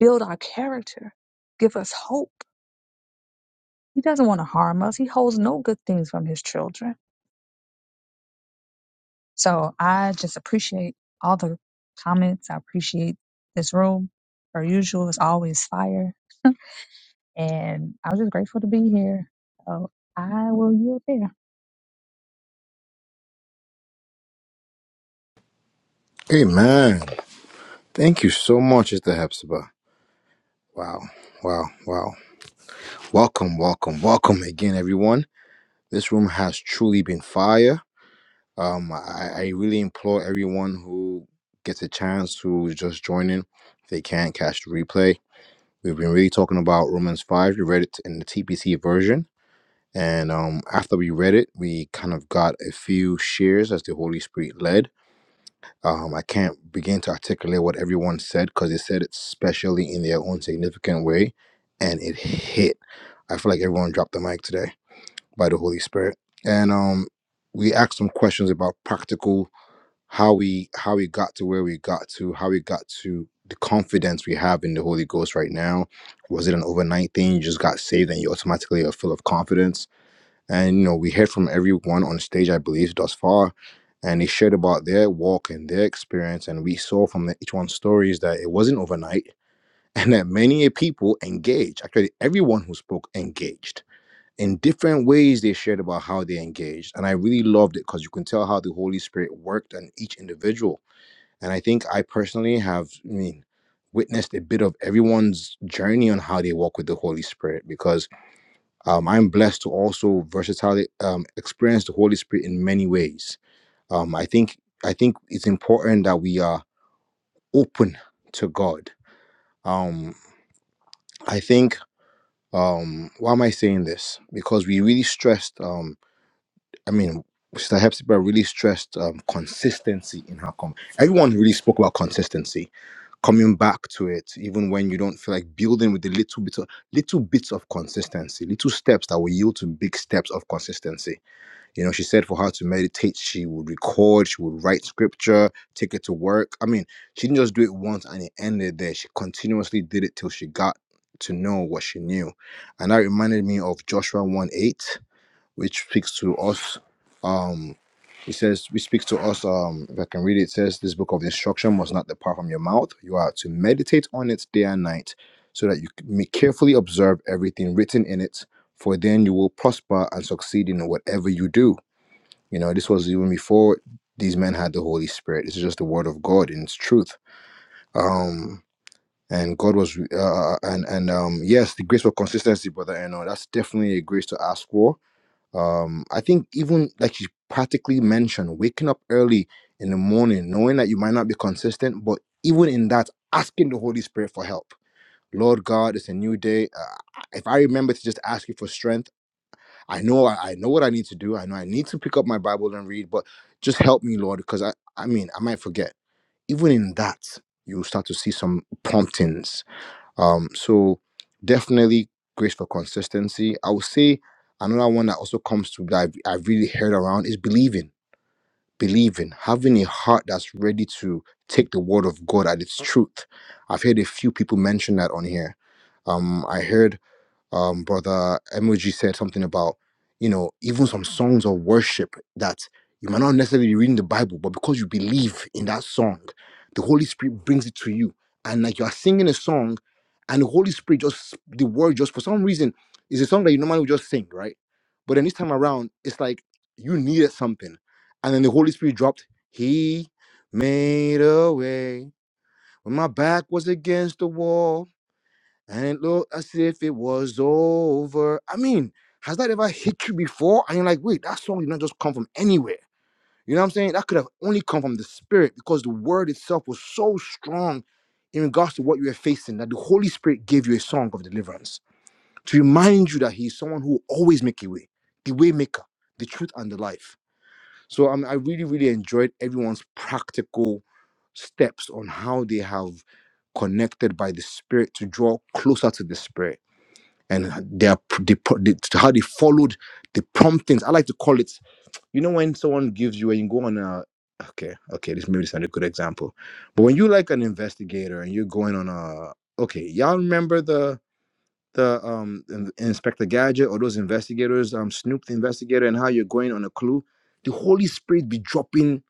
build our character, give us hope. He doesn't want to harm us. He holds no good things from his children. So I just appreciate all the comments. I appreciate this room. Per usual, it's always fire And I was just grateful to be here. So I will yield there. Amen. Thank you so much, Sister Hepzibah. Wow, wow, wow. Welcome, welcome, welcome again, everyone. This room has truly been fire. Um, I, I really implore everyone who gets a chance who's just joining, if they can't catch the replay. We've been really talking about Romans 5. We read it in the TPC version. And um, after we read it, we kind of got a few shares as the Holy Spirit led. Um, I can't begin to articulate what everyone said because they said it specially in their own significant way, and it hit. I feel like everyone dropped the mic today by the Holy Spirit, and um, we asked some questions about practical how we how we got to where we got to, how we got to the confidence we have in the Holy Ghost right now. Was it an overnight thing? You just got saved and you automatically are full of confidence? And you know, we heard from everyone on stage, I believe, thus far, and they shared about their walk and their experience. And we saw from the, each one's stories that it wasn't overnight, and that many people engaged. Actually, everyone who spoke engaged in different ways. They shared about how they engaged, and I really loved it because you can tell how the Holy Spirit worked on each individual. And I think I personally have, I mean, witnessed a bit of everyone's journey on how they walk with the Holy Spirit because um, I'm blessed to also versatility um, experience the Holy Spirit in many ways. Um, I think I think it's important that we are open to God. Um, I think um, why am I saying this? Because we really stressed. Um, I mean, Sister Hepzibah really stressed um, consistency in her com. Everyone really spoke about consistency coming back to it, even when you don't feel like building with the little bit of little bits of consistency, little steps that will yield to big steps of consistency. You know, she said for her to meditate, she would record, she would write scripture, take it to work. I mean, she didn't just do it once and it ended there. She continuously did it till she got to know what she knew. And that reminded me of Joshua 1 8, which speaks to us. Um, it says, we speak to us. Um, if I can read it, it says, This book of instruction must not depart from your mouth. You are to meditate on it day and night, so that you may carefully observe everything written in it, for then you will prosper and succeed in whatever you do. You know, this was even before these men had the Holy Spirit. This is just the Word of God in its truth. Um, and God was, uh, uh, uh, and and um, yes, the grace for consistency, brother. And that's definitely a grace to ask for. Um, I think even like you practically mentioned, waking up early in the morning, knowing that you might not be consistent, but even in that, asking the Holy Spirit for help. Lord God, it's a new day. Uh, if I remember to just ask you for strength I know I, I know what I need to do. I know I need to pick up my Bible and read, but just help me, Lord, because I, I mean I might forget. Even in that, you'll start to see some promptings. Um, so definitely grace for consistency. I would say another one that also comes to that I've, I've really heard around is believing. Believing, having a heart that's ready to take the word of God at its truth. I've heard a few people mention that on here. Um, I heard um, brother Emoji said something about, you know, even some songs of worship that you might not necessarily be reading the Bible, but because you believe in that song, the Holy Spirit brings it to you. And like you are singing a song, and the Holy Spirit just, the word just for some reason is a song that you normally would just sing, right? But then this time around, it's like you needed something. And then the Holy Spirit dropped, He made a way when my back was against the wall and it looked as if it was over. I mean, has that ever hit you before? And you're like, wait, that song did not just come from anywhere. You know what I'm saying? That could have only come from the spirit because the word itself was so strong in regards to what you were facing that the Holy Spirit gave you a song of deliverance to remind you that He is someone who will always make a way, the way maker, the truth, and the life. So um, I really, really enjoyed everyone's practical steps on how they have connected by the spirit to draw closer to the spirit and their they, how they followed the promptings. I like to call it, you know, when someone gives you and you go on a okay, okay, this maybe is not a good example, but when you like an investigator and you're going on a okay, y'all remember the the um in- Inspector Gadget or those investigators, um Snoop the investigator, and how you're going on a clue, the Holy Spirit be dropping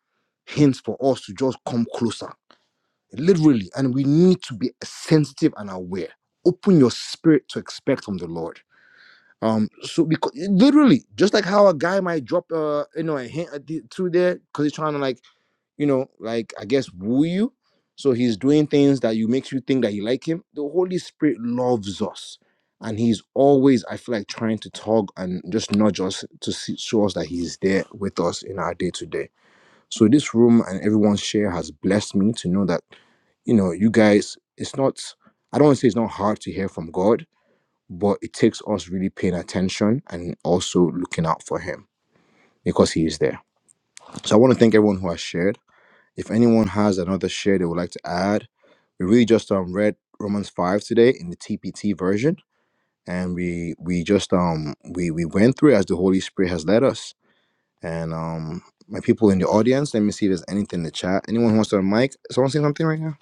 hints for us to just come closer, literally, and we need to be sensitive and aware. Open your spirit to expect from the Lord um, so because literally, just like how a guy might drop uh you know a hint at the, through there because he's trying to like you know like I guess woo you, so he's doing things that you makes you think that you like him. The Holy Spirit loves us, and he's always I feel like trying to tug and just nudge us to see, show us that he's there with us in our day to day. So this room and everyone's share has blessed me to know that you know you guys. It's not I don't want to say it's not hard to hear from God but it takes us really paying attention and also looking out for him because he is there. So I want to thank everyone who has shared. If anyone has another share they would like to add, we really just um read Romans five today in the TPT version, and we we just um we we went through it as the Holy Spirit has led us. And um my people in the audience, let me see if there's anything in the chat. Anyone who wants to mic? Someone say something right now?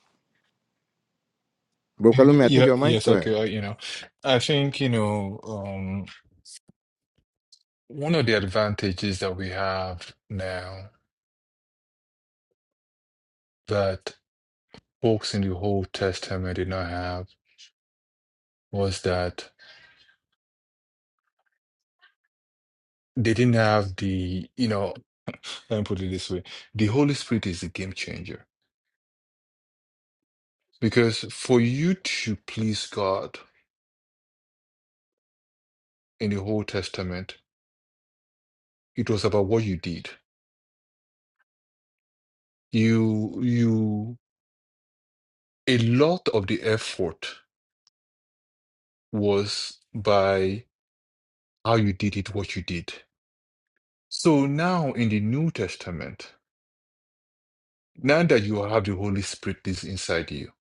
Bro Kalumi, I think Yeah, you're a mic. yes, Go I ahead. could. uh, You know, I think, you know, um, one of the advantages that we have now that folks in the Old Testament did not have was that they didn't have the, you know, let me put it this way, the Holy Spirit is the game changer. Because for you to please God in the Old Testament, it was about what you did. You, you, a lot of the effort was by how you did it, what you did. So now in the New Testament, now that you have the Holy Spirit is inside you,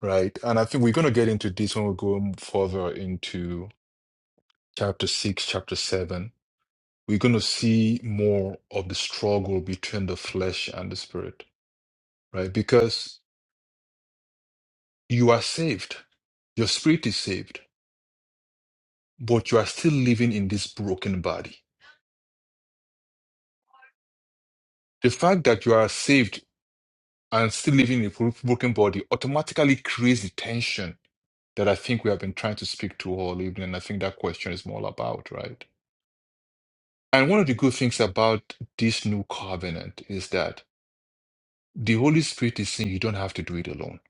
right? And I think we're going to get into this when we go further into chapter six, chapter seven. We're going to see more of the struggle between the flesh and the spirit, right? Because you are saved, your spirit is saved, but you are still living in this broken body. The fact that you are saved and still living in a bro- broken body automatically creates the tension that I think we have been trying to speak to all evening. And I think that question is more about, right? And one of the good things about this new covenant is that the Holy Spirit is saying you don't have to do it alone.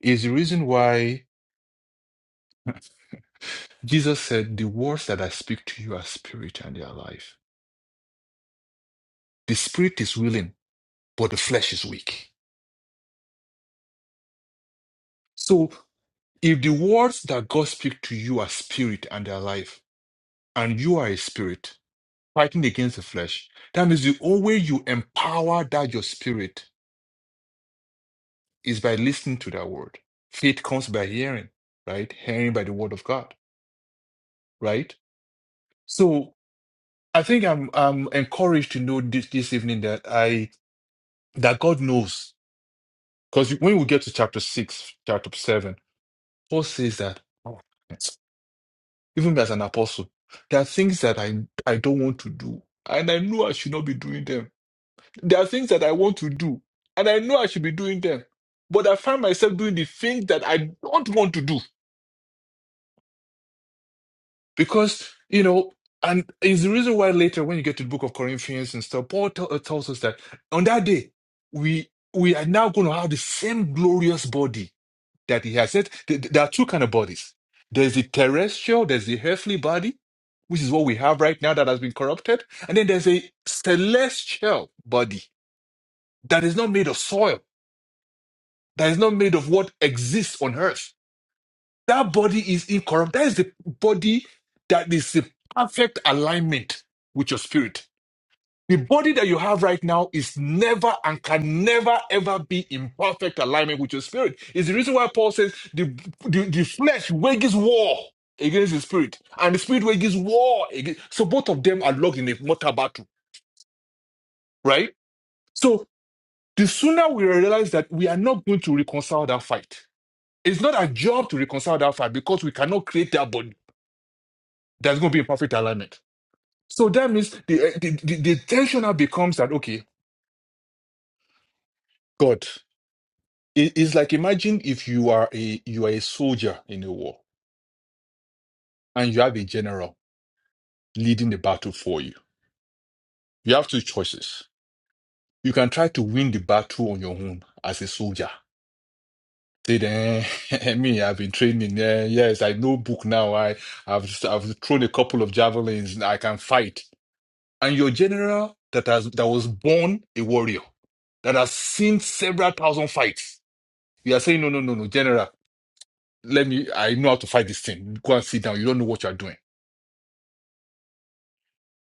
Is the reason why Jesus said, The words that I speak to you are spirit and they are life. The spirit is willing, but the flesh is weak. So if the words that God speaks to you are spirit and they are life, and you are a spirit, fighting against the flesh. That means the only way you empower that your spirit is by listening to that word. Faith comes by hearing, right? Hearing by the word of God, right? So I think I'm I'm encouraged to know this this evening that I that God knows. Because when we get to chapter six, chapter seven, Paul says that oh, yes, even as an apostle, there are things that I I don't want to do. And I know I should not be doing them There are things that I want to do, and I know I should be doing them, but I find myself doing the things that I don't want to do because, you know, and it's the reason why later when you get to the book of Corinthians and stuff, Paul tell, uh, tells us that on that day, we we are now going to have the same glorious body that he has said. th- th- There are two kind of bodies. There's the terrestrial, there's the earthly body, which is what we have right now that has been corrupted. And then there's a celestial body that is not made of soil that is not made of what exists on earth. That body is incorrupt. That is the body that is the perfect alignment with your spirit. The body that you have right now is never and can never ever be in perfect alignment with your spirit. Is the reason why Paul says the, the, the flesh wages war against the spirit, and the spirit wages war against. So both of them are locked in a mortal battle, right? So the sooner we realize that we are not going to reconcile that fight, It's not our job to reconcile that fight because we cannot create that body that's going to be in perfect alignment. So that means the, eh, the, the, the tension now becomes that, okay, God, it- it's like imagine if you are a you are a soldier in a war and you have a general leading the battle for you. You have two choices. You can try to win the battle on your own as a soldier. Say then me, I've been training. eh, yes, I know book now. I, I've I've thrown a couple of javelins. I can fight. and your general that has that was born a warrior that has seen several thousand fights you are saying no no no no general let me i know how to fight this thing go and sit down you don't know what you're doing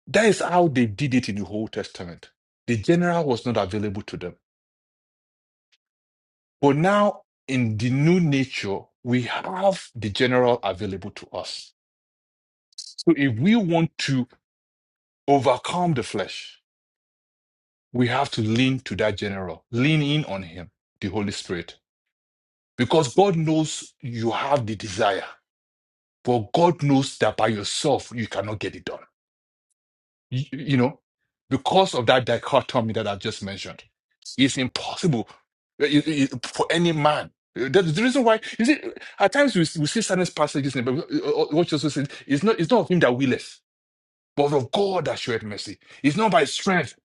that is how they did it in the old testament the general was not available to them but now in the new nature we have the general available to us so if we want to overcome the flesh we have to lean to that general lean in on him the holy spirit Because God knows you have the desire, but God knows that by yourself you cannot get it done. You, you know, because of that dichotomy that I just mentioned, it's impossible uh, it- it- for any man. Uh, That's the reason why you see at times we, we see certain passages in the Bible. uh, uh, What Jesus said it's not it's not of him that willeth, but of God that showeth mercy. It's not by strength,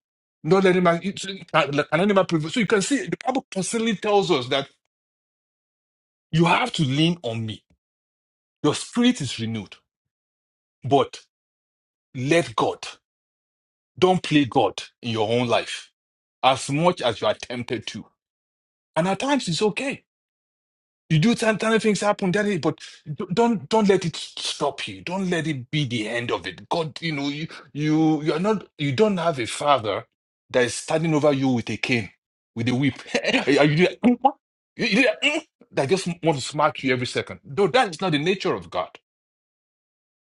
not let him eh, can, can any man prevail. So you can see the Bible constantly tells us that you have to lean on me Your spirit is renewed, but let God. Don't play God in your own life as much as you are tempted to. And at times it's okay. You do sometimes things happen, that is, but d- don't don't let it stop you. Don't let it be the end of it. God, you know, you you you are not you don't have a father that is standing over you with a cane, with a whip. Are you there? You- you there? that that just want to smack you every second. No, that is not the nature of God.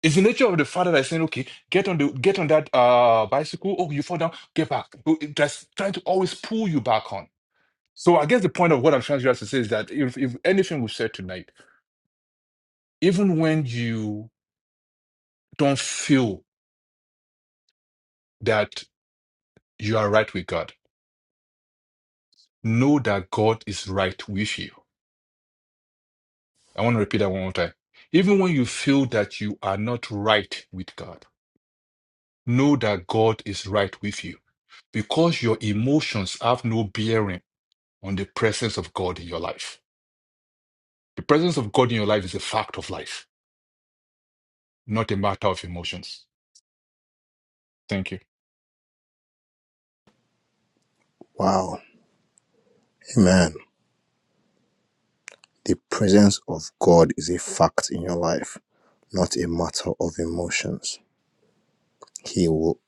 It's the nature of the father that's saying, okay, get on the get on that uh bicycle. Oh, you fall down, get back. Oh, it- That's trying to always pull you back on. So I guess the point of what I'm trying to say is that if, if anything we said tonight, even when you don't feel that you are right with God, know that God is right with you. I want to repeat that one more time. Even when you feel that you are not right with God, know that God is right with you because your emotions have no bearing on the presence of God in your life. The presence of God in your life is a fact of life, not a matter of emotions. Thank you. Wow, amen. The presence of God is a fact in your life not a matter of emotions. He will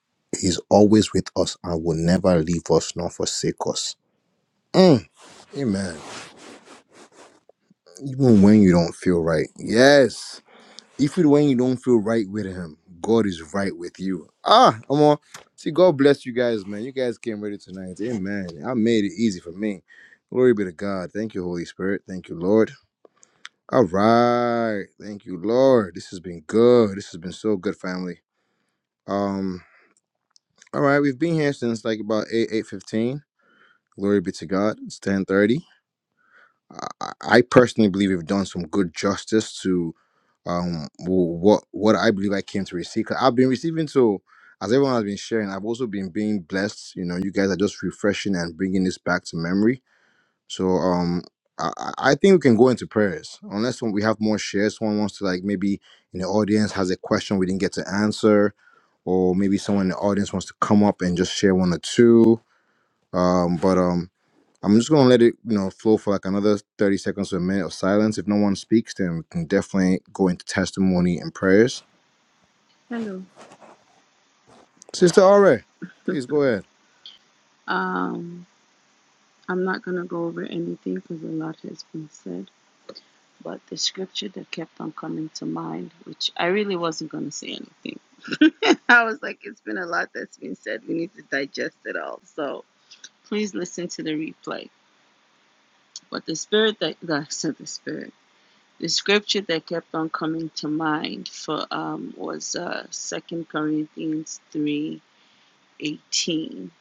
He's always with us and will never leave us nor forsake us. Mm, amen. Even when you don't feel right. Yes. Even when you don't feel right with him, God is right with you. Ah, come on. See, God bless you guys, man. You guys came ready tonight. Amen. I made it easy for me. Glory be to God. Thank you, Holy Spirit. Thank you, Lord. All right. Thank you, Lord. This has been good. This has been so good, family. Um, All right, we've been here since like about eight eight fifteen. Glory be to God. It's ten thirty. I, I personally believe we've done some good justice to um w- what what I believe I came to receive. i I've been receiving so as everyone has been sharing, I've also been being blessed. You know, you guys are just refreshing and bringing this back to memory. So um. I I I think we can go into prayers unless we have more shares. Someone wants to like maybe in the audience has a question we didn't get to answer, or maybe someone in the audience wants to come up and just share one or two um, but um, I'm just gonna let it, you know, flow for like another 30 seconds or a minute of silence. If no one speaks, then we can definitely go into testimony and prayers. Hello. Sister Aure, please go ahead. Um, I'm not going to go over anything because a lot has been said, but the scripture that kept on coming to mind, which I really wasn't going to say anything. I was like, it's been a lot that's been said. We need to digest it all. So please listen to the replay. But the spirit that, that said the spirit. the scripture that kept on coming to mind for um, was uh, 2 Corinthians three eighteen,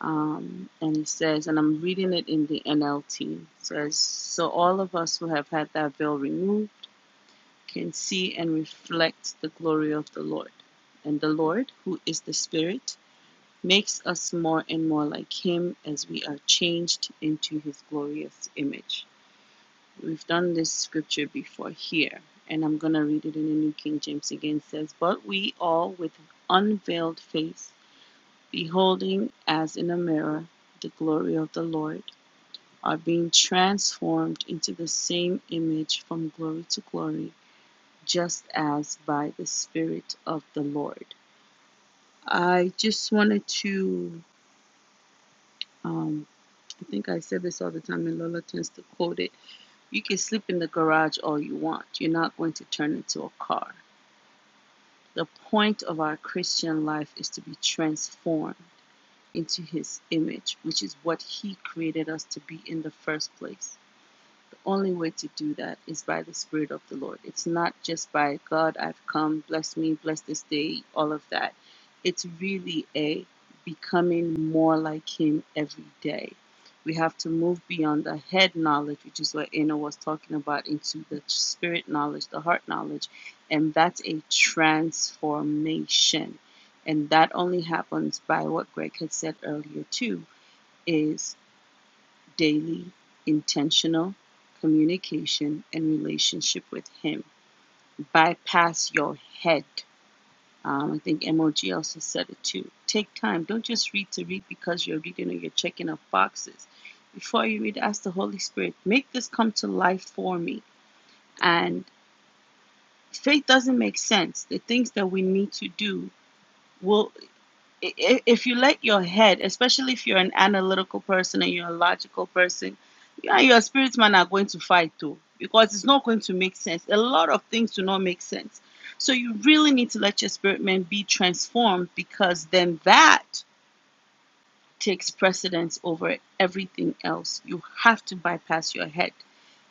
Um, and it says, and I'm reading it in the NLT, it says, So all of us who have had that veil removed can see and reflect the glory of the Lord. And the Lord, who is the Spirit, makes us more and more like Him as we are changed into His glorious image. We've done this scripture before here, and I'm going to read it in the New King James again. It says, But we all with unveiled face, beholding as in a mirror the glory of the Lord, are being transformed into the same image from glory to glory, just as by the Spirit of the Lord. I just wanted to um, I think I said this all the time, and Lola tends to quote it. You can sleep in the garage all you want. You're not going to turn into a car. The point of our Christian life is to be transformed into his image, which is what he created us to be in the first place only way to do that is by the Spirit of the Lord. It's not just by God, I've come, bless me, bless this day, all of that. It's really a becoming more like Him every day. We have to move beyond the head knowledge, which is what Anna was talking about, into the spirit knowledge, the heart knowledge. And that's a transformation. And that only happens by what Greg had said earlier, too, is daily, intentional communication and relationship with Him. Bypass your head. Um, I think MOG also said it too. Take time. Don't just read to read because you're reading or you're checking off boxes. Before you read, ask the Holy Spirit, make this come to life for me. And faith doesn't make sense. The things that we need to do will. i- if you let your head, especially if you're an analytical person and you're a logical person, you and your spirit man are going to fight too because it's not going to make sense. A lot of things do not make sense. So you really need to let your spirit man be transformed because then that takes precedence over everything else. You have to bypass your head.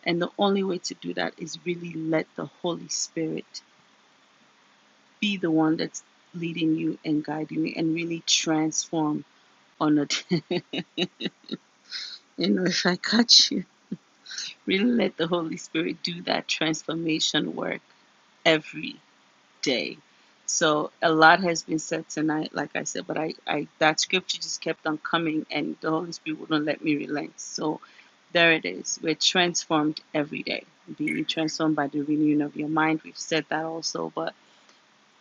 And the only way to do that is really let the Holy Spirit be the one that's leading you and guiding you and really transform honored. you know, if I catch you, really let the Holy Spirit do that transformation work every day. So a lot has been said tonight, like I said, but I, I that scripture just kept on coming and the Holy Spirit wouldn't let me relent. So there it is. We're transformed every day. Being transformed by the renewing of your mind. We've said that also, but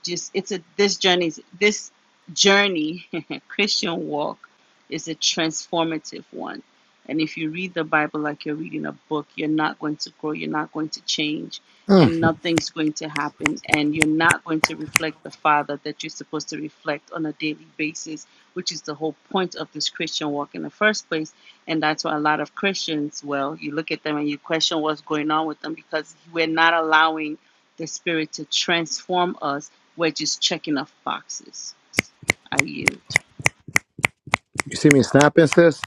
just it's a this journey this journey christian walk is a transformative one and if you read the bible like you're reading a book you're not going to grow you're not going to change and nothing's going to happen and you're not going to reflect the father that you're supposed to reflect on a daily basis which is the whole point of this christian walk in the first place and that's why a lot of christians well you look at them and you question what's going on with them because we're not allowing the spirit to transform us we're just checking off boxes. I yield. You see me snapping, sis?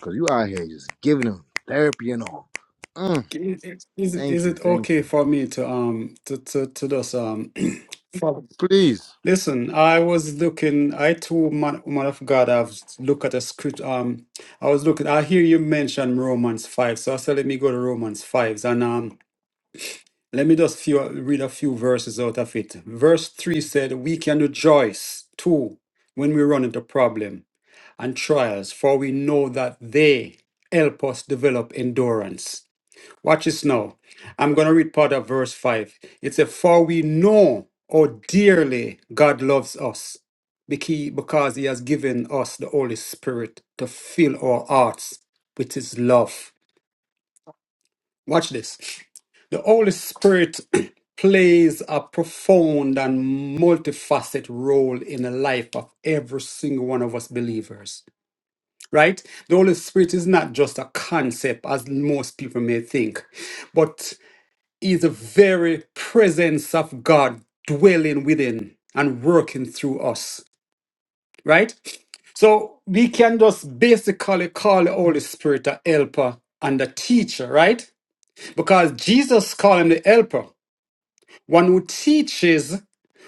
Cause you out here just giving them therapy and all. Mm, Is, is, is it thank is it okay you. for me to um to to, to just um follow? Please. Listen, I was looking. I too, man, man of God, I've looked at a script. Um, I was looking. I hear you mention Romans five, so I said, let me go to Romans five, and um, let me just few read a few verses out of it. Verse three said, "We can rejoice too when we run into problem and trials, for we know that they help us develop endurance." Watch this now. I'm going to read part of verse 5. It says, For we know how dearly God loves us becau- because he has given us the Holy Spirit to fill our hearts with his love. Watch this. The Holy Spirit plays a profound and multifaceted role in the life of every single one of us believers. Right? The Holy Spirit is not just a concept as most people may think. But is the very presence of God dwelling within and working through us, right? So we can just basically call the Holy Spirit a helper and a teacher, right? Because Jesus called him the helper, one who teaches,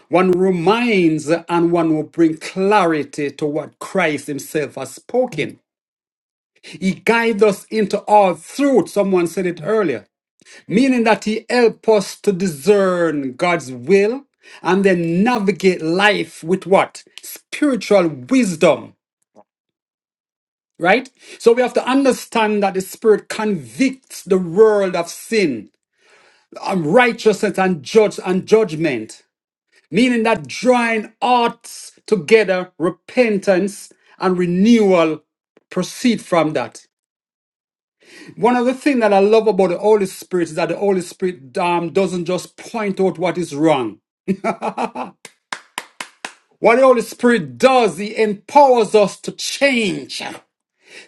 one who reminds, and one who brings clarity to what Christ himself has spoken. He guides us into all truth. Someone said it earlier. meaning that He helps us to discern God's will and then navigate life with what? Spiritual wisdom, right? So we have to understand that the Spirit convicts the world of sin, um, righteousness, and, judge, and judgment, meaning that drawing hearts together, repentance, and renewal proceed from that. One of the things that I love about the Holy Spirit is that the Holy Spirit um, doesn't just point out what is wrong. What the Holy Spirit does, He empowers us to change,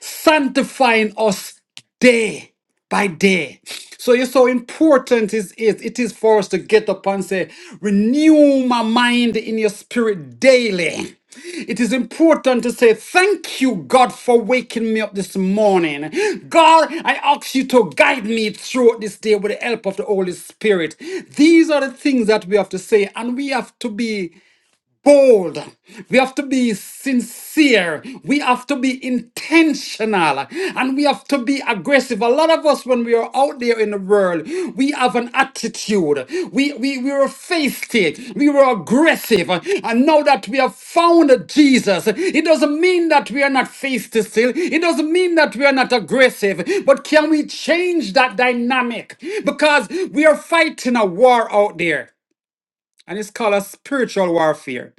sanctifying us day by day. So it's so important is it, it is for us to get up and say, renew my mind in your spirit daily. It is important to say thank you, God, for waking me up this morning. God, I ask you to guide me throughout this day with the help of the Holy Spirit. These are the things that we have to say, and we have to be bold. We have to be sincere. We have to be intentional. And we have to be aggressive. A lot of us, when we are out there in the world, we have an attitude. We, we, we were feisty. We were aggressive. And now that we have found Jesus, it doesn't mean that we are not feisty still. It doesn't mean that we are not aggressive. But can we change that dynamic? Because we are fighting a war out there. And it's called a spiritual warfare.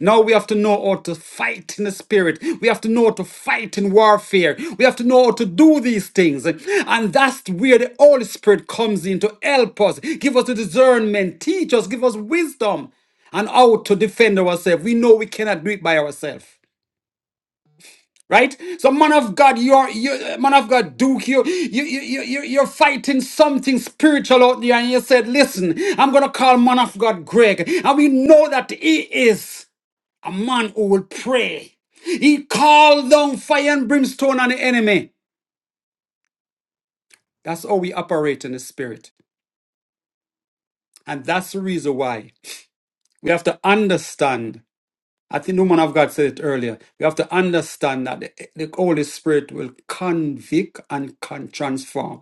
Now we have to know how to fight in the spirit. We have to know how to fight in warfare. We have to know how to do these things. And that's where the Holy Spirit comes in to help us, give us the discernment, teach us, give us wisdom and how to defend ourselves. We know we cannot do it by ourselves. Right? So man of God, you're you man of God, Duke, you you you you you- you're fighting something spiritual out there, and you said, listen, I'm gonna call man of God Greg. And we know that he is a man who will pray. He called down fire and brimstone on the enemy. That's how we operate in the spirit. And that's the reason why we have to understand. I think the woman of God said it earlier. We have to understand that the, the Holy Spirit will convict and can transform.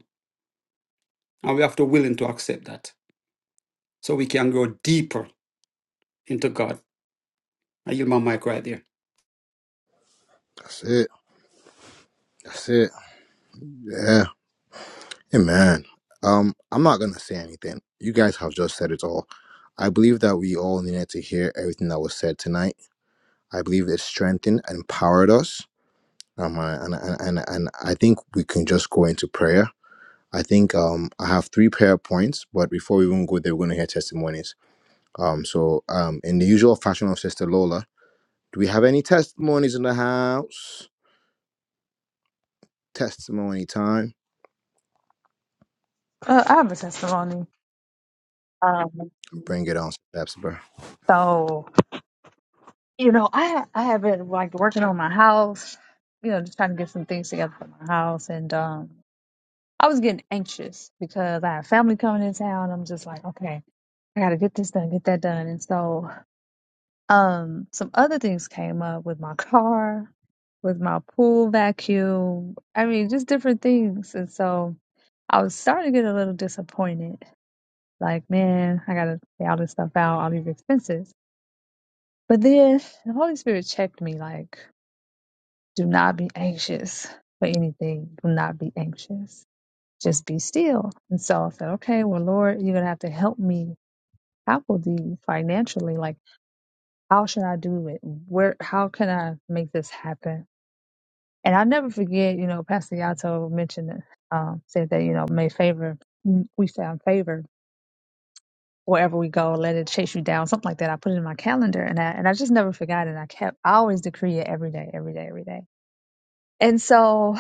And we have to willing to accept that so we can go deeper into God. I yield my mic right there. That's it. That's it. Yeah. Amen. Um, I'm not gonna say anything. You guys have just said it all. I believe that we all needed to hear everything that was said tonight. I believe it strengthened and empowered us. Um, and I think we can just go into prayer. I think um, I have three prayer points, but before we even go there, we're going to hear testimonies. Um, so, um, in your fashion of Sister Lola, do we have test outs? Testimony time. Uh, I have a testimony. Um, Bring her. so you know, I I have been like working on my house, you know, just trying to get some things together for my house, and um, I was getting anxious because I have family coming in town. I'm just like, okay, I got to get this done, get that done, and so Um, some other things came up with my car, with my pool vacuum. I mean, just different things. And so I was starting to get a little disappointed. Like, man, I gotta pay all this stuff out, all these expenses. But then the Holy Spirit checked me, like, do not be anxious for anything. Do not be anxious. Just be still. And so I said, okay, well, Lord, you're gonna have to help me tackle these financially. Like, how should I do it? Where, how can I make this happen? And I'll never forget, you know, Pastor Yato mentioned, it, um, said that, you know, may favor, mm, we found favor wherever we go, let it chase you down, something like that. I put it in my calendar and I, and I just never forgot it. I kept, I always decree it every day, every day, every day. And so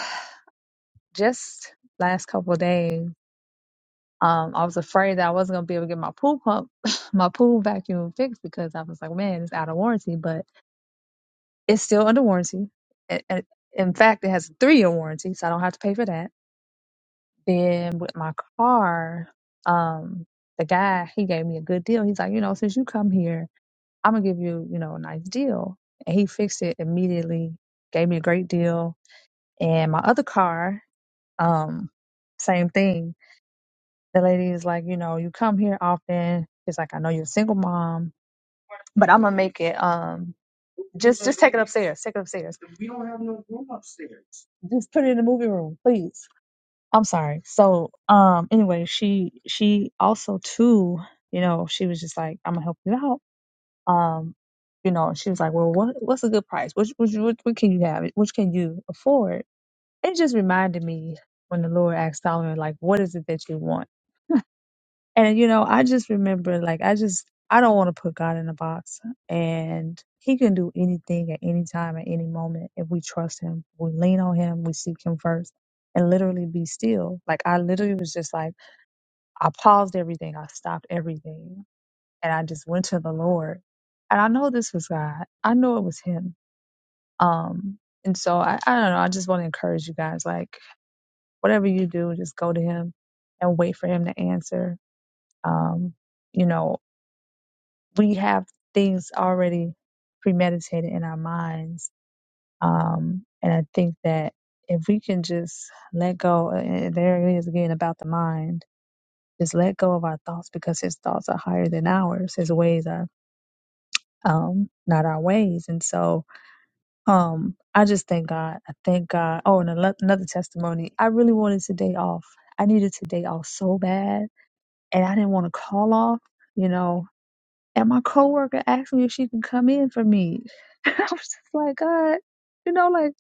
just last couple of days, um, I was afraid that I wasn't going to be able to get my pool pump, my pool vacuum fixed because I was like, man, it's out of warranty, but it's still under warranty. And, and in fact, it has a three year warranty, so I don't have to pay for that Then with my car, um, the guy he gave me a good deal. He's like, you know, since you come here, I'm gonna give you, you know, a nice deal. And he fixed it immediately, gave me a great deal. And my other car, um, same thing. The lady is like, you know, you come here often. She's like, I know you're a single mom, but I'm gonna make it um just there, second upstairs. Just put it in the movie room, please. I'm sorry. So, um, anyway, she she also too, you know, she was just like, "I'm gonna help you out." Um, you know, she was like, "Well, what what's a good price? Which which what, what can you have? Which can you afford?" It just reminded me when the Lord asked Solomon, like, "What is it that you want?" And you know, I just remember, like, I just I don't want to put God in a box, and He can do anything at any time, at any moment, if we trust Him, we lean on Him, we seek Him first and literally be still. Like I literally was just like I paused everything, I stopped everything, and I just went to the Lord. And I know this was God. I know it was Him. Um, and so I, I don't know. I just want to encourage you guys, like whatever you do, just go to Him and wait for Him to answer. Um, you know, we have things already premeditated in our minds, um, and I think that if we can just let go, and there it is again about the mind Just let go of our thoughts because his thoughts are higher than ours. His ways are um not our ways. And so um I just thank God. I thank God. Oh, and ano- another testimony. I really wanted today off. I needed today off so bad and I didn't want to call off, you know. And my coworker asked me if she could come in for me. I was just like, God, you know, like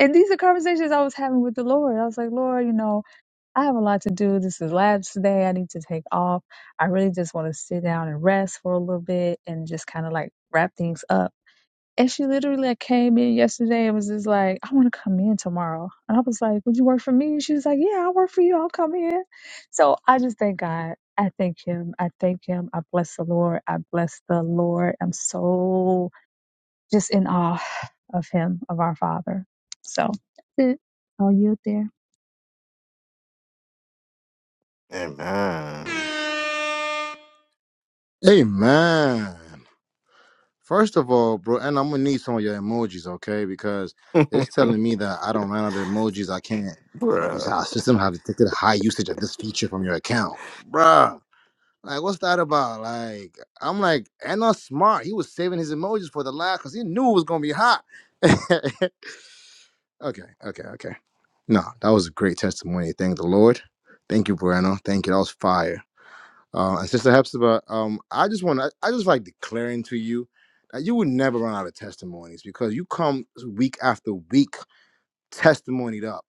and these are conversations I was having with the Lord. I was like, Lord, you know, I have a lot to do. This is labs today. I need to take off. I really just want to sit down and rest for a little bit and just kind of like wrap things up. And she literally like came in yesterday and was just like, I want to come in tomorrow. And I was like, Would you work for me? And she was like, Yeah, I'll work for you. I'll come in. So I just thank God. I thank him. I thank him. I bless the Lord. I bless the Lord. I'm so just in awe of him, of our Father. So that's it. I'll yield there. amen Amen. First of all, bro, and I'm gonna need some of your emojis, okay? Because it's telling me that I don't run out of emojis. I can't. Use bruh our system have detected a high usage of this feature from your account, Bruh. Like, what's that about? Like, I'm like, and not smart. He was saving his emojis for the last because he knew it was gonna be hot. okay, okay, okay. No, that was a great testimony. Thank the Lord. Thank you, Brano. Thank you. That was fire. Uh, and Sister Hepzibah, um, I just want to, I just like declaring to you that you would never run out of testimonies because you come week after week testimonied up,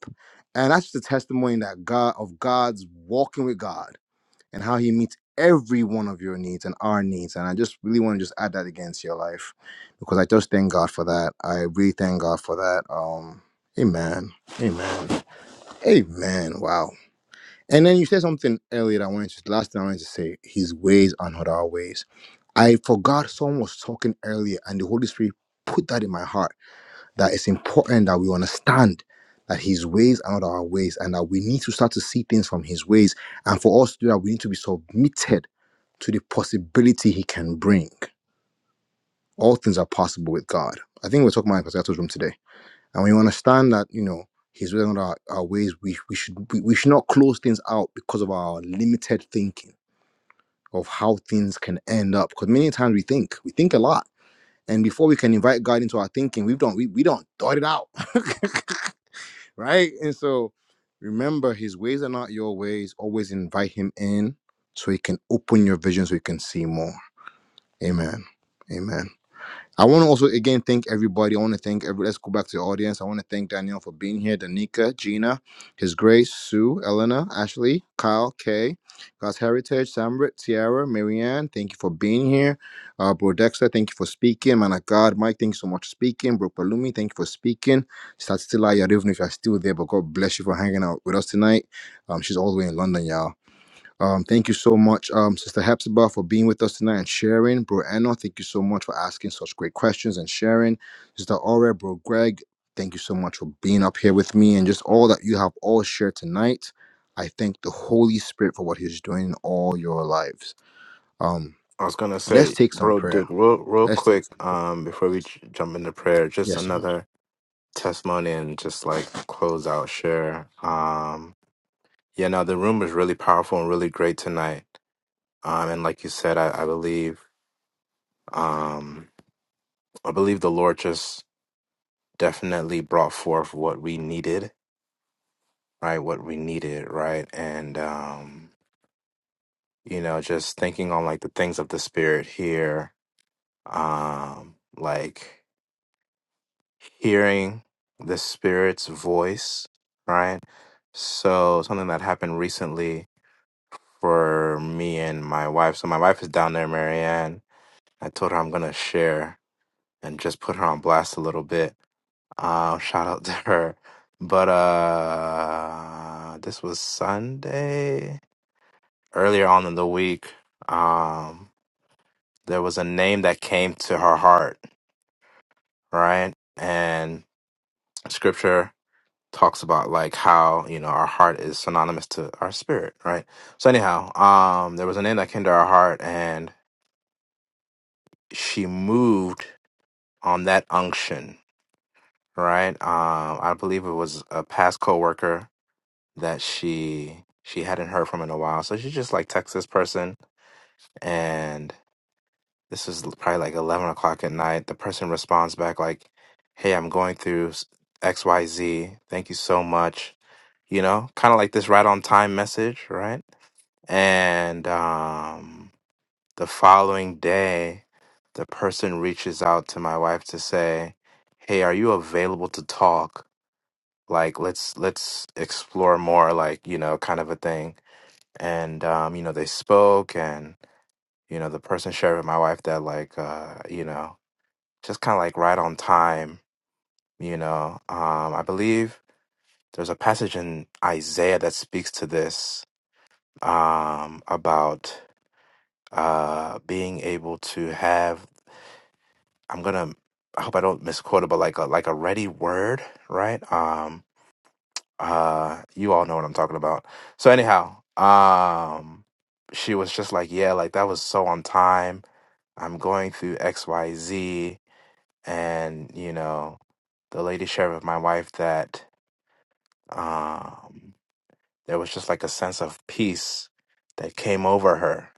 and that's just a testimony that God of God's walking with God and how he meets every one of your needs and our needs. And I just really want to just add that again to your life because I just thank God for that. I really thank God for that. Um, amen. Amen. Amen. Wow. And then you said something earlier that I wanted to, last thing I wanted to say, his ways are not our ways. I forgot someone was talking earlier and the Holy Spirit put that in my heart that it's important that we understand that his ways are not our ways and that we need to start to see things from his ways. And for us to do that, we need to be submitted to the possibility he can bring. All things are possible with God. I think we are talking about Pascal's room today. And we understand that, you know, he's within our, our ways, we, we should we, we should not close things out because of our limited thinking of how things can end up. Because many times we think, we think a lot. And before we can invite God into our thinking, we've done we, we don't thought it out. right? And so remember his ways are not your ways. Always invite him in so he can open your vision so you can see more. Amen. Amen. I want to also again thank everybody. I want to thank every. Let's go back to the audience. I want to thank Daniel for being here, Danica, Gina, His Grace, Sue, Elena, Ashley, Kyle, Kay, God's Heritage, Samrit, Tiara, Marianne. Thank you for being here, uh, Bro Dexter. Thank you for speaking, man of God. Mike, thank you so much for speaking. Bro Palumi, thank you for speaking. Statistila, you do even if you're still there, but God bless you for hanging out with us tonight. Um, she's all the way in London, y'all. Um, thank you so much, um, Sister Hepzibah, for being with us tonight and sharing. Bro Anna, thank you so much for asking such great questions and sharing. Sister Aura, Bro Greg, thank you so much for being up here with me and just all that you have all shared tonight. I thank the Holy Spirit for what He's doing in all your lives. Um, I was gonna let's say, take some bro, prayer. Duke, real, real Let's take quick, some. um, before we j- jump into prayer, just Yes, sir. another testimony and just like close out, share. Um, yeah, no, the room was really powerful and really great tonight. Um, and like you said, I, I believe, um, I believe the Lord just definitely brought forth what we needed, right? What we needed, right? And um, you know, just thinking on like the things of the spirit here, um, like. hearing the spirit's voice, right? So something that happened recently for me and my wife. So my wife is down there, Marianne. I told her I'm gonna share and just put her on blast a little bit. Um, shout out to her. But uh this was Sunday. Earlier on in the week, um, there was a name that came to her heart, right? And scripture talks about like how you know our heart is synonymous to our spirit right so anyhow um there was a name that came to our heart and she moved on that unction right um i believe it was a past coworker that she she hadn't heard from in a while so she just like texts this person and this is probably like 11 o'clock at night the person responds back like hey i'm going through xyz thank you so much you know kind of like this right on time message right And um, the following day, the person reaches out to my wife to say, "Hey, are you available to talk? Like, let's let's explore more, like you know, kind of a thing." And um, you know, they spoke, and you know, the person shared with my wife that, like, uh, you know, just kind of like right on time. You know, um, I believe there's a passage in Isaiah that speaks to this um, about. uh being able to have i'm gonna i hope i don't misquote it but like a like a ready word right um uh you all know what i'm talking about so anyhow um she was just like yeah like that was so on time i'm going through xyz and you know the lady shared with my wife that um there was just like a sense of peace that came over her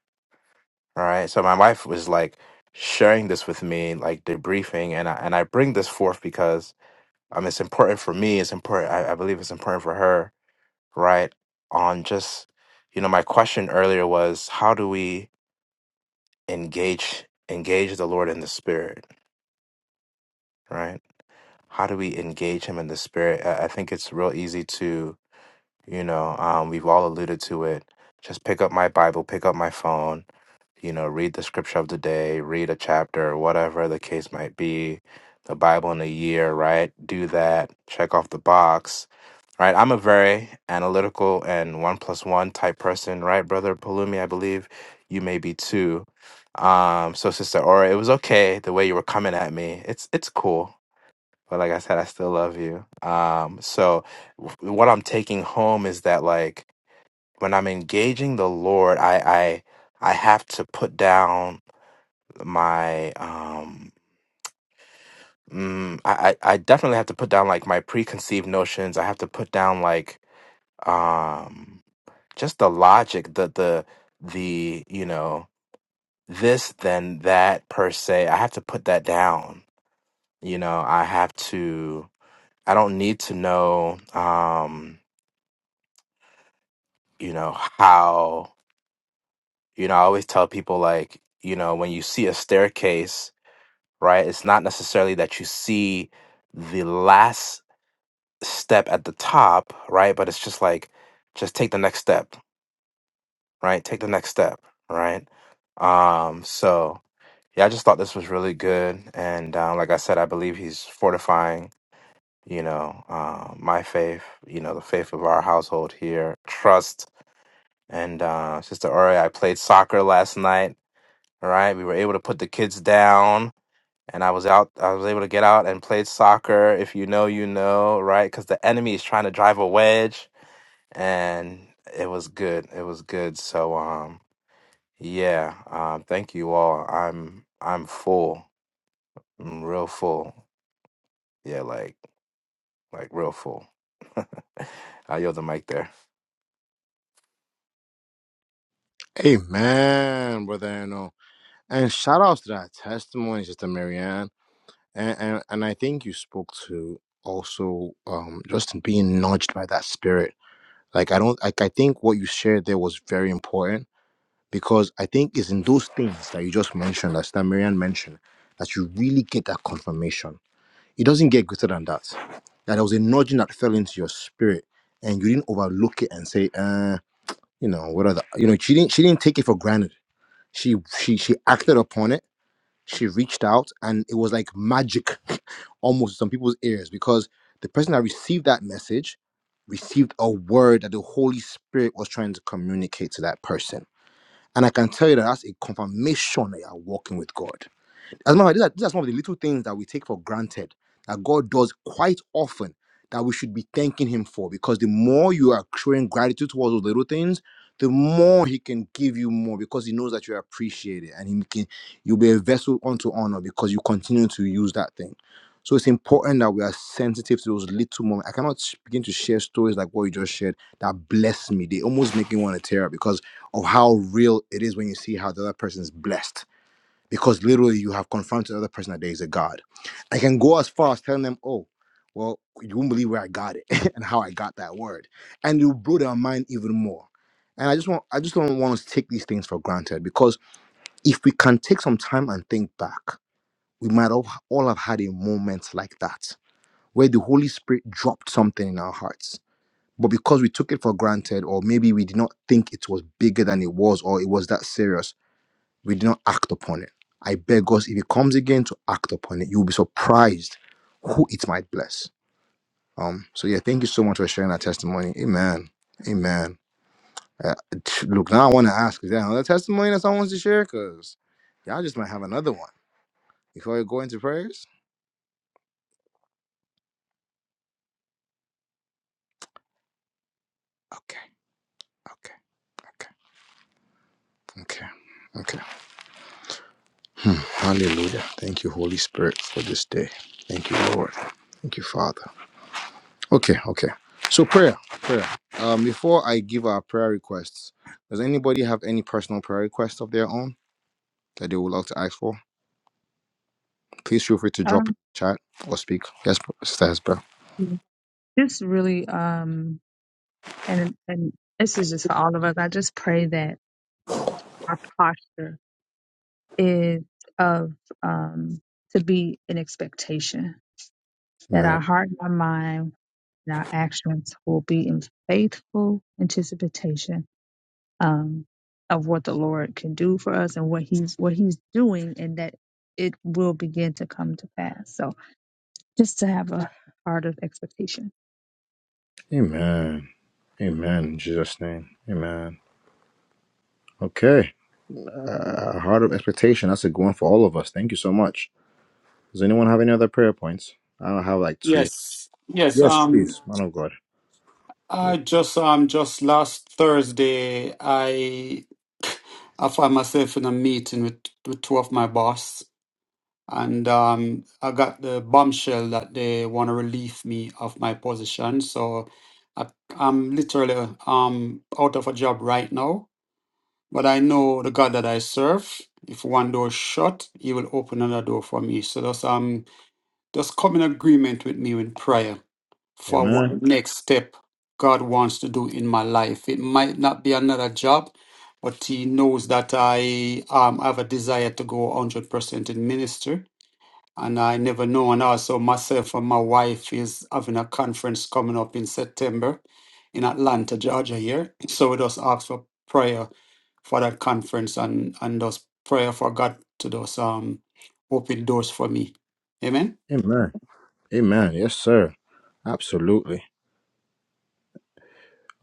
All right. So my wife was like sharing this with me, like debriefing, and I and I bring this forth because um it's important for me, it's important I, I believe it's important for her, right? On just you know, my question earlier was how do we engage engage the Lord in the spirit, right? How do we engage him in the spirit? I, I think it's real easy to, you know, um, we've all alluded to it. Just pick up my Bible, pick up my phone, you know, read the scripture of the day, read a chapter, whatever the case might be, the Bible in a year, right? Do that, check off the box, right? I'm a very analytical and one plus one type person, right, brother Palumi? I believe you may be too. Um, so sister Aura, it was okay the way you were coming at me. It's it's cool. But like I said, I still love you. Um, so w- what I'm taking home is that like when I'm engaging the Lord, I I I have to put down my um mm, I I I definitely have to put down like my preconceived notions. I have to put down like um just the logic, the the the you know this then that per se. I have to put that down. You know, I have to. I don't need to know. Um, you know how. You know, I always tell people like you know when you see a staircase right? It's not necessarily that you see the last step at the top, right? But it's just like, just take the next step, right? Take the next step, right? Um, so yeah, I just thought this was really good, and um, like I said, I believe he's fortifying, you know, uh, my faith, you know, the faith of our household here, trust. And uh, Sister Ori, I played soccer last night. All right, we were able to put the kids down and I was out. I was able to get out and play soccer. If you know, you know, right? Because the enemy is trying to drive a wedge, and it was good. It was good. So, um, yeah. Um, thank you all. I'm I'm full. I'm real full. Yeah, like like real full. I yield the mic there. Amen, Brother Anno. And shout outs to that testimony, Sister Marianne. and, and and I think you spoke to also um just being nudged by that spirit. Like I don't like I think what you shared there was very important because I think it's in those things that you just mentioned, that that Marianne mentioned, that you really get that confirmation. It doesn't get greater than that. That there was a nudging that fell into your spirit and you didn't overlook it and say, uh, you know, what are the you know, she didn't she didn't take it for granted. She she she acted upon it she reached out and it was like magic almost to some people's ears because the person that received that message received a word that the Holy Spirit was trying to communicate to that person. And I can tell you that that's a confirmation that you're walking with God. As a matter of fact, these are, these are some of the little things that we take for granted that God does quite often that we should be thanking Him for. Because the more you are showing gratitude towards those little things, the more He can give you more because He knows that you appreciate it and He can you'll be a vessel unto honor because you continue to use that thing. So it's important that we are sensitive to those little moments. I cannot sh- begin to share stories like what you just shared that bless me. They almost make me want to tear up because of how real it is when you see how the other person is blessed because literally you have confronted the other person that there is a God. I can go as far as telling them, oh, well, you won't believe where I got it and how I got that word. And you blow their mind even more. And I just want I just don't want us to take these things for granted because if we can take some time and think back, we might all, all have had a moment like that where the Holy Spirit dropped something in our hearts. But because we took it for granted, or maybe we did not think it was bigger than it was, or it was that serious, we did not act upon it. I beg us, if it comes again, to act upon it. You'll be surprised who it might bless. Um. So yeah, thank you so much for sharing that testimony. Amen. Amen. Uh, t- look, now I want to ask, is there another testimony that someone wants to share? Cause y'all just might have another one before we go into prayers. Okay. Okay. Okay. Okay. Okay. Hallelujah. Thank you, Holy Spirit, for this day. Thank you, Lord. Thank you, Father. Okay, okay. So prayer, prayer. Um, before I give our prayer requests, does anybody have any personal prayer requests of their own that they would like to ask for? Please feel free to drop Um, it in the chat or speak. Yes, Sister Hesper. just really, um, and and this is just for all of us. I just pray that our posture is of um to be an expectation that our Amen. heart, and our mind, and our actions will be in faithful anticipation um, of what the Lord can do for us and what He's what He's doing, and that it will begin to come to pass. So just to have a heart of expectation. Amen. Amen. In Jesus' name. Amen. Okay. Uh, heart of expectation. That's a good one for all of us. Thank you so much. Does anyone have any other prayer points? I don't have like two. Yes, yes. Um, Please, man of God. Give I it. just um just last Thursday I I found myself in a meeting with, with two of my boss and um I got the bombshell that they want to relieve me of my position. So I, I'm literally um out of a job right now. But I know the God that I serve. If one door is shut, He will open another door for me. So just um just come in agreement with me with prayer for Amen. what next step God wants to do in my life. It might not be another job, but He knows that I um, have a desire to go 100% in ministry. And I never know. And also, myself and my wife is having a conference coming up in September in Atlanta, Georgia, here. So we just ask for prayer for that conference and and just prayer for God to just um open doors for me. Amen. Amen. Amen. Yes, sir. Absolutely.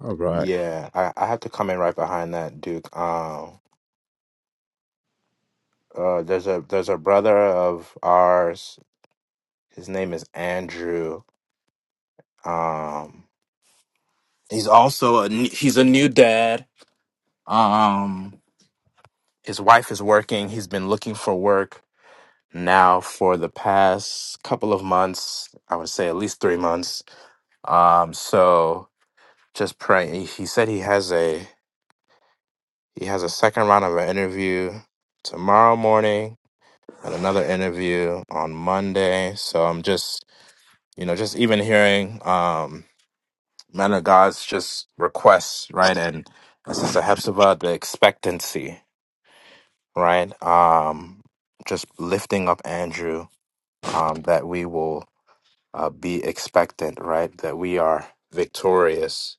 All right. Yeah, I, I have to come in right behind that Duke. Um, uh, there's a there's a brother of ours. His name is Andrew. Um, He's also a n- he's a new dad. Um, his wife is working. He's been looking for work now for the past couple of months. I would say at least three months. Um, so just pray. He he said he has a he has a second round of an interview tomorrow morning and another interview on Monday. So I'm just you know just even hearing um man of God's just requests right and and Sister Hepzibah the expectancy. right? Um, just lifting up Andrew, um, that we will uh, be expectant, right? That we are victorious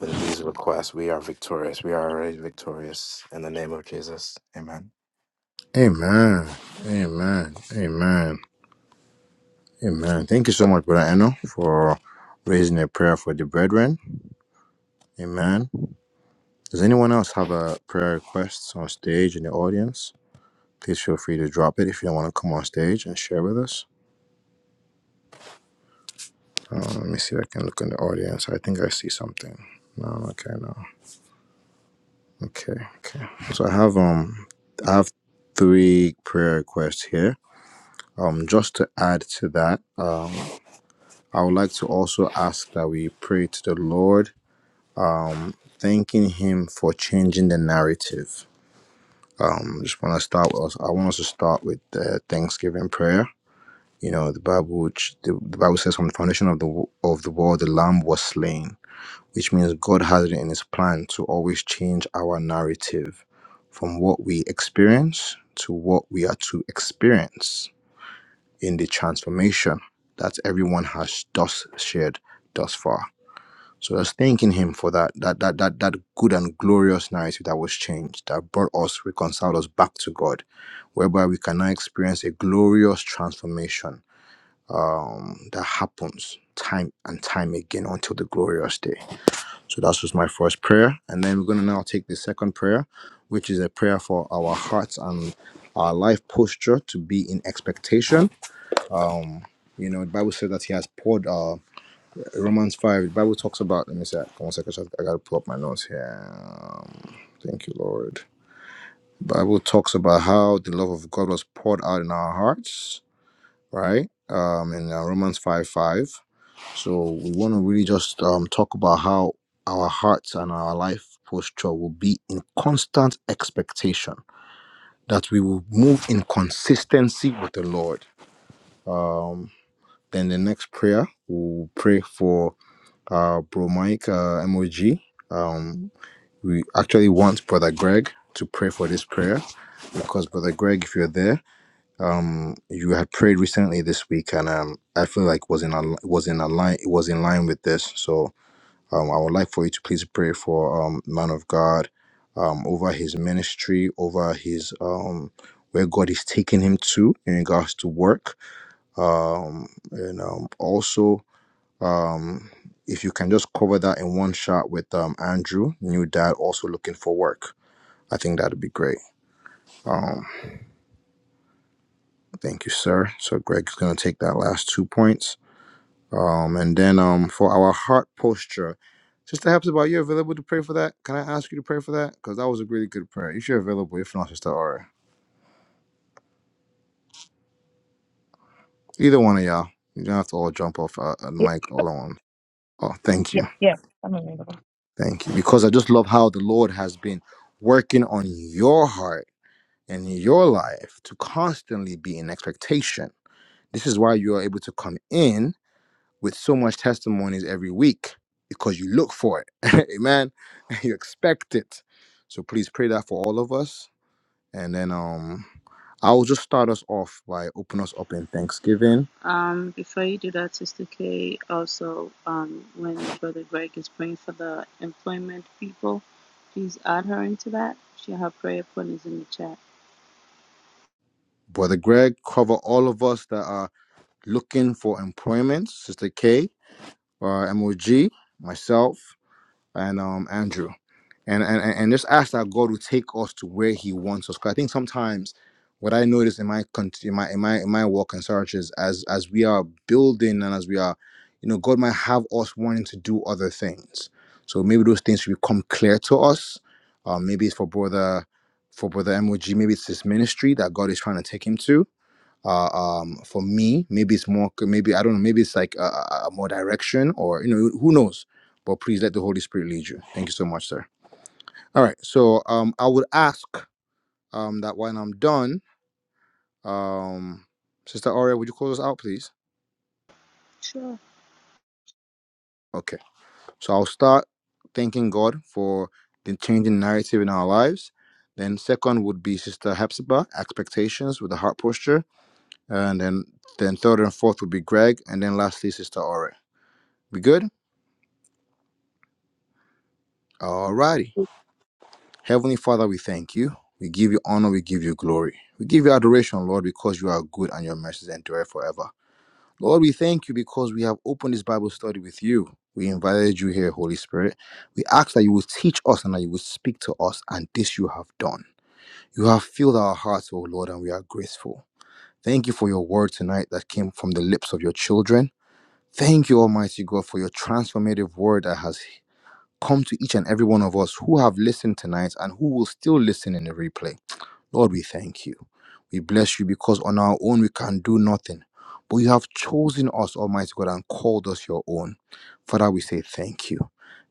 in these requests. We are victorious. We are already victorious in the name of Jesus. Amen. Amen. Amen. Amen. Amen. Thank you so much, Brother Eno, for raising a prayer for the brethren. Amen. Does anyone else have a prayer request on stage in the audience? Please feel free to drop it if you don't want to come on stage and share with us. Uh, let me see if I can look in the audience. I think I see something. No, okay, no. Okay, okay. So I have um I have three prayer requests here. Um just to add to that, I would like to also ask that we pray to the Lord thanking him for changing the narrative. I just want to start with, I want us to start with the Thanksgiving prayer. You know, the Bible, which the, the Bible says, from the foundation of the wo- of the world, the Lamb was slain, which means God has it in His plan to always change our narrative from what we experience to what we are to experience in the transformation that everyone has thus shared thus far. So I was thanking him for that that that that that good and glorious narrative that was changed, that brought us, reconciled us back to God, whereby we can now experience a glorious transformation um, that happens time and time again until the glorious day. So that was my first prayer, and then we're going to now take the second prayer, which is a prayer for our hearts and our life posture to be in expectation. Um, you know, the Bible says that He has poured. uh, Romans 5, the Bible talks about, let me see, one second, I gotta pull up my notes here. Um, thank you, Lord. Bible talks about how the love of God was poured out in our hearts, right? Um, in uh, Romans 5 5. So we want to really just um, talk about how our hearts and our life posture will be in constant expectation that we will move in consistency with the Lord. Um, then the next prayer, we'll pray for uh, Bro Mike uh, MOG. Um, we actually want Brother Greg to pray for this prayer because Brother Greg, if you're there, um, you had prayed recently this week, and um, I feel like was in al- was in a line was in line with this. So um, I would like for you to please pray for um, man of God um, over his ministry, over his um, where God is taking him to in regards to work, um, and um, also um, if you can just cover that in one shot with um, Andrew, new dad, also looking for work. I think that'd be great. Thank you, sir. So Greg's gonna take that last two points. Um, and then um, for our heart posture, Sister Hepzibah, are you available to pray for that? Can I ask you to pray for that? Because that was a really good prayer. If you're available, if not, Sister Aura, either one of y'all. You don't have to all jump off uh, uh, Yeah, mic all at once. Oh, thank yeah, you, yeah. I'm available. thank you. Because I just love how the Lord has been working on your heart in your life to constantly be in expectation. This is why you are able to come in with so much testimonies every week because you look for it. Amen. You expect it. So please pray that for all of us. And then um I will just start us off by opening us up in Thanksgiving. Um, before you do that, Sister K, also, um, when Brother Greg is praying for the employment people, please add her into that. She, her prayer point is in the chat. Brother Greg, cover all of us that are looking for employment. Sister K, uh, MOG, myself, and um Andrew. and and and just ask that God will take us to where He wants us. Because I think sometimes what I notice in my con- in my in my in my work and search is as as we are building and as we are, you know, God might have us wanting to do other things. So maybe those things should become clear to us. Uh, maybe it's for brother for brother MOG. Maybe it's his ministry that God is trying to take him to. Uh, um, for me, maybe it's more. Maybe I don't know. Maybe it's like a, a a more direction, or you know, who knows. But please let the Holy Spirit lead you. Thank you so much, sir. All right. So um, I would ask um, that when I'm done, um, Sister Aurea, would you close us out, please? Sure. Okay. So I'll start thanking God for the changing narrative in our lives. Then second would be Sister Hepzibah, expectations with the heart posture, and then then third and fourth would be Greg, and then lastly Sister Aurea. We good? All righty. Heavenly Father, we thank you. We give you honor. We give you glory. We give you adoration, Lord, because you are good and your mercies endure forever. Lord, we thank you because we have opened this Bible study with you. We invited you here, Holy Spirit. We ask that you will teach us and that you will speak to us, and this you have done. You have filled our hearts, O Lord, and we are grateful. Thank you for your word tonight that came from the lips of your children. Thank you, Almighty God, for your transformative word that has come to each and every one of us who have listened tonight and who will still listen in the replay. Lord, we thank you. We bless you because on our own we can do nothing. But you have chosen us, Almighty God, and called us your own. Father, we say thank you.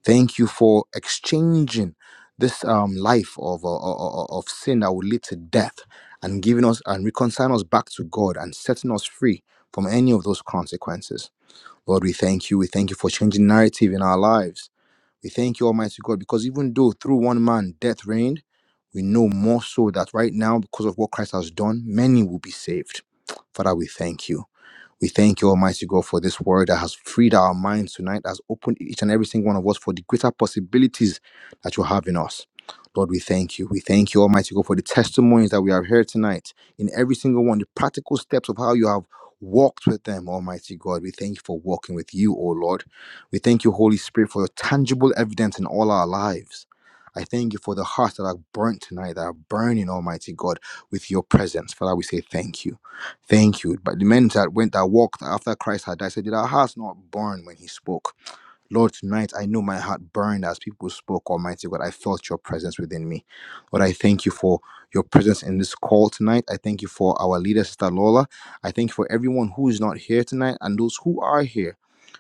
Thank you for exchanging this um, life of, uh, uh, uh, uh, of sin that will lead to death and giving us and reconciling us back to God and setting us free from any of those consequences. Lord, we thank you. We thank you for changing narrative in our lives. We thank you, Almighty God, because even though through one man death reigned, we know more so that right now, because of what Christ has done, many will be saved. Father, we thank you. We thank you, Almighty God, for this word that has freed our minds tonight, has opened each and every single one of us for the greater possibilities that you have in us. Lord, we thank you. We thank you, Almighty God, for the testimonies that we have heard tonight in every single one, the practical steps of how you have walked with them, Almighty God. We thank you for walking with you, O Lord. We thank you, Holy Spirit, for your tangible evidence in all our lives. I thank you for the hearts that are burnt tonight, that are burning, Almighty God, with your presence. Father, we say thank you. Thank you. But the men that went that walked after Christ had died said, Did our hearts not burn when he spoke? Lord, tonight I know my heart burned as people spoke, Almighty God. I felt your presence within me. Lord, I thank you for your presence in this call tonight. I thank you for our leader, Sister Lola. I thank you for everyone who is not here tonight and those who are here.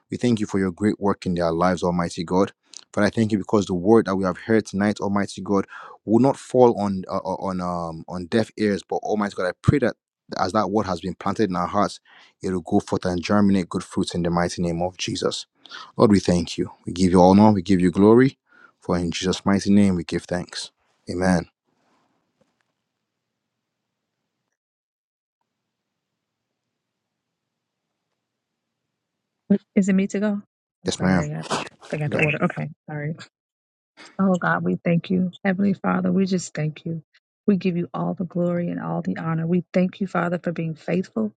We thank you for your great work in their lives, Almighty God. Father, I thank you because the word that we have heard tonight, Almighty God, will not fall on uh, uh, on um on deaf ears. But Almighty God, I pray that as that word has been planted in our hearts, it will go forth and germinate good fruits in the mighty name of Jesus. Lord, we thank you. We give you honor. We give you glory. For in Jesus' mighty name, we give thanks. Amen. Is it me to go? I'm Yes, ma'am. sorry, I forgot You the got it. order. Okay, sorry. Oh God, we thank you, Heavenly Father. We just thank you. We give you all the glory and all the honor. We thank you, Father, for being faithful,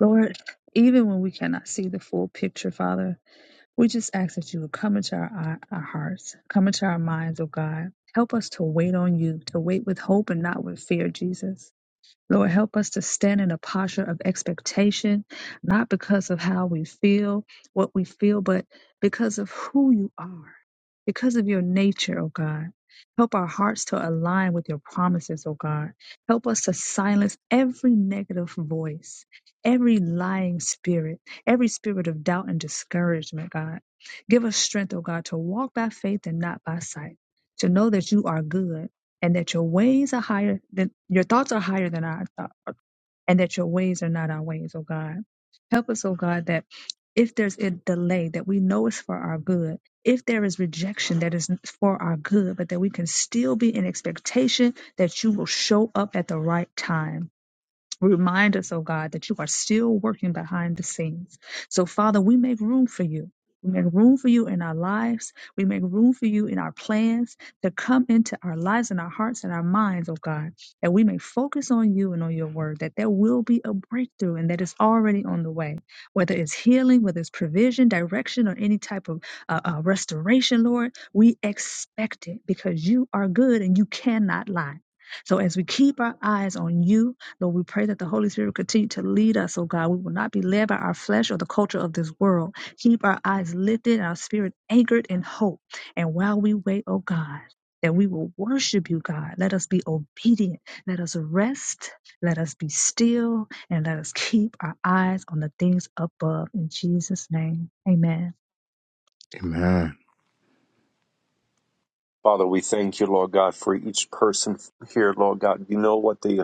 Lord. Even when we cannot see the full picture, Father, We just ask that you would come into our, our hearts, come into our minds, oh God. Help us to wait on you, to wait with hope and not with fear, Jesus. Lord, help us to stand in a posture of expectation, not because of how we feel, what we feel, but because of who you are, because of your nature, oh God. Help our hearts to align with your promises, oh God. Help us to silence every negative voice, every lying spirit, every spirit of doubt and discouragement, God. Give us strength, oh God, to walk by faith and not by sight, to know that you are good and that your ways are higher than your thoughts are higher than our thoughts, and that your ways are not our ways, oh God. Help us, oh God, that if there's a delay that we know is for our good, if there is rejection that is for our good, but that we can still be in expectation that you will show up at the right time Remind us, oh God, that you are still working behind the scenes. So, Father, we make room for you. We make room for you in our lives. We make room for you in our plans to come into our lives and our hearts and our minds, oh God, that we may focus on you and on your word, that there will be a breakthrough and that it's already on the way, whether it's healing, whether it's provision, direction, or any type of uh, uh, restoration, Lord. We expect it because you are good and you cannot lie. So, as we keep our eyes on you, Lord, we pray that the Holy Spirit will continue to lead us, oh God. We will not be led by our flesh or the culture of this world. Keep our eyes lifted and our spirit anchored in hope. And while we wait, oh God, that we will worship you, God. Let us be obedient. Let us rest. Let us be still. And let us keep our eyes on the things above. In Jesus' name, amen. Amen. Father, we thank you, Lord God, for each person here, Lord God. You know what they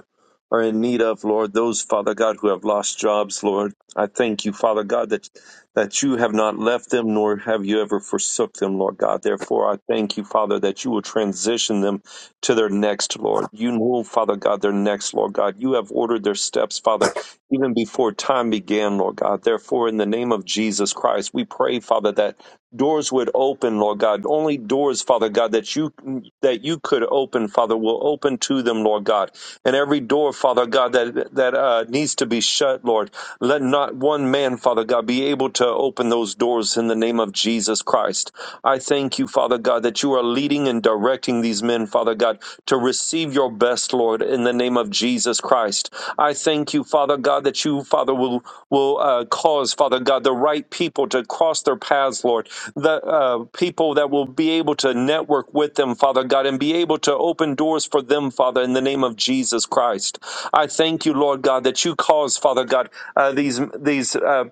are in need of, Lord. Those, Father God, who have lost jobs, Lord. I thank you, Father God, that that you have not left them, nor have you ever forsook them, Lord God. Therefore, I thank you, Father, that you will transition them to their next, Lord. You know, Father God, their next, Lord God. You have ordered their steps, Father, even before time began, Lord God. Therefore, in the name of Jesus Christ, we pray, Father, that doors would open, Lord God. Only doors, Father God, that you that you could open, Father, will open to them, Lord God. And every door, Father God, that that uh, needs to be shut, Lord, let not one man, Father God, be able to open those doors in the name of Jesus Christ. I thank you, Father God, that you are leading and directing these men, Father God, to receive your best, Lord, in the name of Jesus Christ. I thank you, Father God, that you, Father, will will uh, cause, Father God, the right people to cross their paths, Lord. The uh, people that will be able to network with them, Father God, and be able to open doors for them, Father, in the name of Jesus Christ. I thank you, Lord God, that you cause, Father God, uh, these these uh,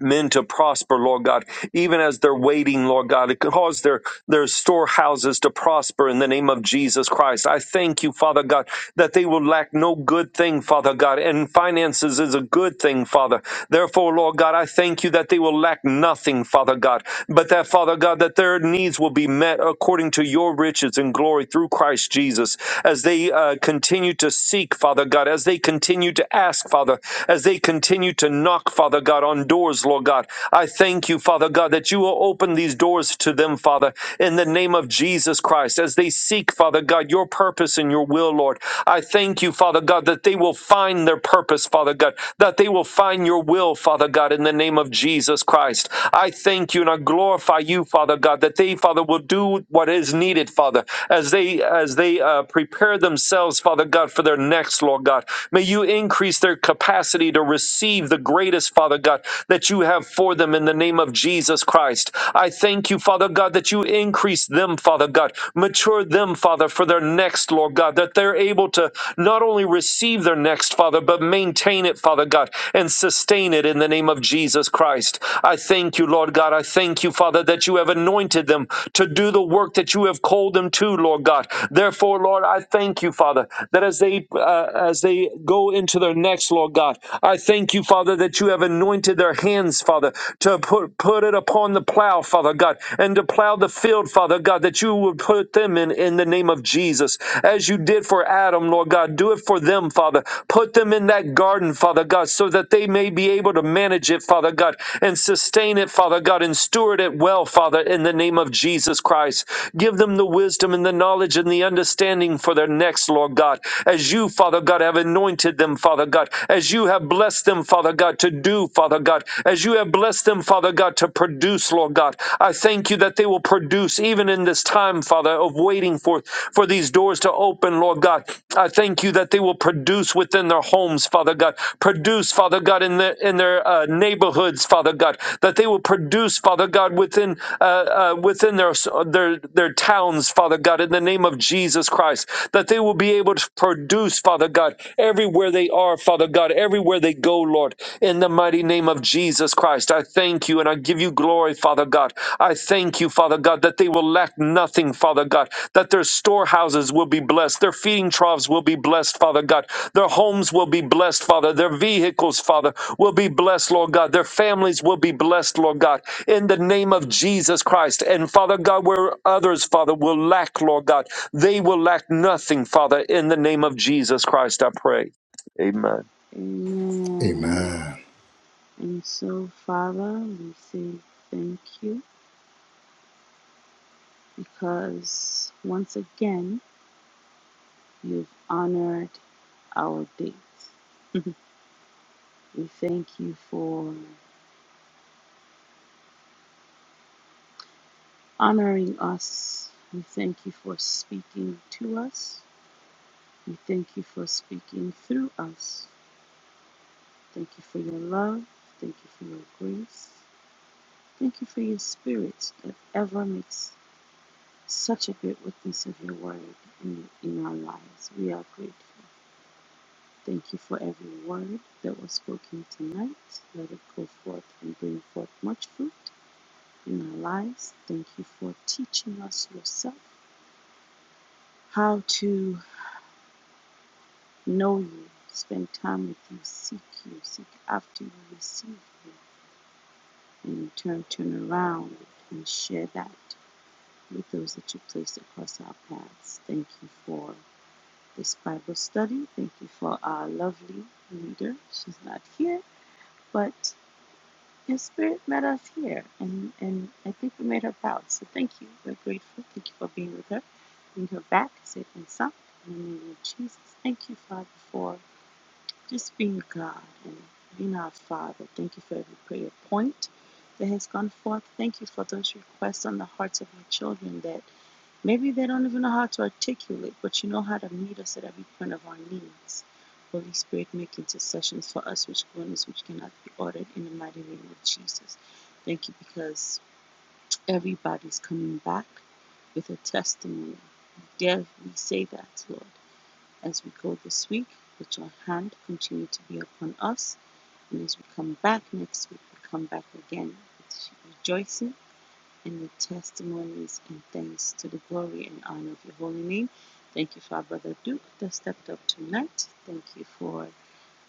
men to prosper, Lord God, even as they're waiting, Lord God. It cause their, their storehouses to prosper in the name of Jesus Christ. I thank you, Father God, that they will lack no good thing, Father God, and finances is a good thing, Father. Therefore, Lord God, I thank you that they will lack nothing, Father God, but that, Father God, that their needs will be met according to your riches and glory through Christ Jesus as they uh, continue to seek, Father God, as they continue to ask, Father, as they continue to knock knock, Father God, on doors, Lord God. I thank you, Father God, that you will open these doors to them, Father, in the name of Jesus Christ, as they seek, Father God, your purpose and your will, Lord. I thank you, Father God, that they will find their purpose, Father God, that they will find your will, Father God, in the name of Jesus Christ. I thank you and I glorify you, Father God, that they, Father, will do what is needed, Father, as they as they uh, prepare themselves, Father God, for their next, Lord God. May you increase their capacity capacity to receive the greatest, Father God, that you have for them in the name of Jesus Christ. I thank you, Father God, that you increase them, Father God, mature them, Father, for their next, Lord God, that they're able to not only receive their next, Father, but maintain it, Father God, and sustain it in the name of Jesus Christ. I thank you, Lord God. I thank you, Father, that you have anointed them to do the work that you have called them to, Lord God. Therefore, Lord, I thank you, Father, that as they uh, as they go go into their next, Lord God. I thank you, Father, that you have anointed their hands, Father, to put, put it upon the plow, Father God, and to plow the field, Father God, that you would put them in in the name of Jesus. As you did for Adam, Lord God, do it for them, Father. Put them in that garden, Father God, so that they may be able to manage it, Father God, and sustain it, Father God, and steward it well, Father, in the name of Jesus Christ. Give them the wisdom and the knowledge and the understanding for their next, Lord God, as you as you, Father God, have anointed them, Father God, as you have blessed them, Father God, to do, Father God, as you have blessed them, Father God, to produce, Lord God. I thank you that they will produce even in this time, Father, of waiting for, for these doors to open, Lord God. I thank you that they will produce within their homes, Father God. Produce, Father God, in their in their uh, neighborhoods, Father God. That they will produce, Father God, within uh, uh, within their their their towns, Father God. In the name of Jesus Christ, that that they will be able to produce, Father God, everywhere they are, Father God, everywhere they go, Lord, in the mighty name of Jesus Christ. I thank you and I give you glory, Father God. I thank you, Father God, that they will lack nothing, Father God, that their storehouses will be blessed, their feeding troughs will be blessed, Father God, their homes will be blessed, Father, their vehicles, Father, will be blessed, Lord God, their families will be blessed, Lord God, in the name of Jesus Christ. And Father God, where others, Father, will lack, Lord God, they will lack nothing, Father, in the name of Jesus Christ, I pray. Amen. Amen. Amen. And so, Father, we say thank you because once again, you've honored our date. we thank you for honoring us. We thank you for speaking to us. We thank you for speaking through us. Thank you for your love. Thank you for your grace. Thank you for your spirit that ever makes such a great witness of your word in, in our lives. We are grateful. Thank you for every word that was spoken tonight. Let it go forth and bring forth much fruit in our lives. Thank you for teaching us yourself how to. know you, spend time with you, seek you, seek after you, receive you, and in turn turn around and share that with those that you place across our paths. Thank you for this Bible study. Thank you for our lovely leader. She's not here, but your spirit met us here, and, and I think we made her proud. So thank you. We're grateful. Thank you for being with her. Bring her back, safe and sound. In the name of Jesus, thank you, Father, for Just being God and being our Father. Thank you for every prayer point that has gone forth. Thank you for those requests on the hearts of our children that maybe they don't even know how to articulate, but you know how to meet us at every point of our needs. Holy Spirit, make intercessions for us which goodness which cannot be ordered in the mighty name of Jesus. Thank you because everybody's coming back with a testimony. Dare we say that, Lord? as we go this week. Let your hand continue to be upon us. And as we come back next week, we come back again with rejoicing and with testimonies and thanks to the glory and honor of your holy name. Thank you for our brother Duke that stepped up tonight. Thank you for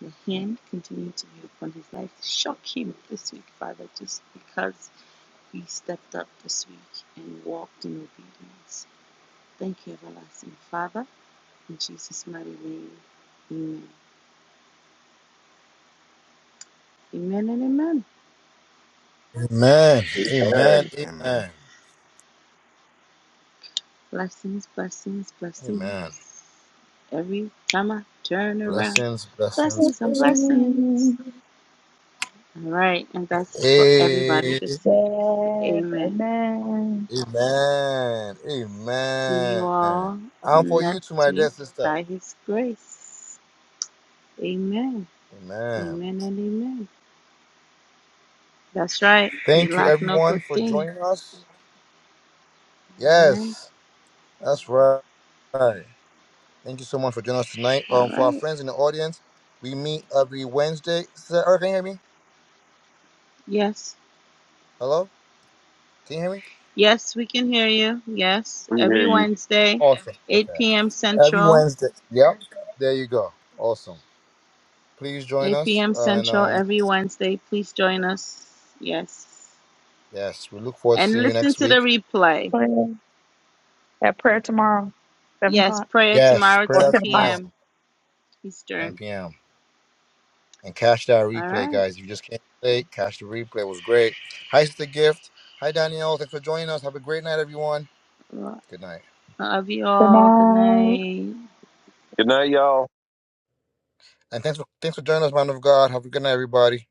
the hand continuing to be upon his life. Shock him this week, Father, just because he stepped up this week and walked in obedience. Thank you, everlasting Father. In Jesus' mighty name. Amen. Amen and amen. Amen. Amen. Amen. Amen. Amen. Blessings, blessings, Amen. blessings. Every time I turn around, Blessings, Yes, blessings, blessings and blessings. blessings. All right, and that's for everybody Hey, this week. Amen. amen. amen. See you Amen. all And for you too, next my dear week sister. by His grace. Amen. Amen. Amen and amen. That's right. We Thank you, lack no good everyone, for thing. joining us. Amen. Yes, that's right. Thank you so much for joining us tonight. All Um, for our right. friends in the audience, we meet every Wednesday. Sister, Erica, can you hear me? Yes. Hello? Can you hear me? Yes, we can hear you. Yes, We every hear you. Wednesday, Awesome. 8 Okay. p.m. Every Central. Wednesday. Yep. There you go. Awesome. Please join 8 us. p.m. And Central um, every Wednesday. Please join us. Yes. yes, we look forward to And seeing you listen next to the week. replay. Prayer. That prayer tomorrow, 7 Yes, o'clock prayer Yes, tomorrow, or 10 prayer 10 o'clock. tomorrow, p.m. 10 Eastern. p.m. and catch that All replay, right. guys. If you just can't play, catch the replay. It was great. Hi, Sister Gift. Hi, Danielle. Thanks for joining us. Have a great night, everyone. Well, Good night. I love you Good all. night. Good night. Good night, y'all. And thanks for thanks for joining us, man of God. Have a good night, everybody.